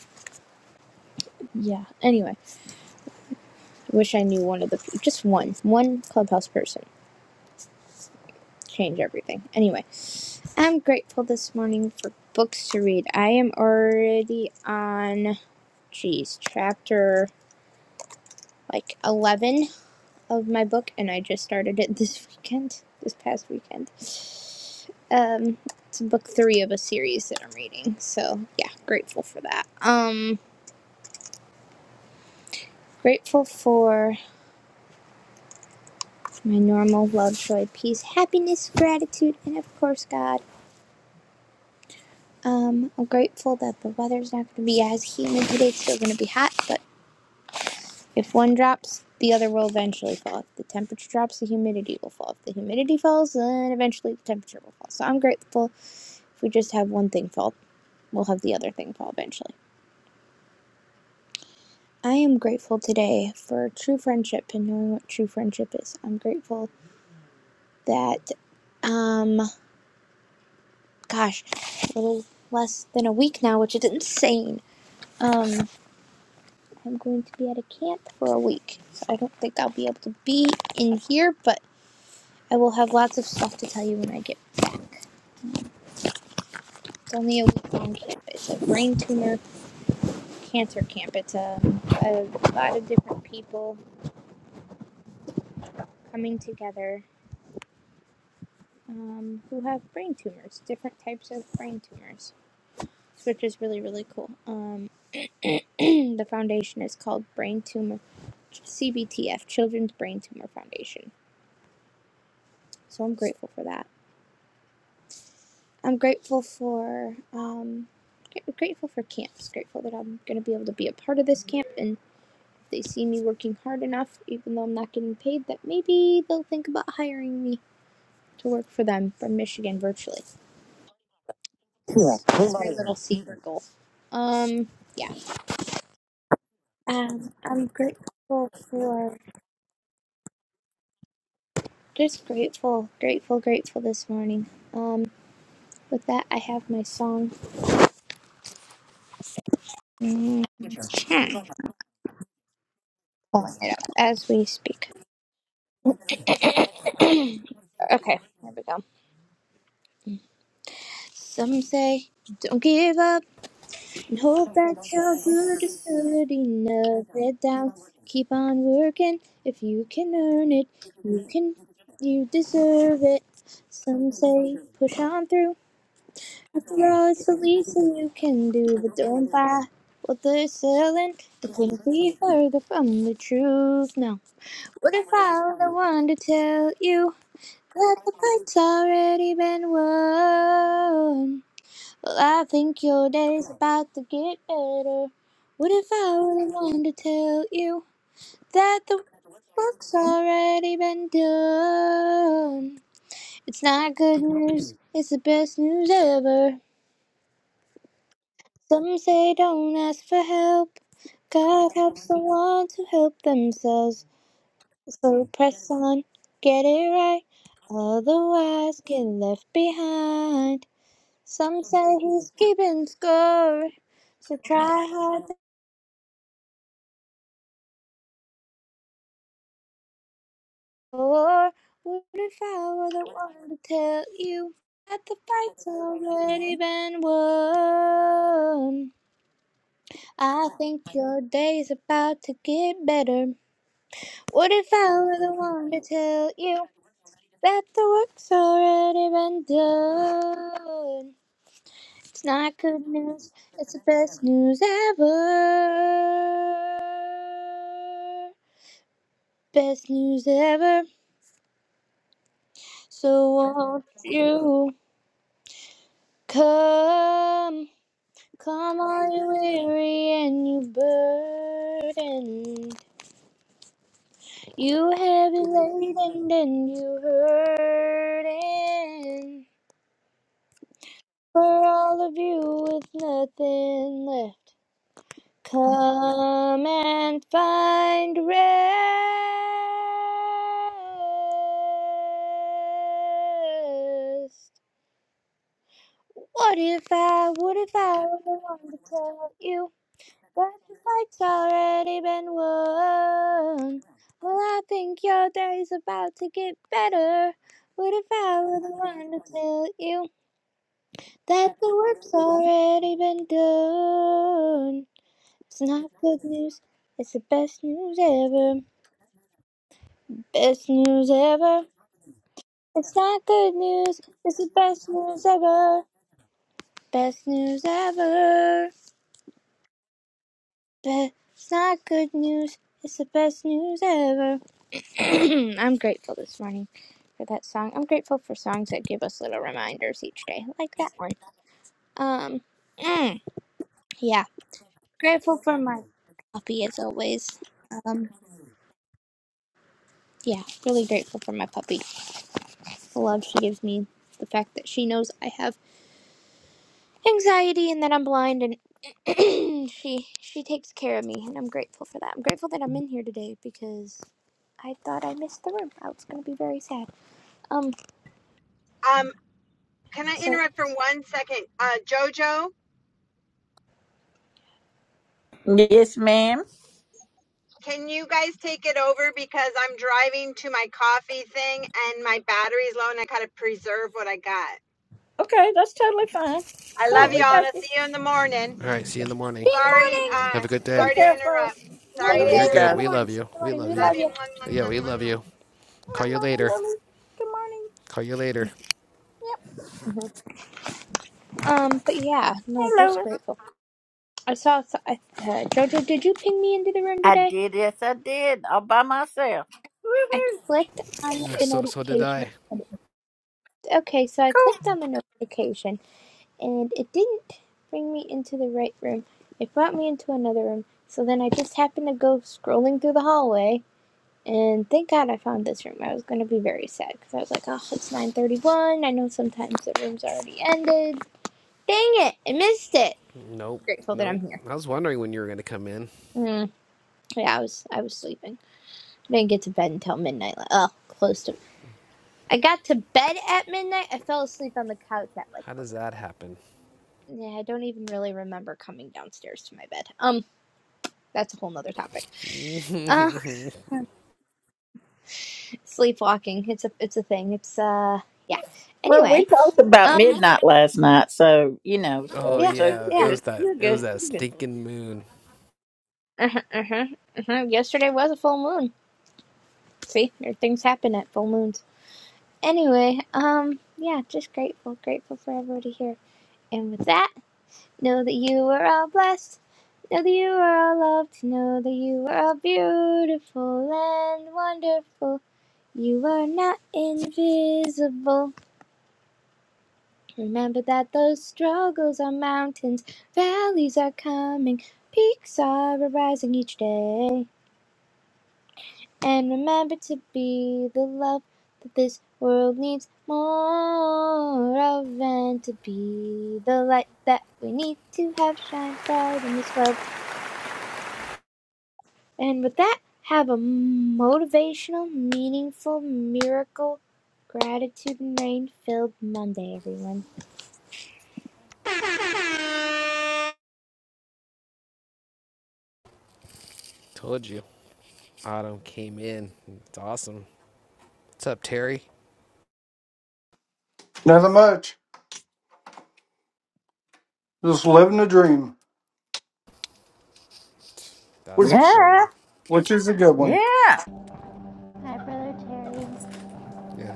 Speaker 14: yeah. Anyway, I wish I knew one of the just one one clubhouse person change everything. Anyway, I'm grateful this morning for books to read. I am already on, geez, chapter like eleven of my book, and I just started it this weekend, this past weekend. Um, it's book three of a series that I'm reading. So yeah, grateful for that. Um, grateful for my normal love, joy, peace, happiness, gratitude, and of course God. Um, I'm grateful that the weather's not going to be as humid today. It's still going to be hot, but if one drops, the other will eventually fall. If the temperature drops, the humidity will fall. If the humidity falls, then eventually the temperature will fall. So I'm grateful if we just have one thing fall, we'll have the other thing fall eventually. I am grateful today for true friendship and knowing what true friendship is. I'm grateful that, um, gosh, a little less than a week now, which is insane. Um, I'm going to be at a camp for a week, so I don't think I'll be able to be in here, but I will have lots of stuff to tell you when I get back. It's only a week long camp. It's a brain tumor cancer camp. It's a, a lot of different people coming together um, who have brain tumors, different types of brain tumors, which is really, really cool. Um, the foundation is called Brain Tumor CBTF, Children's Brain Tumor Foundation. So I'm grateful for that. I'm grateful for um, grateful for camps. Grateful that I'm going to be able to be a part of this camp, and if they see me working hard enough, even though I'm not getting paid, that maybe they'll think about hiring me to work for them from Michigan virtually. Yeah, That's my little secret goal. Um, yeah. Um, I'm grateful for just grateful, grateful, grateful this morning. Um, with that, I have my song mm, as we speak. okay, here we go. Some say, don't give up and hope that you're good is good enough. Head down, keep on working. If you can earn it, you can, you deserve it. Some say, push on through. Girl, it's the least thing you can do, but don't buy what they're selling. They couldn't be further from the truth. No. What if I were the one to tell you that the fight's already been won? Well, I think your day's about to get better. What if I were the one to tell you that the work's already been done? It's not good news, it's the best news ever. Some say don't ask for help. God helps the ones who help themselves. So press on, get it right, otherwise get left behind. Some say he's keeping score, so try hard to score. What if I were the one to tell you that the fight's already been won? I think your day's about to get better. What if I were the one to tell you that the work's already been done? It's not good news, it's the best news ever. Best news ever. So won't you come? Come all you weary and you burdened. You heavy laden and you hurting. For all of you with nothing left, come and find rest. What if I, what if I were the one to tell you that the fight's already been won? Well, I think your day's about to get better. What if I were the one to tell you? that the work's already been done. It's not good news, it's the best news ever. Best news ever. It's not good news, it's the best news ever. Best news ever. Be- it's not good news, it's the best news ever. I'm grateful this morning for that song. I'm grateful for songs that give us little reminders each day, like that one. Um, mm, yeah. Grateful for my coffee as always. Um. yeah, really grateful for my puppy. The love she gives me, the fact that she knows I have anxiety and that I'm blind, and she she takes care of me, and I'm grateful for that. I'm grateful that I'm in here today because I thought I missed the room. I was gonna be very sad. Um,
Speaker 2: Um, can I
Speaker 14: so
Speaker 2: interrupt for one second? Uh, Jojo,
Speaker 1: Yes, ma'am.
Speaker 2: can you guys take it over because I'm driving to my coffee thing and my battery's low and I gotta preserve what I got.
Speaker 1: Okay, that's totally fine.
Speaker 2: I
Speaker 1: Cool.
Speaker 6: Yeah.
Speaker 2: love
Speaker 1: We
Speaker 6: We.
Speaker 2: y'all and
Speaker 1: got
Speaker 2: I'll
Speaker 1: you.
Speaker 2: see you in the
Speaker 6: All right. See you in
Speaker 2: morning.
Speaker 6: the
Speaker 14: see
Speaker 6: morning.
Speaker 14: you in the
Speaker 2: Sorry,
Speaker 14: morning.
Speaker 2: uh,
Speaker 6: Have a good
Speaker 1: Be
Speaker 6: day.
Speaker 2: sorry to
Speaker 1: careful.
Speaker 2: interrupt.
Speaker 14: No,
Speaker 6: You
Speaker 11: Love
Speaker 2: Sorry
Speaker 6: know,
Speaker 14: you're
Speaker 11: your
Speaker 2: to
Speaker 6: you're
Speaker 14: good.
Speaker 1: Hey,
Speaker 14: See you
Speaker 11: stuff.
Speaker 6: good.
Speaker 14: in
Speaker 2: interrupt.
Speaker 14: the
Speaker 6: We
Speaker 14: morning.
Speaker 6: love
Speaker 14: See you
Speaker 6: you.
Speaker 14: in the
Speaker 6: We
Speaker 14: morning.
Speaker 6: love
Speaker 14: We
Speaker 6: you.
Speaker 2: Love
Speaker 14: love
Speaker 2: you.
Speaker 14: you.
Speaker 2: Mwah, mwah,
Speaker 6: Yeah, we
Speaker 2: mwah,
Speaker 6: love
Speaker 2: mwah,
Speaker 6: you. Call
Speaker 2: mwah.
Speaker 6: you
Speaker 1: Mama
Speaker 6: later.
Speaker 1: Yoli. Good morning.
Speaker 6: Call you later.
Speaker 1: Yep.
Speaker 14: Um, but yeah, no,
Speaker 1: Hey,
Speaker 14: just
Speaker 1: Lois.
Speaker 14: grateful. I saw so I, uh, Jojo. Did you ping me into the room
Speaker 1: I
Speaker 14: today?
Speaker 1: did. Yes, I did. All by myself.
Speaker 14: I
Speaker 1: Woohoo.
Speaker 14: clicked on
Speaker 6: Yeah,
Speaker 14: the
Speaker 6: so, so did
Speaker 14: notification.
Speaker 6: I.
Speaker 14: Okay, so I clicked
Speaker 1: Cool.
Speaker 14: on the notification and it didn't bring me into the right room. It brought me into another room. So then I just happened to go scrolling through the hallway, and thank God I found this room. I was gonna be very sad because I was like, oh, it's 9:31. I know sometimes the room's already ended. Dang it, I missed it.
Speaker 6: Nope.
Speaker 14: Grateful that
Speaker 6: Nope.
Speaker 14: I'm here.
Speaker 6: I was wondering when you were gonna come in.
Speaker 14: Mm, yeah, I was I was sleeping. I didn't get to bed until midnight. Like, oh, close to. I got to bed at midnight. I fell asleep on the couch at like
Speaker 6: How does that happen?
Speaker 14: 11. Yeah, I don't even really remember coming downstairs to my bed. Um, that's a whole nother topic. Uh, sleepwalking. It's a it's a thing. It's uh yeah.
Speaker 1: Well, we
Speaker 14: Anyway,
Speaker 1: talked about
Speaker 14: um
Speaker 1: midnight last night, so you know,
Speaker 6: oh
Speaker 1: so,
Speaker 14: yeah
Speaker 1: so you're
Speaker 6: yeah, it
Speaker 14: yeah.
Speaker 6: was
Speaker 1: good.
Speaker 6: that.
Speaker 1: You're
Speaker 6: It was
Speaker 1: good.
Speaker 6: that
Speaker 1: You're good.
Speaker 6: stinking moon.
Speaker 14: Uh huh uh huh. Yesterday was a full moon. See, there things happen at full moons. Anyway, um yeah, just grateful, grateful for everybody here. And with that, know that you are all blessed. Know that you are all loved. Know that you are all beautiful and wonderful. You are not invisible. Remember that those struggles are mountains, valleys are coming, peaks are arising each day. And remember to be the love that this world needs more of, and to be the light that we need to have shine bright in this world. And with that, have a motivational, meaningful, miracle, gratitude and rain filled Monday, everyone.
Speaker 6: Told you. Autumn came in. It's awesome. What's up, Terry?
Speaker 16: Nothing much. Just living the dream,
Speaker 6: That's for
Speaker 16: which
Speaker 6: sure.
Speaker 1: Yeah,
Speaker 16: which is a good one.
Speaker 1: yeah.
Speaker 15: Hi, Brother Terry.
Speaker 6: Yeah.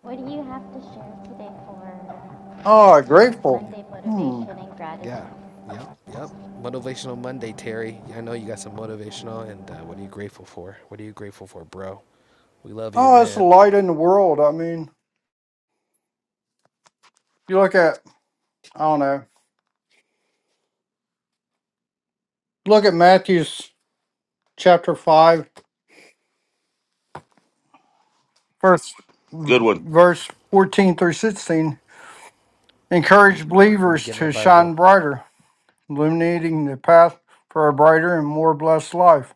Speaker 15: What do you have to share today for
Speaker 16: Oh,
Speaker 15: motivation,
Speaker 16: grateful.
Speaker 6: yeah,
Speaker 15: Monday
Speaker 16: Hmm.
Speaker 15: motivation and gratitude?
Speaker 6: Yeah. Yep. Yep. Motivational Monday, Terry. Yeah, I know you got some motivational, and uh, what are you grateful for? What are you grateful for, bro? We love you,
Speaker 16: Oh, it's the
Speaker 6: man.
Speaker 16: light in the world. I mean, you look at I don't know. Look at Matthew's chapter five, first
Speaker 13: Good one.
Speaker 16: verse fourteen through sixteen. Encourage
Speaker 6: Let me
Speaker 16: believers
Speaker 6: get my
Speaker 16: to shine
Speaker 6: Bible.
Speaker 16: brighter, illuminating the path for a brighter and more blessed life.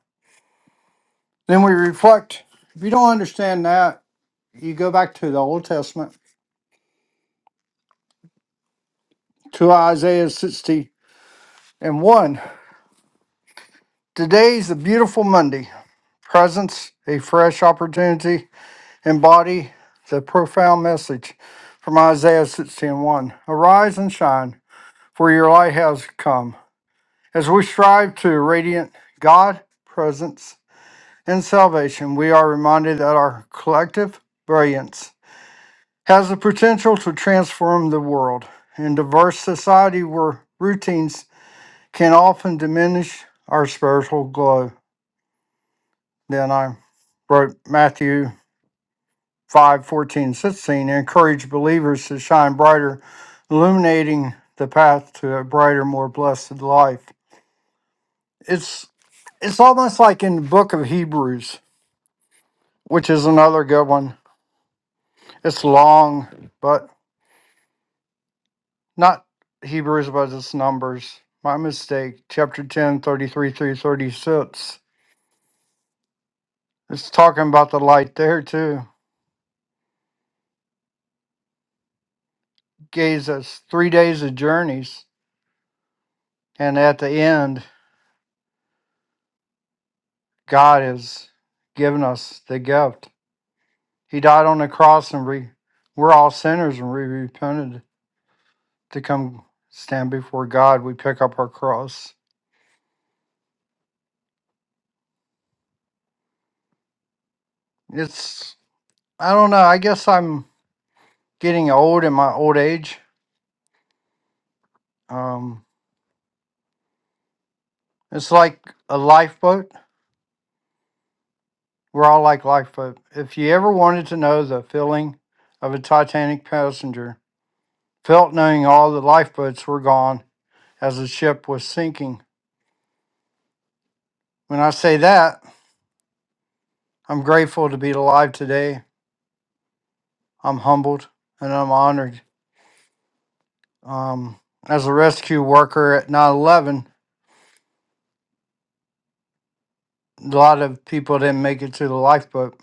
Speaker 16: Then we reflect. If you don't understand that, you go back to the Old Testament, to Isaiah sixty and 1 Today's a beautiful Monday. Presence, a fresh opportunity, embody the profound message from Isaiah 60 Arise and shine, for your light has come. As we strive to radiant God presence and salvation, we are reminded that our collective brilliance has the potential to transform the world. In diverse society where routines can often diminish our spiritual glow. Then I wrote Matthew five fourteen sixteen 14, 16, encourage believers to shine brighter, illuminating the path to a brighter, more blessed life. It's it's almost like in the book of Hebrews, which is another good one. It's long, but not Hebrews, but it's Numbers. My mistake. Chapter 10 33 through 36. It's talking about the light there too. Gaze us three days of journeys. And at the end, God has given us the gift. He died on the cross, and we we're all sinners, and we repented to come stand before God. We pick up our cross. It's I don't know. I guess I'm getting old in my old age. Um, it's like a lifeboat. We're all like lifeboat. If you ever wanted to know the feeling of a Titanic passenger, felt knowing all the lifeboats were gone as the ship was sinking. When I say that, I'm grateful to be alive today. I'm humbled and I'm honored. Um, as a rescue worker at 9 11, a lot of people didn't make it to the lifeboat.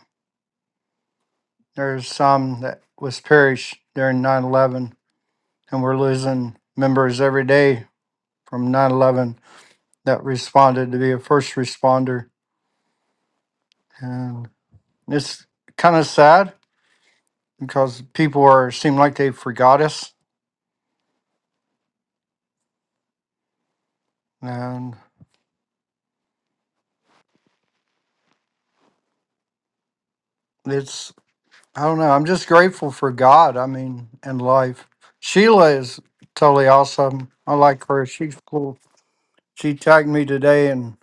Speaker 16: There's some that was perished during 9 11, and we're losing members every day from 9 11 that responded to be a first responder. And it's kind of sad because people are seem like they forgot us. And it's I don't know. I'm just grateful for God. I mean, and life. Sheila is totally awesome. I like her. She's cool. She tagged me today, and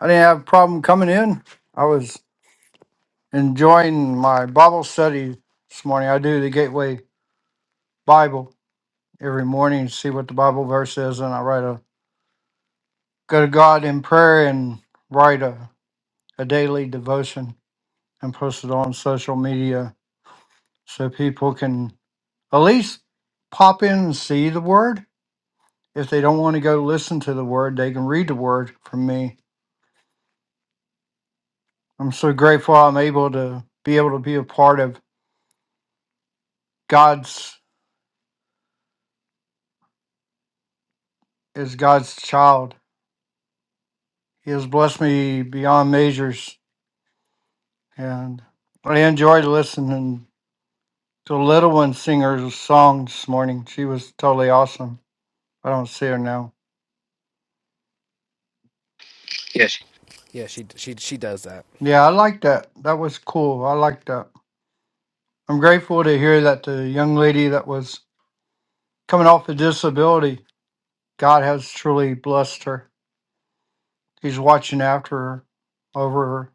Speaker 16: I didn't have a problem coming in. I was enjoying my Bible study this morning. I do the Gateway Bible every morning, see what the Bible verse is, and I write a go to God in prayer and write a, a daily devotion and post it on social media so people can at least pop in and see the word If they don't want to go listen to the word, they can read the word from me. I'm so grateful I'm able to be able to be a part of God's as God's child. He has blessed me beyond measures and I enjoyed listening to little one singer's song this morning. She was totally awesome. I don't see her now. Yes.
Speaker 6: Yeah, she she she does that.
Speaker 16: Yeah, I like that. That was cool. I like that. I'm grateful to hear that the young lady that was coming off a disability, God has truly blessed her. He's watching after her, over her,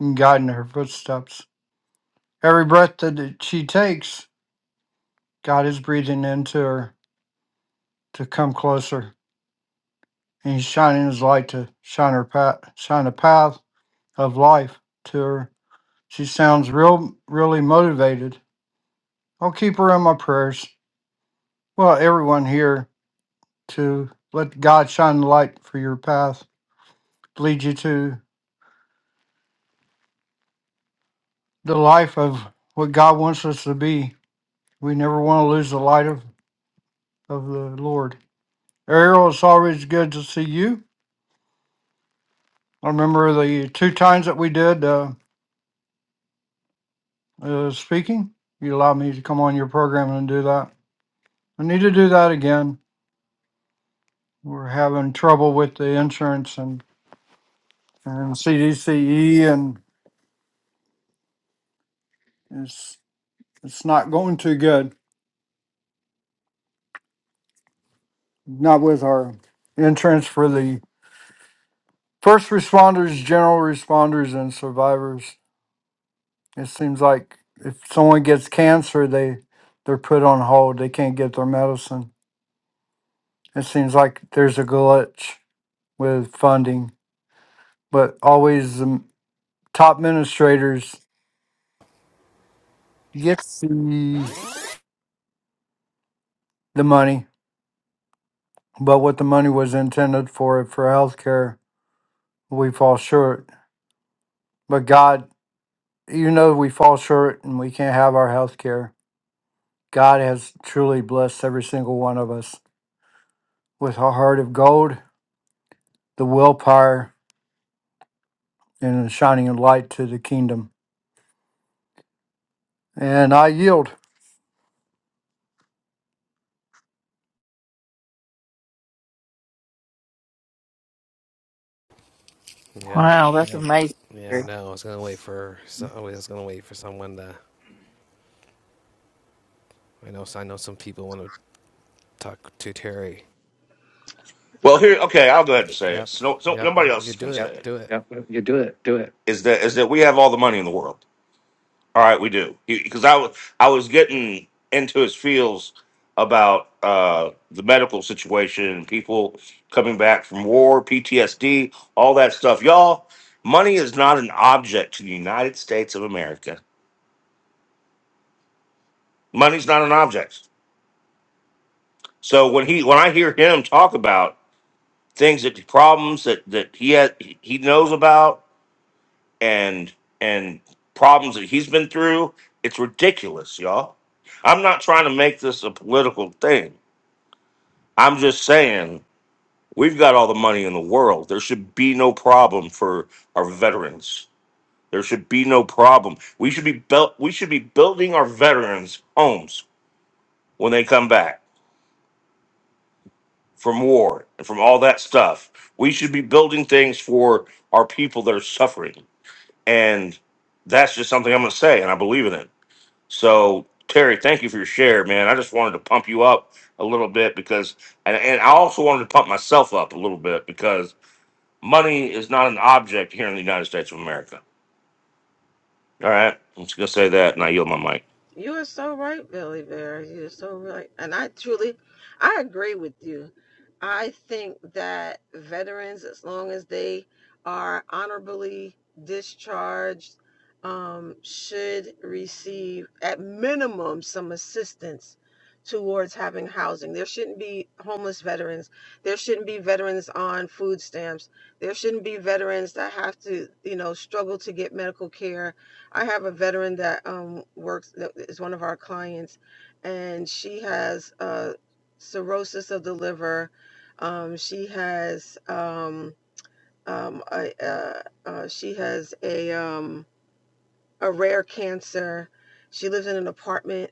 Speaker 16: and guiding her footsteps. Every breath that she takes, God is breathing into her to come closer, and He's shining His light to shine her path, shine a path of life to her. She sounds real, really motivated. I'll keep her in my prayers. Well, everyone here to let God shine the light for your path, lead you to the life of what God wants us to be. We never want to lose the light of, of the Lord. Ariel, it's always good to see you. I remember the two times that we did uh, uh, speaking, you allowed me to come on your program and do that. I need to do that again. We're having trouble with the insurance and, and CDCE, and it's it's not going too good. Not with our insurance for the first responders, general responders, and survivors. It seems like if someone gets cancer, they they're put on hold. They can't get their medicine. It seems like there's a glitch with funding, but always the m- top administrators get the, the money, but what the money was intended for, for healthcare, we fall short. But God, you know we fall short and we can't have our healthcare. God has truly blessed every single one of us with a heart of gold, the willpower, and a shining light to the kingdom. And I yield.
Speaker 6: Yeah.
Speaker 1: Wow, that's
Speaker 6: Yep.
Speaker 1: amazing.
Speaker 6: Yeah, I
Speaker 1: Do
Speaker 6: know. I was gonna wait for. So, I was gonna wait for someone to. I know. I know some people want to talk to Terry.
Speaker 13: Well, here, okay, I'll go ahead and say it.
Speaker 6: Yep.
Speaker 13: So, so
Speaker 6: Yep.
Speaker 13: nobody
Speaker 6: You
Speaker 13: else
Speaker 6: do
Speaker 13: can say
Speaker 6: it.
Speaker 13: Yep. it.
Speaker 6: Do it.
Speaker 13: Yep. You do it. Do it. Is that is that we have all the money in the world? All right, we do because I was I was getting into his feels about uh, the medical situation, people coming back from war, PTSD, all that stuff. Y'all, money is not an object to the United States of America. Money's not an object. So when he when I hear him talk about things that problems that that he has he knows about and and problems that he's been through, it's ridiculous, y'all. I'm not trying to make this a political thing. I'm just saying, we've got all the money in the world. There should be no problem for our veterans. There should be no problem. We should be built. We should be building our veterans homes when they come back from war and from all that stuff. We should be building things for our people that are suffering, and that's just something I'm going to say, and I believe in it. So, Terry, thank you for your share, man. I just wanted to pump you up a little bit because, and, and I also wanted to pump myself up a little bit because money is not an object here in the United States of America. All right, I'm just gonna say that, and I yield my mic.
Speaker 10: You are so right, Billy Bear. You are so right. And I truly, I agree with you. I think that veterans, as long as they are honorably discharged, um, should receive at minimum some assistance towards having housing. There shouldn't be homeless veterans. There shouldn't be veterans on food stamps. There shouldn't be veterans that have to, you know, struggle to get medical care I have a veteran that um, works that is one of our clients, and she has uh, cirrhosis of the liver. Um, she has um, um, a, uh, uh, she has a um, a rare cancer. She lives in an apartment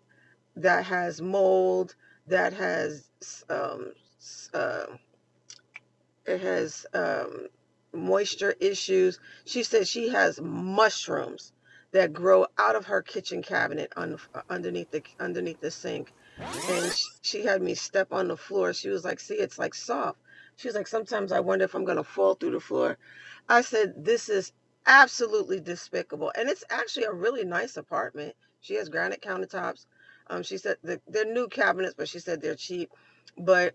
Speaker 10: that has mold, that has um, s- uh, it has um, moisture issues. She said she has mushrooms that grow out of her kitchen cabinet on, underneath the underneath the sink. And she, she had me step on the floor. She was like, "See, it's like soft." She was like, "Sometimes I wonder if I'm gonna fall through the floor." I said, "This is absolutely despicable." And it's actually a really nice apartment. She has granite countertops. Um, she said the, they're new cabinets, but she said they're cheap. But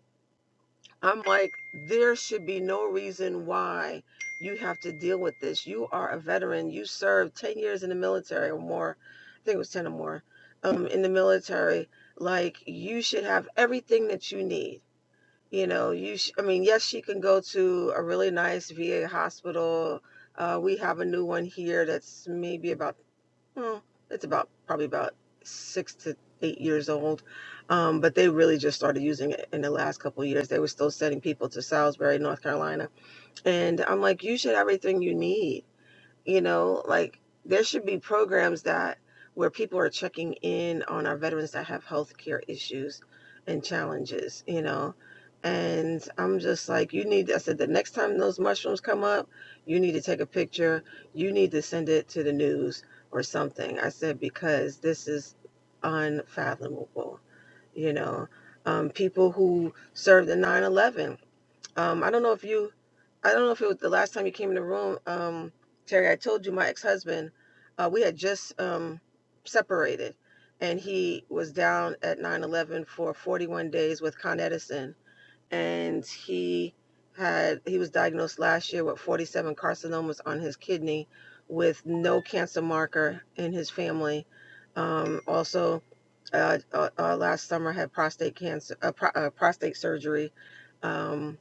Speaker 10: I'm like, there should be no reason why you have to deal with this. You are a veteran. You served 10 years in the military or more. I think it was 10 or more um, in the military. Like, you should have everything that you need. You know, you, sh- I mean, yes, she can go to a really nice VA hospital. Uh, we have a new one here that's maybe about well, it's about probably about six to eight years old. Um, but they really just started using it in the last couple of years. They were still sending people to Salisbury, North Carolina. And I'm like, you should have everything you need you know like there should be programs that where people are checking in on our veterans that have health care issues and challenges you know and i'm just like you need i said the next time those mushrooms come up you need to take a picture you need to send it to the news or something i said because this is unfathomable you know um, people who served in nine eleven. Um, I don't know if you, I don't know if it was the last time you came in the room, um, Terry. I told you my ex-husband, uh, we had just um, separated, and he was down at nine eleven for 41 days with Con Edison, and he had he was diagnosed last year with 47 carcinomas on his kidney, with no cancer marker in his family. Um, also, uh, uh, uh, last summer had prostate cancer, uh, pro- uh, prostate surgery. Um,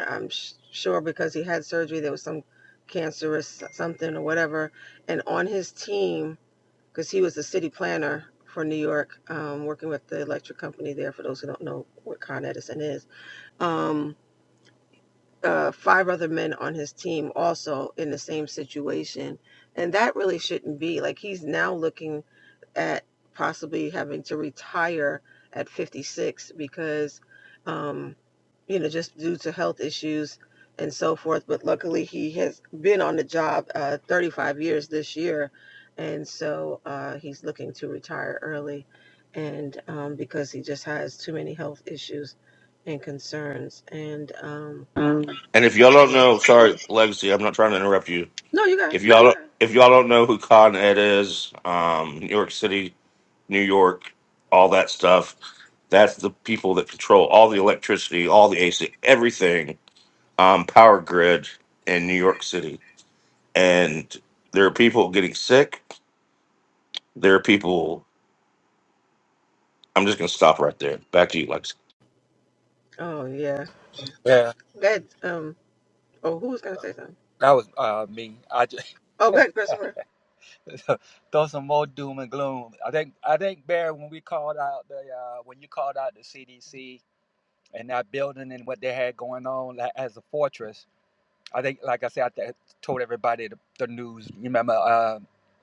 Speaker 10: I'm sh- sure because he had surgery. There was some cancerous something or whatever. And on his team, because he was the city planner for New York, um, working with the electric company there, for those who don't know what Con Edison is, um, uh, five other men on his team also in the same situation. And that really shouldn't be. Like he's now looking at possibly having to retire at 56 because, um, you know, just due to health issues and so forth. But luckily, he has been on the job uh, 35 years this year. And so uh, he's looking to retire early and um, because he just has too many health issues and concerns. And um,
Speaker 13: And if y'all don't know, sorry, Legacy, I'm not trying to interrupt you.
Speaker 10: no, you got,
Speaker 13: If y'all don't- if y'all don't know who Con Ed is, um, New York City, New York, all that stuff, that's the people that control all the electricity, all the AC, everything, um, power grid in New York City. And there are people getting sick. There are people. I'm just gonna stop right there. Back to you, Legacy.
Speaker 10: oh, yeah.
Speaker 5: Yeah,
Speaker 10: That, um, oh, who was going to say something?
Speaker 5: that was uh, me. I just,
Speaker 10: Oh, good, Christopher.
Speaker 5: throw some more doom and gloom. I think I think Barry, when we called out the uh, when you called out the CDC and that building and what they had going on like, as a fortress, I think like I said, I th- told everybody the, the news. You remember uh,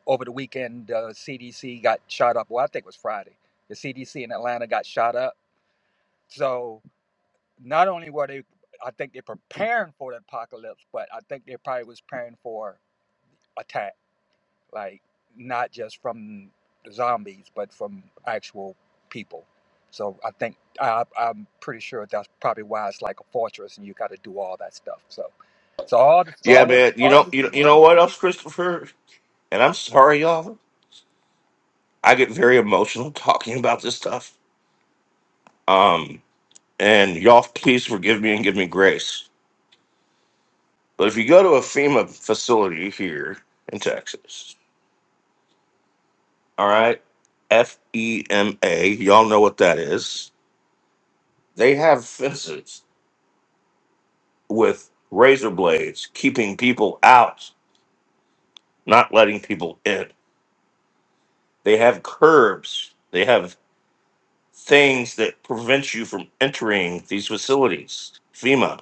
Speaker 5: over the weekend the CDC got shot up. Well, I think it was Friday. The CDC in Atlanta got shot up. So not only were they, I think they're preparing for the apocalypse, but I think they probably was preparing for attack like not just from the zombies, but from actual people. So I think I, I'm pretty sure that's probably why it's like a fortress, and you got to do all that stuff. So, so all this,
Speaker 13: Yeah,
Speaker 5: all this,
Speaker 13: man. You
Speaker 5: all the
Speaker 13: know, you know, you
Speaker 5: CDC.
Speaker 13: know what else, Christopher? And I'm sorry, y'all. I get very emotional talking about this stuff, and y'all, please forgive me and give me grace. But if you go to a FEMA facility here in Texas, all right, F E M A, y'all know what that is. They have fences with razor blades keeping people out, not letting people in. They have curbs. They have things that prevent you from entering these facilities. FEMA,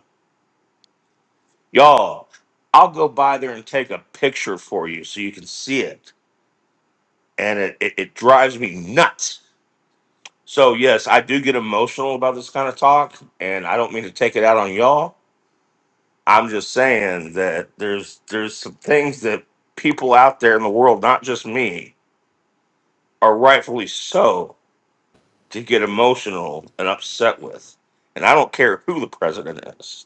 Speaker 13: y'all, I'll go by there and take a picture for you so you can see it. And it, it, it drives me nuts. So, yes, I do get emotional about this kind of talk, and I don't mean to take it out on y'all. I'm just saying that there's there's some things that people out there in the world, not just me, are rightfully so to get emotional and upset with. And I don't care who the president is.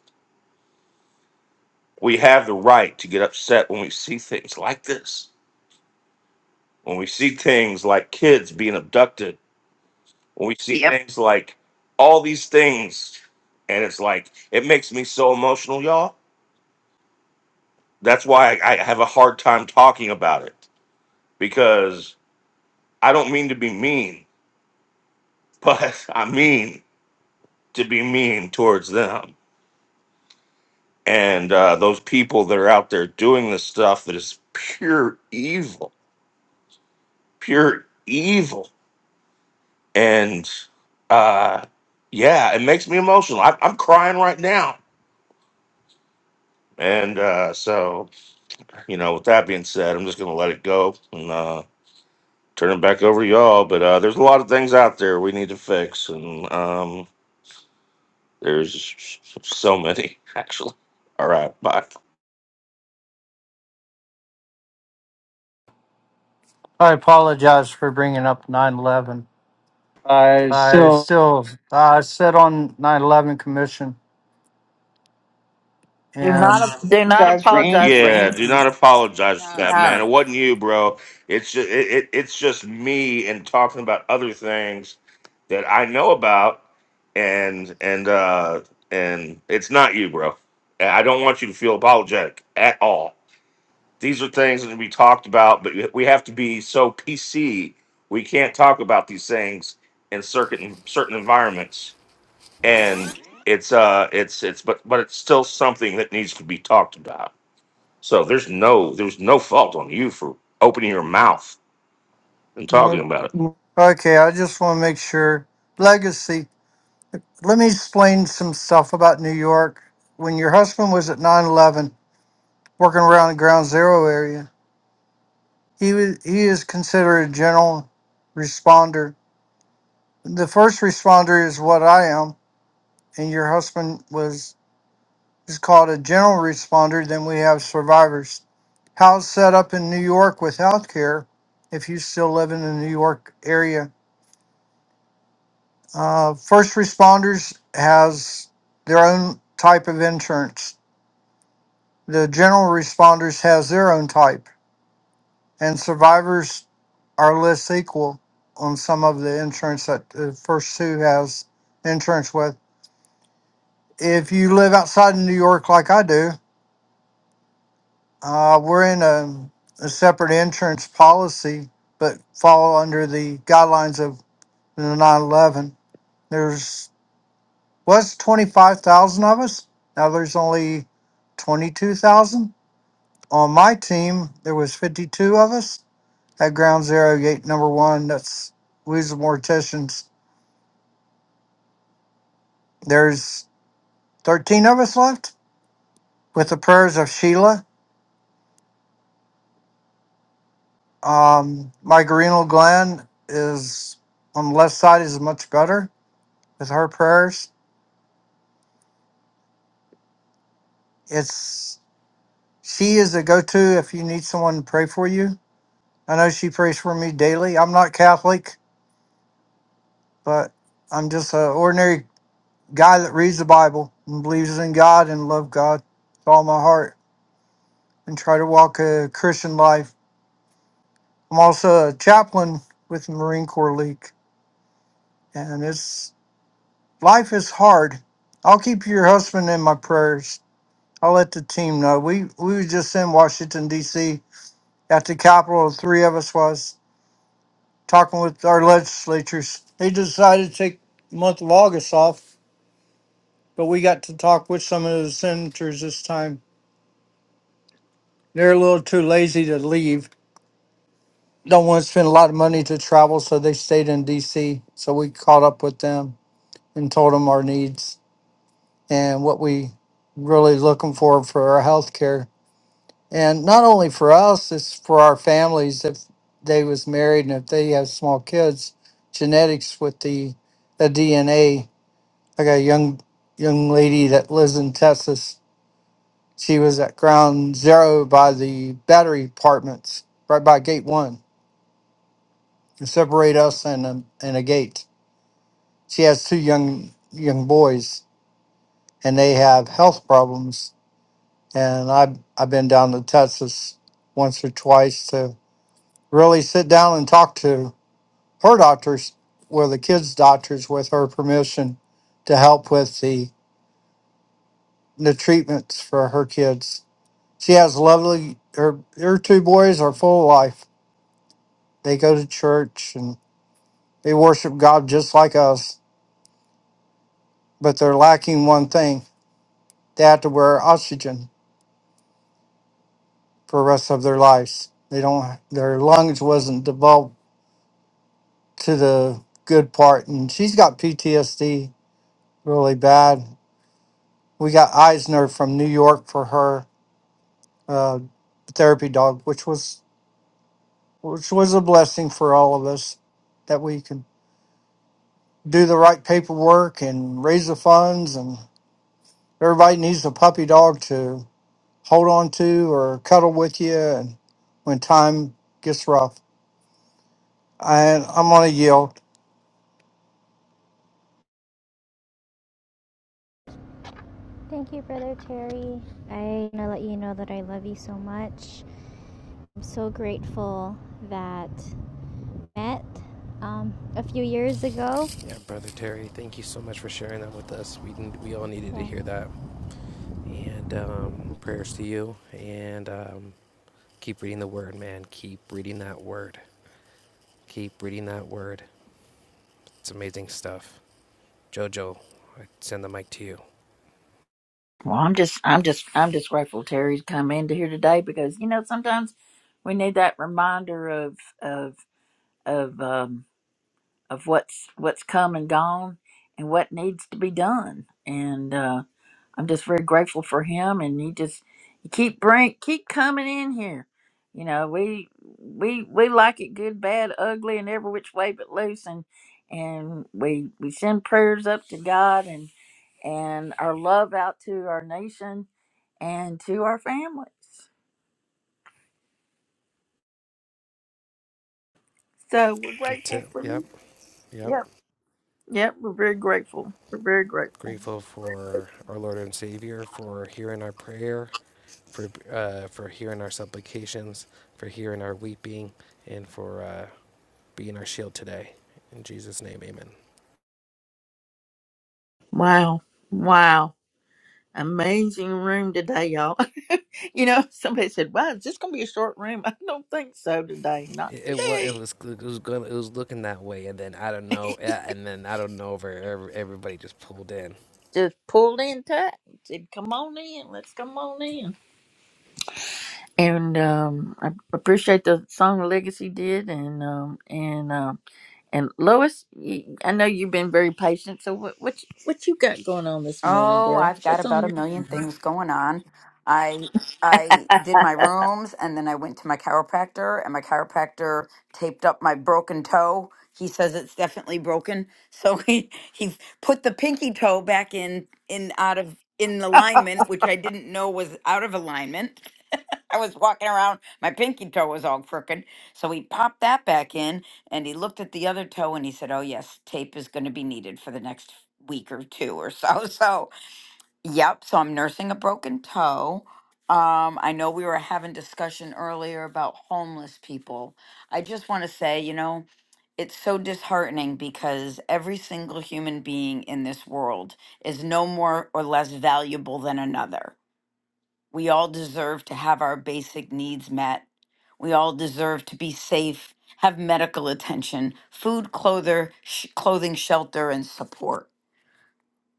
Speaker 13: we have the right to get upset when we see things like this, when we see things like kids being abducted, when we see Yep. things like all these things. And it's like, it makes me so emotional, y'all. That's why I, I have a hard time talking about it because I don't mean to be mean, but I mean to be mean towards them. And uh, those people that are out there doing this stuff that is pure evil, pure evil and uh yeah it makes me emotional I, i'm crying right now and uh so you know with that being said i'm just gonna let it go and uh turn it back over to y'all but uh there's a lot of things out there we need to fix and um there's so many actually all right bye
Speaker 16: I apologize for bringing up nine eleven.
Speaker 13: I
Speaker 16: I
Speaker 13: still
Speaker 16: still I sit on 9/11 commission and
Speaker 1: not do not
Speaker 13: apologize for anything.
Speaker 1: apologize for
Speaker 13: Yeah, do
Speaker 1: anything.
Speaker 13: not apologize for No. that, man. It
Speaker 1: No.
Speaker 13: wasn't you, bro. It's just it, it, it's just me and talking about other things that I know about, and and uh and it's not you, bro. And I don't want you to feel apologetic at all. These are things that we talked about, but we have to be so PC. We can't talk about these things in certain certain environments, and it's uh it's it's but but it's still something that needs to be talked about so there's no there's no fault on you for opening your mouth and talking
Speaker 16: look,
Speaker 13: about it.
Speaker 16: okay, I just want to make sure legacy. Let me explain some stuff about New York. When your husband was at 9/11 working around the ground zero area, he was he is considered a general responder. The first responder is what I am, and your husband was is called a general responder, then we have survivors. How it's set up in New York with healthcare, if you still live in the New York area. Uh, first responders has their own type of insurance. The general responders has their own type, and survivors are less equal on some of the insurance that the first two has insurance with. If you live outside of New York like I do, Uh, we're in a, a separate insurance policy, but fall under the guidelines of the 9/11. There's was 25,000 of us. Now there's only 22,000. On my team, there was 52 of us at Ground Zero Gate Number One. That's we was the morticians. There's 13 of us left with the prayers of Sheila. Um, my renal gland is on the left side is much better with her prayers. It's she is a go to if you need someone to pray for you. I know she prays for me daily. I'm not Catholic, but I'm just an ordinary guy that reads the Bible and believes in God and love God with all my heart and try to walk a Christian life. I'm also a chaplain with the Marine Corps League, and it's life is hard. I'll keep your husband in my prayers. I'll let the team know. We we were just in Washington D.C at the Capitol, the three of us was talking with our legislatures. They decided to take the month of August off, but we got to talk with some of the senators this time. They're a little too lazy to leave. Don't want to spend a lot of money to travel, so they stayed in DC. So we caught up with them and told them our needs and what we really looking for for our health care. And not only for us, it's for our families. If they was married and if they have small kids, genetics with the, the DNA. I got a young young lady that lives in Texas. She was at ground zero by the battery apartments, right by gate one, to separate us and a, and a gate. She has two young young boys, and they have health problems. And I've I've been down to Texas once or twice to really sit down and talk to her doctors, well, the kids' doctors, with her permission, to help with the the treatments for her kids. She has lovely. Her her two boys are full of life. They go to church and they worship God just like us, but they're lacking one thing: they have to wear oxygen for the rest of their lives. They don't. Their lungs wasn't developed to the good part, and she's got PTSD really bad. We got Eisner from New York for her uh, therapy dog, which was which was a blessing for all of us that we could do the right paperwork and raise the funds. And everybody needs a puppy dog to hold on to or cuddle with you, and when time gets rough. And I'm gonna yield.
Speaker 15: Thank you, Brother Terry. I want to let you know that I love you so much. I'm so grateful that met um, a few years ago.
Speaker 6: Yeah, brother Terry, thank you so much for sharing that with us. We n- we all needed to
Speaker 15: Yeah.
Speaker 6: hear that. And um, prayers to you. And um, keep reading the word, man. Keep reading that word. Keep reading that word. It's amazing stuff. Jojo, I send the mic to you.
Speaker 1: Well, I'm just I'm just I'm just grateful Terry's come into here today because you know sometimes we need that reminder of of of um of what's what's come and gone and what needs to be done. And uh, I'm just very grateful for him, and he just he keep bring keep coming in here. You know, we we we like it good, bad, ugly, and every which way but loose, and and we we send prayers up to God and and our love out to our nation and to our families. So we're
Speaker 6: That's
Speaker 1: grateful
Speaker 6: it.
Speaker 1: for
Speaker 6: Yep.
Speaker 1: you.
Speaker 6: Yep.
Speaker 1: Yep, yep, we're very grateful. We're very grateful.
Speaker 6: Grateful for our Lord and Savior for hearing our prayer, for uh, for hearing our supplications, for hearing our weeping, and for uh, being our shield today. In Jesus' name, Amen.
Speaker 1: Wow, wow, amazing room today, y'all. You know, somebody said, "Wow, is this going to be a short room?" I don't think so today. Not
Speaker 6: It, it was it
Speaker 1: today.
Speaker 6: was it was going it was looking that way, and then I don't know, a- and then I don't know where every- everybody just pulled in.
Speaker 1: Just pulled in tight. Said, "Come on in. Let's come on in." And um, I appreciate the song Legacy did, and um, and um, and Lois, you, I know you've been very patient. So what what you, what you got going on this morning,
Speaker 17: Oh,
Speaker 1: girl?
Speaker 17: I've got
Speaker 1: What's on
Speaker 17: about a
Speaker 1: your
Speaker 17: million
Speaker 1: mind?
Speaker 17: things going on. I I did my rooms and then I went to my chiropractor and my chiropractor taped up my broken toe. He says it's definitely broken. So he he put the pinky toe back in in out of in alignment, which I didn't know was out of alignment. I was walking around, my pinky toe was all crooked. So he popped that back in and he looked at the other toe and he said, "Oh yes, tape is going to be needed for the next week or two or so." So Yep. So I'm nursing a broken toe. Um, I know we were having discussion earlier about homeless people. I just want to say, you know, it's so disheartening because every single human being in this world is no more or less valuable than another. We all deserve to have our basic needs met. We all deserve to be safe, have medical attention, food, clother, sh- clothing, shelter, and support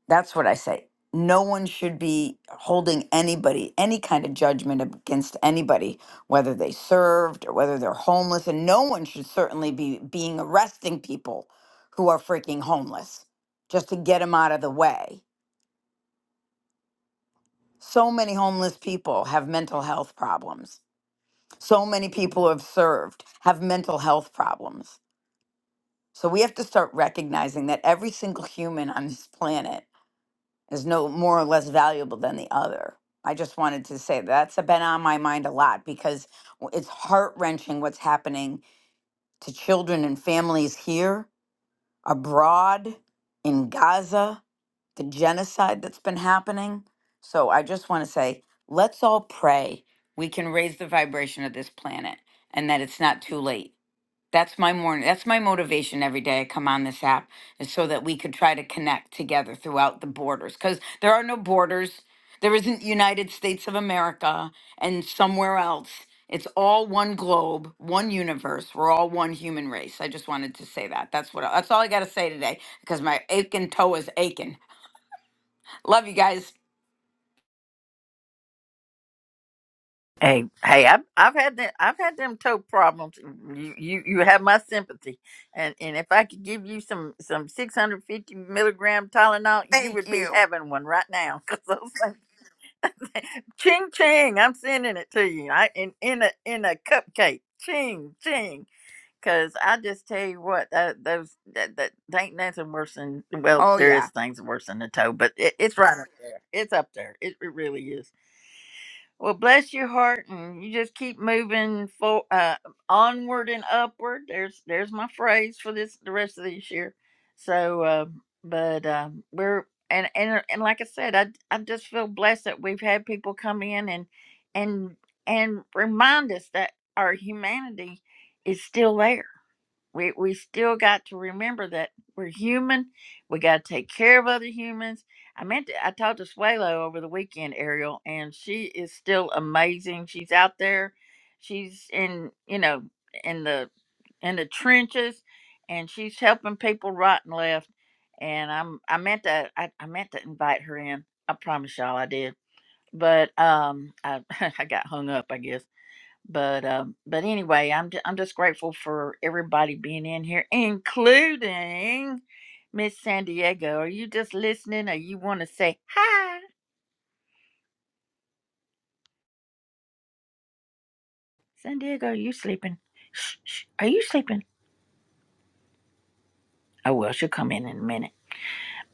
Speaker 17: that's what I say. No one should be holding anybody, any kind of judgment against anybody, whether they served or whether they're homeless. And no one should certainly be being arresting people who are freaking homeless just to get them out of the way. So many homeless people have mental health problems. So many people who have served have mental health problems. So we have to start recognizing that every single human on this planet is no more or less valuable than the other. I just wanted to say that's been on my mind a lot because w- it's heart wrenching what's happening to children and families here, abroad, in Gaza, the genocide that's been happening. So I just want to say let's all pray we can raise the vibration of this planet and that it's not too late. That's my morning. That's my motivation every day I come on this app is so that we could try to connect together throughout the borders because there are no borders. There isn't United States of America and somewhere else. It's all one globe, one universe. We're all one human race. I just wanted to say that. That's what. That's all I got to say today because my aching toe is aching. Love you guys.
Speaker 1: Hey, hey, I've I've had that I've had them toe problems. You, you you have my sympathy, and and if I could give you some some six hundred fifty milligram Tylenol, you
Speaker 17: Thank
Speaker 1: would be
Speaker 17: you.
Speaker 1: having one right now. 'Cause those things, ching ching, I'm sending it to you. I in in a in a cupcake, ching ching. Cause I just tell you what, that, those that, that there ain't nothing worse than well,
Speaker 17: Oh
Speaker 1: there
Speaker 17: yeah.
Speaker 1: is things worse than the toe, but it, it's right up there. It's up there. It, it really is. Well, bless your heart, and you just keep moving for uh, onward and upward. There's there's my phrase for this the rest of this year. So, uh, but uh, we're and and and like I said, I I just feel blessed that we've had people come in and and and remind us that our humanity is still there we we still got to remember that we're human. We got to take care of other humans. I meant to, I talked to Swalo over the weekend, Ariel, and she is still amazing. She's out there. She's in you know in the in the trenches, and she's helping people right and left. And I'm I meant to I, I meant to invite her in. I promise y'all I did, but um I I got hung up I guess but um but anyway i'm ju- i'm just grateful for everybody being in here including miss san diego are you just listening or you want to say hi san diego are you sleeping shh, shh, are you sleeping oh well she'll come in in a minute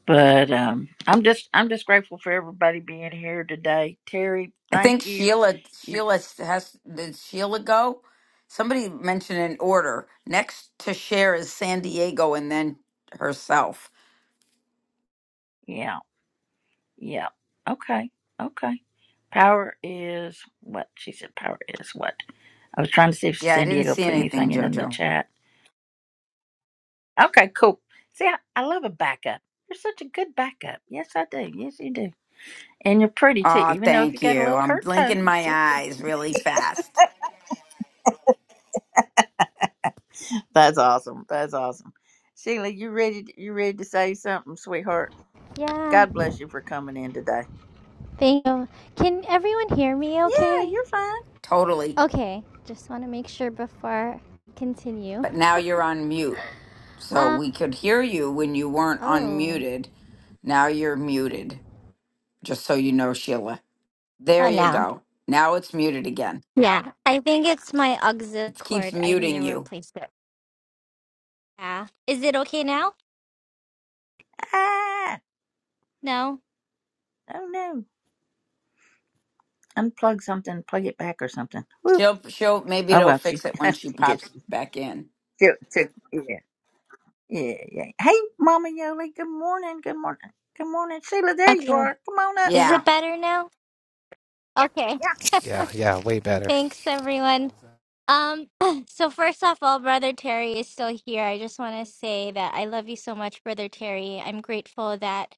Speaker 1: but um i'm just i'm just grateful for everybody being here today terry
Speaker 17: I think
Speaker 1: thank you
Speaker 17: Sheila
Speaker 1: you
Speaker 17: Sheila has did Sheila go? Somebody mentioned an order. Next to share is San Diego and then herself.
Speaker 1: yeah yeah okay okay power is what she said power is what I was trying to see if
Speaker 17: Yeah, I
Speaker 1: San
Speaker 17: didn't
Speaker 1: Diego
Speaker 17: see
Speaker 1: put
Speaker 17: anything,
Speaker 1: anything in in the
Speaker 17: Jojo.
Speaker 1: chat. Okay, cool. See, I, I love a backup. You're such a good backup. Yes, I do. Yes, you do. And you're pretty too.
Speaker 17: Aw,
Speaker 1: Even though if you
Speaker 17: thank
Speaker 1: got a
Speaker 17: you.
Speaker 1: little
Speaker 17: I'm
Speaker 1: hurt toe,
Speaker 17: blinking
Speaker 1: you
Speaker 17: my
Speaker 1: still pretty.
Speaker 17: eyes really fast.
Speaker 1: That's awesome. That's awesome. Sheila, you ready? To, you ready to say something, sweetheart?
Speaker 15: Yeah,
Speaker 1: God bless you for coming in today.
Speaker 15: thank you. Can everyone hear me
Speaker 1: Yeah,
Speaker 15: okay?
Speaker 1: you're fine.
Speaker 17: Totally.
Speaker 15: Okay, just want to make sure before I continue.
Speaker 17: But now you're on mute. So
Speaker 15: um,
Speaker 17: we could hear you when you weren't
Speaker 15: oh,
Speaker 17: unmuted. Now you're muted. Just so you know, Sheila. There
Speaker 15: Oh
Speaker 17: you
Speaker 15: no.
Speaker 17: go. Now it's muted again.
Speaker 15: Yeah. I think it's my auxiliary
Speaker 17: It keeps
Speaker 15: cord. I need to
Speaker 17: muting you.
Speaker 15: replace it. Yeah. Is it okay now?
Speaker 1: Ah,
Speaker 15: No.
Speaker 1: oh no, unplug something, plug it back or something. Woo.
Speaker 17: She'll she'll maybe
Speaker 1: Oh
Speaker 17: it'll
Speaker 1: well, she
Speaker 17: fix it when she
Speaker 1: get
Speaker 17: pops back in.
Speaker 1: she, she- yeah. Yeah, yeah. Hey, Mama Yoli. Good morning. Good morning. Good morning, Sheila. There you
Speaker 15: Okay.
Speaker 1: are. Come on up,
Speaker 15: Is
Speaker 17: Yeah,
Speaker 15: it
Speaker 1: girl.
Speaker 15: better now? Okay.
Speaker 1: Yeah.
Speaker 6: Yeah, yeah, way better.
Speaker 15: Thanks everyone. Um, so first off, all Brother Terry is still here. I just want to say that I love you so much, Brother Terry. I'm grateful that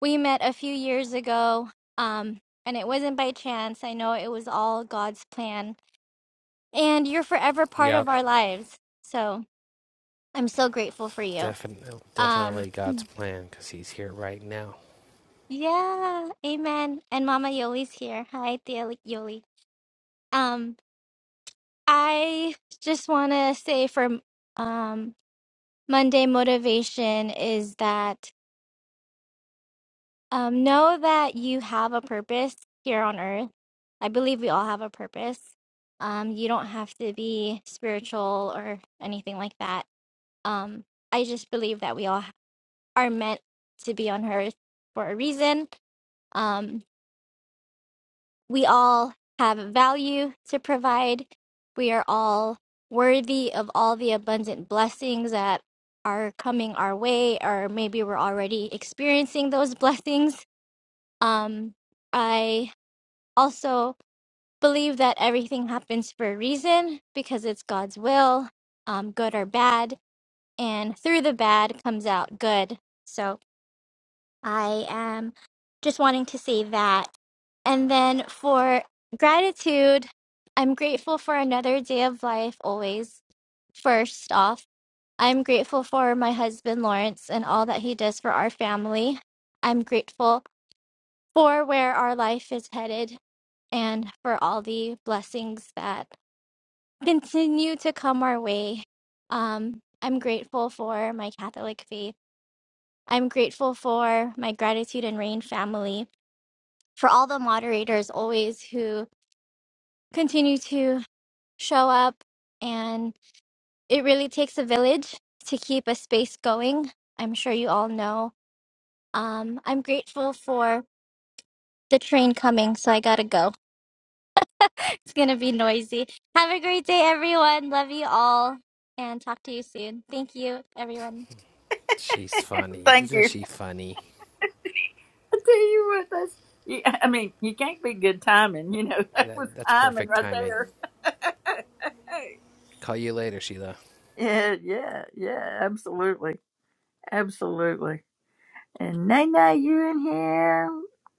Speaker 15: we met a few years ago. Um, and it wasn't by chance. I know it was all God's plan. And you're forever part of
Speaker 6: Yep,
Speaker 15: our lives. So I'm so grateful for you.
Speaker 6: definitely
Speaker 15: Um,
Speaker 6: definitely God's plan because He's here right now.
Speaker 15: yeah, amen. And Mama Yoli's here. Hi, Thea Yoli. Um, I just want to say for um Monday motivation is that Um, know that you have a purpose here on earth. I believe we all have a purpose. Um, you don't have to be spiritual or anything like that. Um, I just believe that we all are meant to be on earth for a reason. Um, we all have value to provide. We are all worthy of all the abundant blessings that are coming our way, or maybe we're already experiencing those blessings. Um, I also believe that everything happens for a reason because it's God's will, um, good or bad, and through the bad comes out good. So I am just wanting to say that. And then for gratitude, I'm grateful for another day of life always. First off, I'm grateful for my husband Lawrence and all that he does for our family. I'm grateful for where our life is headed and for all the blessings that continue to come our way. Um, I'm grateful for my Catholic faith. I'm grateful for my gratitude and rain family, for all the moderators always who continue to show up. And it really takes a village to keep a space going. I'm sure you all know. Um, I'm grateful for the train coming, so I gotta go. It's gonna be noisy. Have a great day, everyone. Love you all, and talk to you soon. Thank you, everyone.
Speaker 6: She's funny,
Speaker 1: Thank
Speaker 6: isn't
Speaker 1: you.
Speaker 6: she funny?
Speaker 1: I tell you what, that's. You, I mean, you can't be good timing. You know that
Speaker 6: That
Speaker 1: was
Speaker 6: that's
Speaker 1: timing
Speaker 6: perfect
Speaker 1: right
Speaker 6: timing.
Speaker 1: there.
Speaker 6: Call you later, Sheila.
Speaker 1: yeah, yeah, yeah. Absolutely, absolutely. And Nene, you in here,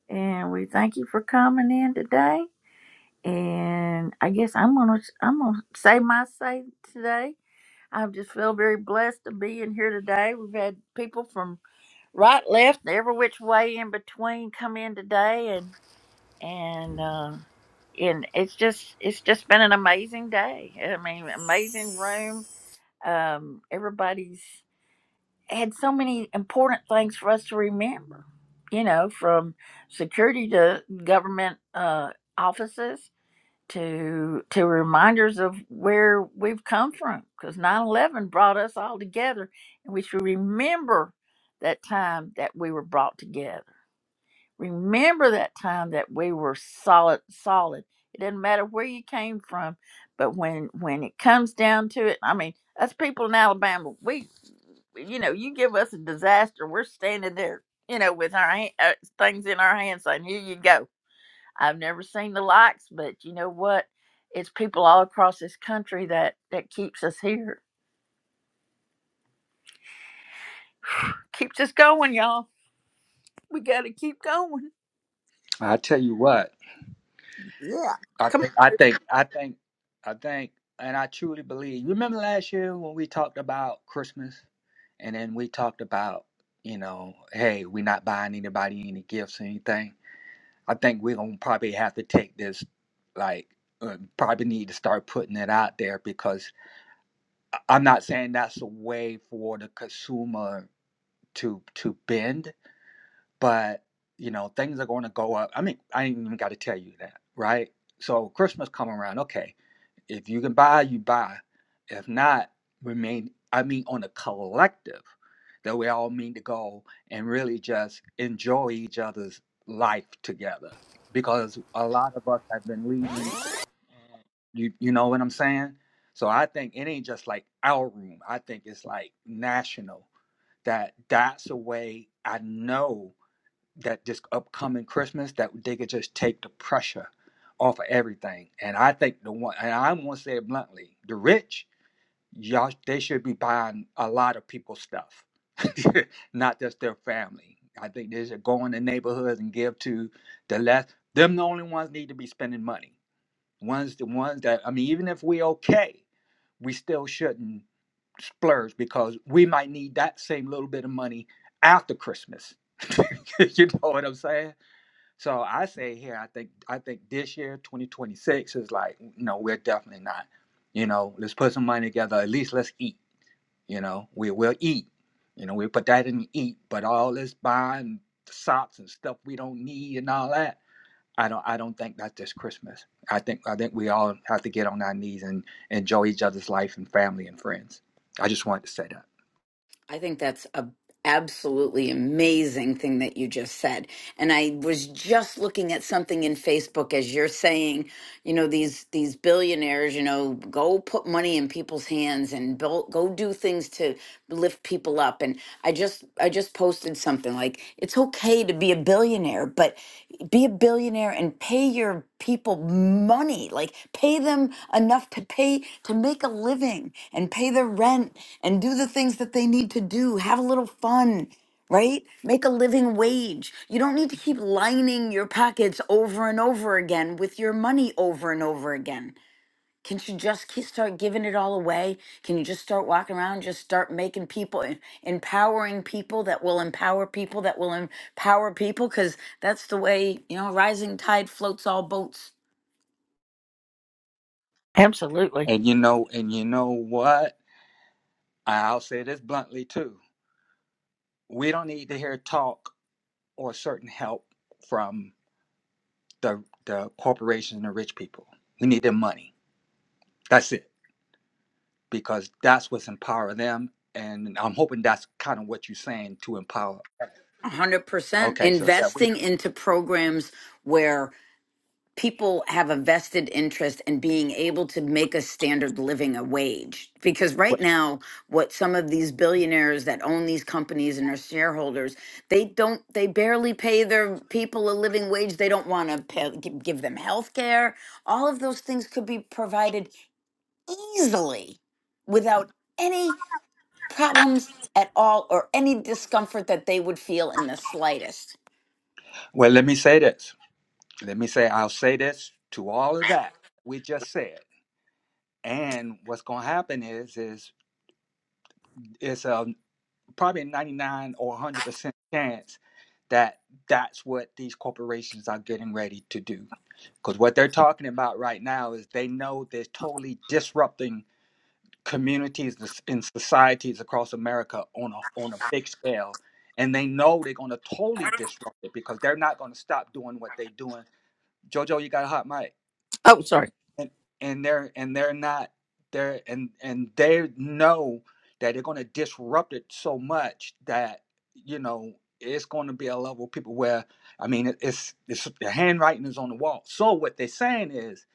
Speaker 1: and we thank you for coming in today. And I guess I'm gonna I'm gonna say my say today. I just feel very blessed to be in here today. We've had people from right, left, and every which way in between come in today, and and uh, and it's just it's just been an amazing day. I mean, amazing room. Um, everybody's had so many important things for us to remember. You know, from security to government uh, offices to to reminders of where we've come from because nine eleven brought us all together and we should remember that time that we were brought together remember that time that we were solid solid it doesn't matter where you came from but when when it comes down to it i mean us people in alabama we you know you give us a disaster we're standing there you know with our hand, uh, things in our hands saying here you go I've never seen the likes, but you know what? It's people all across this country that that keeps us here, keeps us going, y'all. We got to keep going.
Speaker 5: I tell you what,
Speaker 1: Yeah.
Speaker 5: I
Speaker 1: Come
Speaker 5: think, I think, I think, I think, and I truly believe. remember last year when we talked about Christmas, and then we talked about, you know, hey, we're not buying anybody any gifts or anything I think we're gonna probably have to take this, like, uh, probably need to start putting it out there because I- I'm not saying that's a way for the consumer to to bend, but you know things are going to go up i mean i ain't even got to tell you that right so christmas come around okay if you can buy you buy if not remain i mean on a collective that we all mean to go and really just enjoy each other's life together because a lot of us have been leaving you you know what i'm saying so i think it ain't just like our room i think it's like national that that's a way i know that this upcoming Christmas that they could just take the pressure off of everything. And I think the one, and I'm gonna say it bluntly, the rich, y'all, they should be buying a lot of people's stuff, not just their family. I think they should go in the neighborhoods and give to the less. Them the only ones need to be spending money. Ones the ones that I mean, even if we okay, we still shouldn't splurge because we might need that same little bit of money after Christmas. you know what I'm saying? So I say here, I think I think this year, 2026, is like, no, we're definitely not. You know, let's put some money together. At least let's eat. You know, we will eat. You know, we put that in eat, but all this buying socks and stuff we don't need and all that. I don't I don't think that's just Christmas. I think I think we all have to get on our knees and enjoy each other's life and family and friends. I just wanted to say that.
Speaker 17: I think that's a absolutely amazing thing that you just said. And I was just looking at something in Facebook as you're saying you know these these billionaires you know go put money in people's hands and build, go do things to lift people up and i just i just posted something like it's okay to be a billionaire but be a billionaire and pay your people money like pay them enough to pay to make a living and pay their rent and do the things that they need to do have a little fun right? Make a living wage. You don't need to keep lining your pockets over and over again with your money over and over again. Can you just ke- start giving it all away? Can you just start walking around, just start making people, em- empowering people that will empower people that will empower people? Because that's the way, you know, rising tide floats all boats.
Speaker 1: Absolutely.
Speaker 5: And you know, and you know what? I'll say this bluntly too. We don't need to hear talk or certain help from the the people. We need their money. That's it. Because them and that's and to okay.
Speaker 17: 100%
Speaker 5: We,
Speaker 17: investing into programs people have a vested interest in being able to make a standard living a wage because right
Speaker 5: well,
Speaker 17: now what some of these billionaires that own these companies and are shareholders they don't they barely pay their people a living wage they don't want to pay, gi- give them health care all of those things could be provided easily without any problems at all or any discomfort that they would feel in the slightest
Speaker 5: well, let me say this. Let me say I'll say this to all of that we just said. And what's going to happen is is it's a probably a 99 or 100 percent chance that that's what these corporations are getting ready to do. Because what they're talking about right now is they know they're totally disrupting communities this- in societies across America on a on a big scale, and they know they're going to totally disrupt it because they're not going to stop doing what they're doing. Jojo, you got a hot mic,
Speaker 1: Oh, sorry.
Speaker 5: and and they're and they're not they're and and they know that they're going to disrupt it so much that you know it's going to be a level of people where I mean it's it's the handwriting is on the wall. So what they're saying is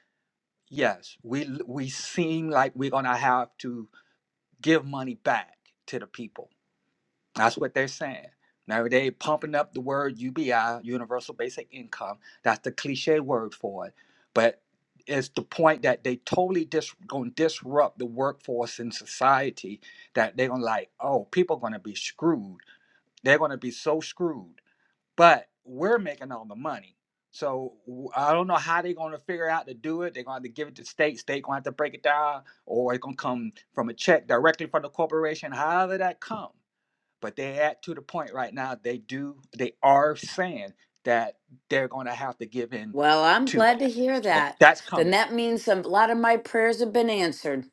Speaker 5: yes, we we seem like we're going to have to give money back to the people. That's what they're saying. Now they pumping up the word UBI, universal basic income. That's the cliche word for it. But it's the point that they totally dis- gonna disrupt the workforce in society that they're gonna like, oh, people gonna be screwed. They're gonna be so screwed but we're making all the money. So I I don't know how they're going to figure out to do it. They're going to have to give it to state. State going to have to break it down, or it's going to come from a check directly from the corporation. However that come, but they at to the point right now. They do. They are saying that they're going to have to give in
Speaker 17: Well, I'm
Speaker 5: to
Speaker 17: glad to
Speaker 5: that.
Speaker 17: hear that.
Speaker 5: That's
Speaker 17: Then
Speaker 5: coming.
Speaker 17: that means some, a lot of my prayers have been answered.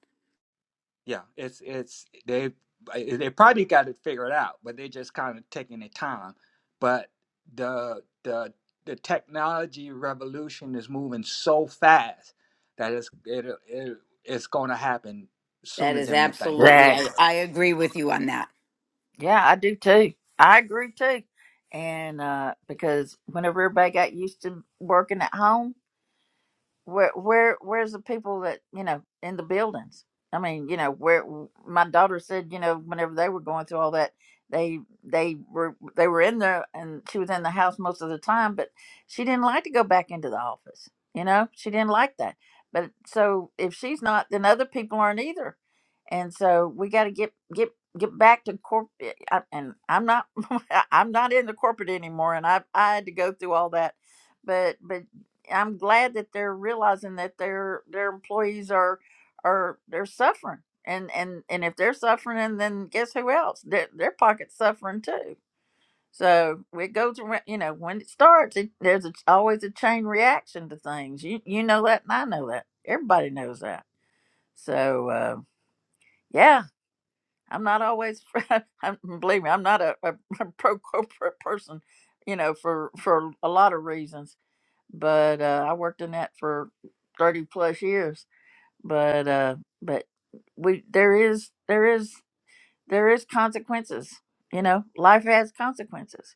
Speaker 5: Yeah, it's it's they they probably got it figured out, but they're just kind of taking their time. But the the the technology revolution is moving so fast that it's it, it it's going to happen
Speaker 17: That
Speaker 5: sooner
Speaker 17: is
Speaker 5: than we think.
Speaker 17: absolutely,
Speaker 1: Zach.
Speaker 17: I, I agree with you on that.
Speaker 1: Yeah, I do too. I agree too. And uh, because whenever everybody got used to working at home, where where where's the people that you know in the buildings i mean you know where my daughter said you know whenever they were going through all that they they were they were in there and she was in the house most of the time but she didn't like to go back into the office you know she didn't like that but so if she's not then other people aren't either and so we got to get get get back to corporate and i'm not i'm not in the corporate anymore and i i had to go through all that but, but. I'm glad that they're realizing that their their employees are are they're suffering. And and and if they're suffering, then guess who else? Their their pocket's suffering too. So it goes around. You know, when it starts, it, there's a, always a chain reaction to things. You you know that, and I know that. Everybody knows that. So uh, yeah, I'm not always. I'm, believe me, I'm not a, a, a pro corporate person. You know, for for a lot of reasons but uh, I worked in that for thirty plus years. But uh, but we there is there is there is consequences. You know, life has consequences.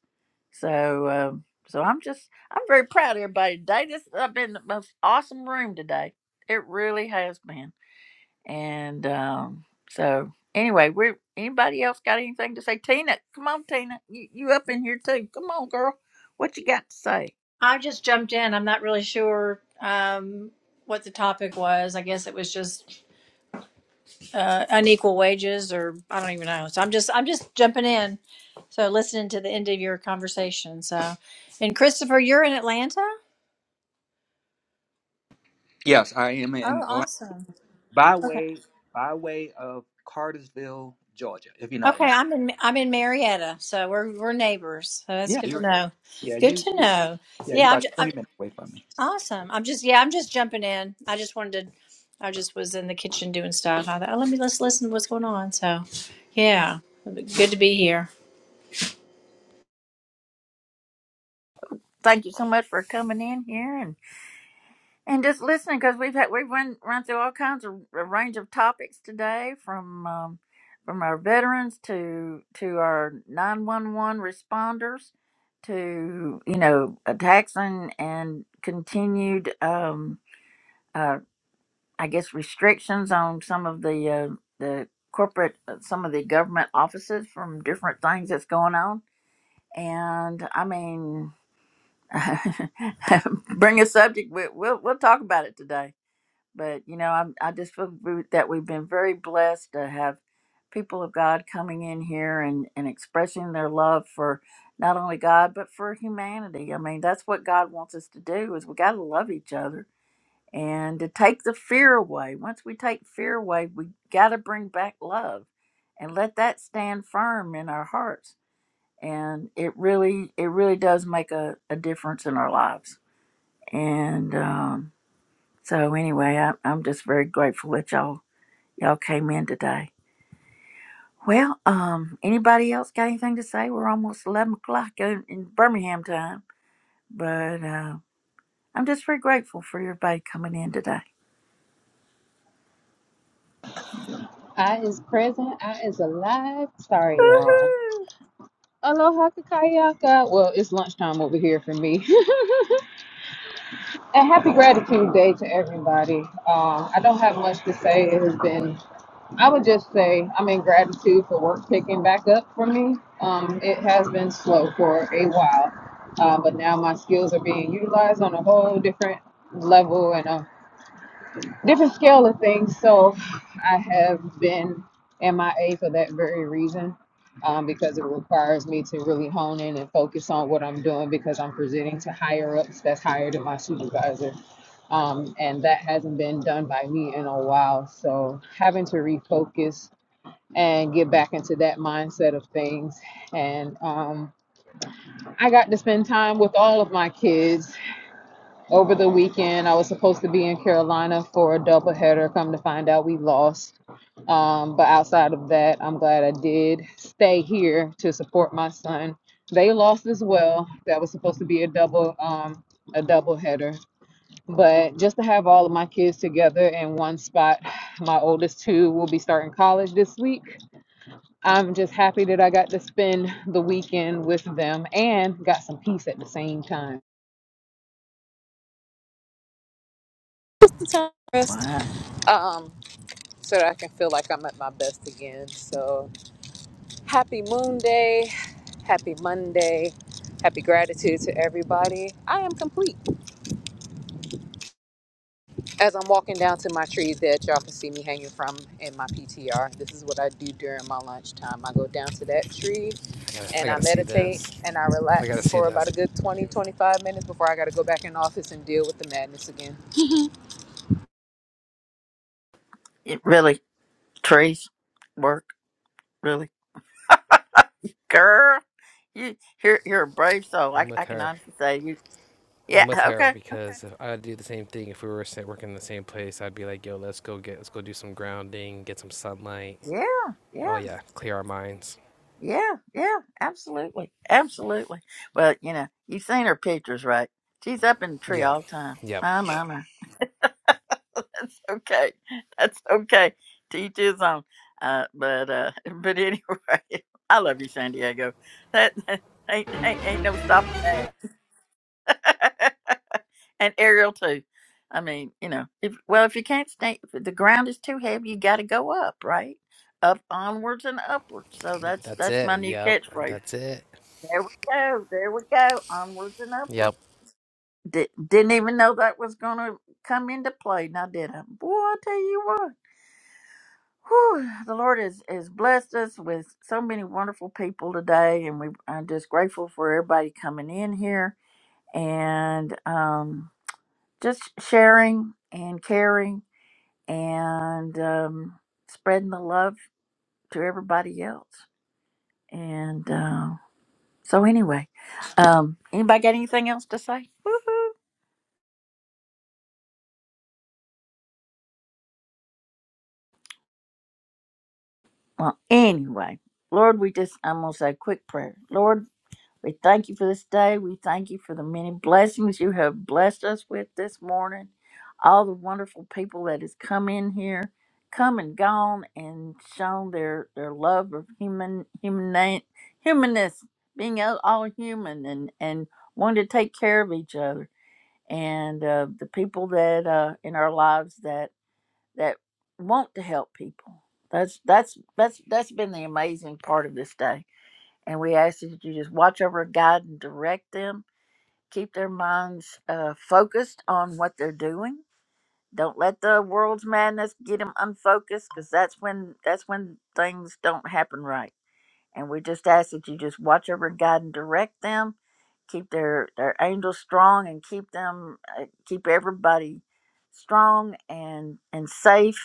Speaker 1: So um, so I'm just I'm very proud of everybody today. This has been the most awesome room today. It really has been. And um, so anyway, we are anybody else got anything to say? Tina, come on, Tina, you you up in here too? Come on, girl, what you got to say?
Speaker 18: I just jumped in. I'm not really sure um, what the topic was. I guess it was just uh, unequal wages, or I don't even know. So I'm just I'm just jumping in. So listening to the end of your conversation. So, and Christopher, you're in Atlanta.
Speaker 5: Yes, I am in
Speaker 18: Oh,
Speaker 5: Atlanta
Speaker 18: awesome.
Speaker 5: by
Speaker 18: Okay.
Speaker 5: way by way of Cartersville, Georgia. If you know
Speaker 18: Okay,
Speaker 5: Atlanta,
Speaker 18: I'm in I'm in Marietta, so we're we're neighbors. So that's
Speaker 5: yeah,
Speaker 18: good to
Speaker 5: you
Speaker 18: know.
Speaker 5: yeah
Speaker 18: Good
Speaker 5: you
Speaker 18: to know.
Speaker 5: yeah you
Speaker 18: Yeah, I'm,
Speaker 5: about
Speaker 18: ju- I'm-
Speaker 5: twenty minutes away from me.
Speaker 18: Awesome. I'm just yeah, I'm just jumping in. I just wanted to I just was in the kitchen doing stuff. I thought, oh, let me let's listen to what's going on. So yeah. Good to be here.
Speaker 1: Thank you so much for coming in here And just listening because we've had we've run run through all kinds of a range of topics today, from um, from our veterans to to our nine one one responders, to you know attacks and and continued um, uh, I guess restrictions on some of the uh, the corporate uh, some of the government offices from different things that's going on, and I mean. bring a subject we, we'll we'll talk about it today but you know I'm, i just feel v- that we've been very blessed to have people of god coming in here and, and expressing their love for not only god but for humanity i mean that's what god wants us to do is we got to love each other and to take the fear away once we take fear away we got to bring back love and let that stand firm in our hearts and it really it really does make a, a difference in our lives and um, so anyway, I, I'm just very grateful that y'all y'all came in today. Well, um, anybody else got anything to say? We're almost eleven o'clock in, in Birmingham time, but uh, I'm just very grateful for everybody coming in today.
Speaker 19: I is present. I is alive. Sorry, y'all. Aloha kakayaka. Well, it's lunchtime over here for me. and happy gratitude day to everybody. Um, I don't have much to say. It has been, I would just say, I'm in gratitude for work picking back up for me. Um, it has been slow for a while, uh, but now my skills are being utilized on a whole different level and a different scale of things. So I have been MIA for that very reason, um, because it requires me to really hone in and focus on what I'm doing because I'm presenting to higher ups that's higher than my supervisor. Um, and that hasn't been done by me in a while. So having to refocus and get back into that mindset of things. And um, I got to spend time with all of my kids over the weekend. I was supposed to be in Carolina for a doubleheader. Come to find out, we lost. Um, but outside of that, I'm glad I did stay here to support my son. They lost as well. That was supposed to be a double, um, a doubleheader. But just to have all of my kids together in one spot, my oldest two will be starting college this week. I'm just happy that I got to spend the weekend with them and got some peace at the same time.
Speaker 1: Wow,
Speaker 19: Um, so that I can feel like I'm at my best again. So happy Moon Day, happy Monday, happy gratitude to everybody. I am complete. As I'm walking down to my tree that y'all can see me hanging from in my PTR, this is what I do during my lunchtime. I go down to that tree
Speaker 6: I gotta I
Speaker 19: and I
Speaker 6: gotta see
Speaker 19: meditate
Speaker 6: this.
Speaker 19: and I
Speaker 6: I gotta
Speaker 19: relax
Speaker 6: see
Speaker 19: for about
Speaker 6: this.
Speaker 19: a good 20, 25 minutes before I got to go back in the office and deal with the madness again.
Speaker 1: it really trees work really, girl. You you're you're a brave soul. I
Speaker 6: I'm
Speaker 1: I
Speaker 6: with
Speaker 1: can
Speaker 6: her.
Speaker 1: honestly say you. Yeah.
Speaker 6: I'm with her
Speaker 1: Okay. Okay.
Speaker 6: because if I'd do the same thing if we were sa- working in the same place. I'd be like, "Yo, let's go get, let's go do some grounding, get some sunlight."
Speaker 1: Yeah. Yeah.
Speaker 6: Oh yeah, clear our minds.
Speaker 1: Yeah, yeah, absolutely, absolutely. But you know, you've seen her pictures, right? She's up in the tree
Speaker 6: Yeah.
Speaker 1: all the time.
Speaker 6: Yep.
Speaker 1: My, my, my. Okay, that's okay. Teach his own. Uh, but uh, but anyway, I love you, San Diego. That, that ain't, ain't ain't no stopping that. and Ariel too. I mean, you know, if well, if you can't stay, if the ground is too heavy, you got to go up, right? Up, onwards, and upwards. So that's
Speaker 6: That's
Speaker 1: that's my
Speaker 6: it.
Speaker 1: new
Speaker 6: Yep.
Speaker 1: catchphrase
Speaker 6: That's it.
Speaker 1: There we go. There we go. Onwards and upwards.
Speaker 6: Yep.
Speaker 1: D- didn't even know that was going to come into play. Now, did I? Boy, I tell you what. Whew, the Lord has, has blessed us with so many wonderful people today, and we I'm just grateful for everybody coming in here and um, just sharing and caring and um, spreading the love to everybody else. And uh, so, anyway, um, anybody got anything else to say? Woo-hoo. Well, anyway, Lord, we just, I'm going to say a quick prayer. Lord, we thank you for this day. We thank you for the many blessings you have blessed us with this morning. All the wonderful people that has come in here, come and gone, and shown their, their love of human, human humanness, being all all human and, and wanting to take care of each other. And uh, the people that uh, in our lives that that want to help people. That's that's that's that's been the amazing part of this day. And we ask that you just watch over, guide, and direct them. Keep their minds uh, focused on what they're doing. Don't let the world's madness get them unfocused, because that's when that's when things don't happen right. And we just ask that you just watch over, guide, and direct them. Keep their their angels strong, and keep them uh, keep everybody strong and and safe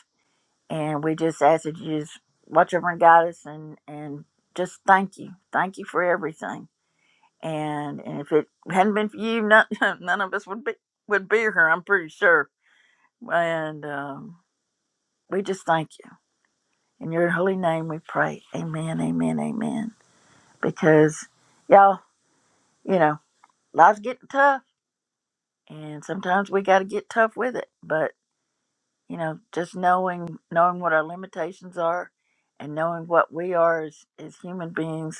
Speaker 1: and we just ask that you just watch over and guide us and, and just thank you. Thank you for everything. And and if it hadn't been for you, none, none of us would be would be here, I'm pretty sure. And um, we just thank you. In your holy name we pray. Amen, amen, amen. Because y'all, you know, life's getting tough and sometimes we gotta get tough with it. But, you know, just knowing knowing what our limitations are and knowing what we are as, as human beings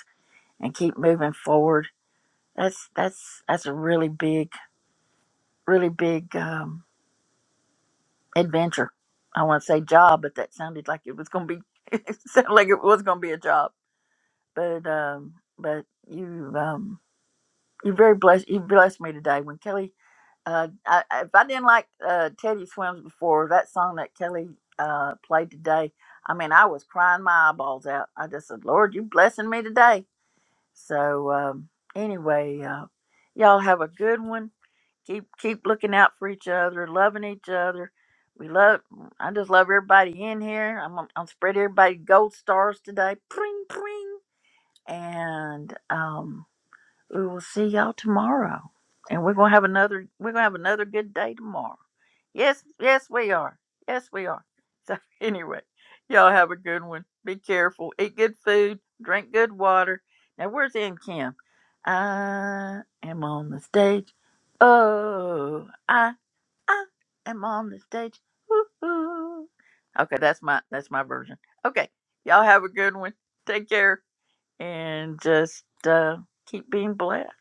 Speaker 1: and keep moving forward. That's that's that's a really big, really big um, adventure. I want to say job, but that sounded like it was going to be. It sounded like it was going to be a job. But um, but you um, you very blessed. You blessed me today when Kelly. Uh, I, I- if I didn't like uh, Teddy Swims before that song that Kelly uh, played today, I mean I was crying my eyeballs out. I just said, Lord, you blessing me today. So um, anyway, uh, y'all have a good one keep keep looking out for each other, loving each other. We love. I just love everybody in here. I'm gonna- I'm spread everybody gold stars today. Pring pring. And um we will see y'all tomorrow. And we're gonna have another we're gonna have another good day tomorrow. Yes, yes we are. Yes we are. So anyway, y'all have a good one. Be careful. Eat good food. Drink good water. Now where's N Kim? I am on the stage. Oh I I am on the stage. Woo-hoo. Okay, that's my that's my version. Okay. Y'all have a good one. Take care and just uh keep being blessed.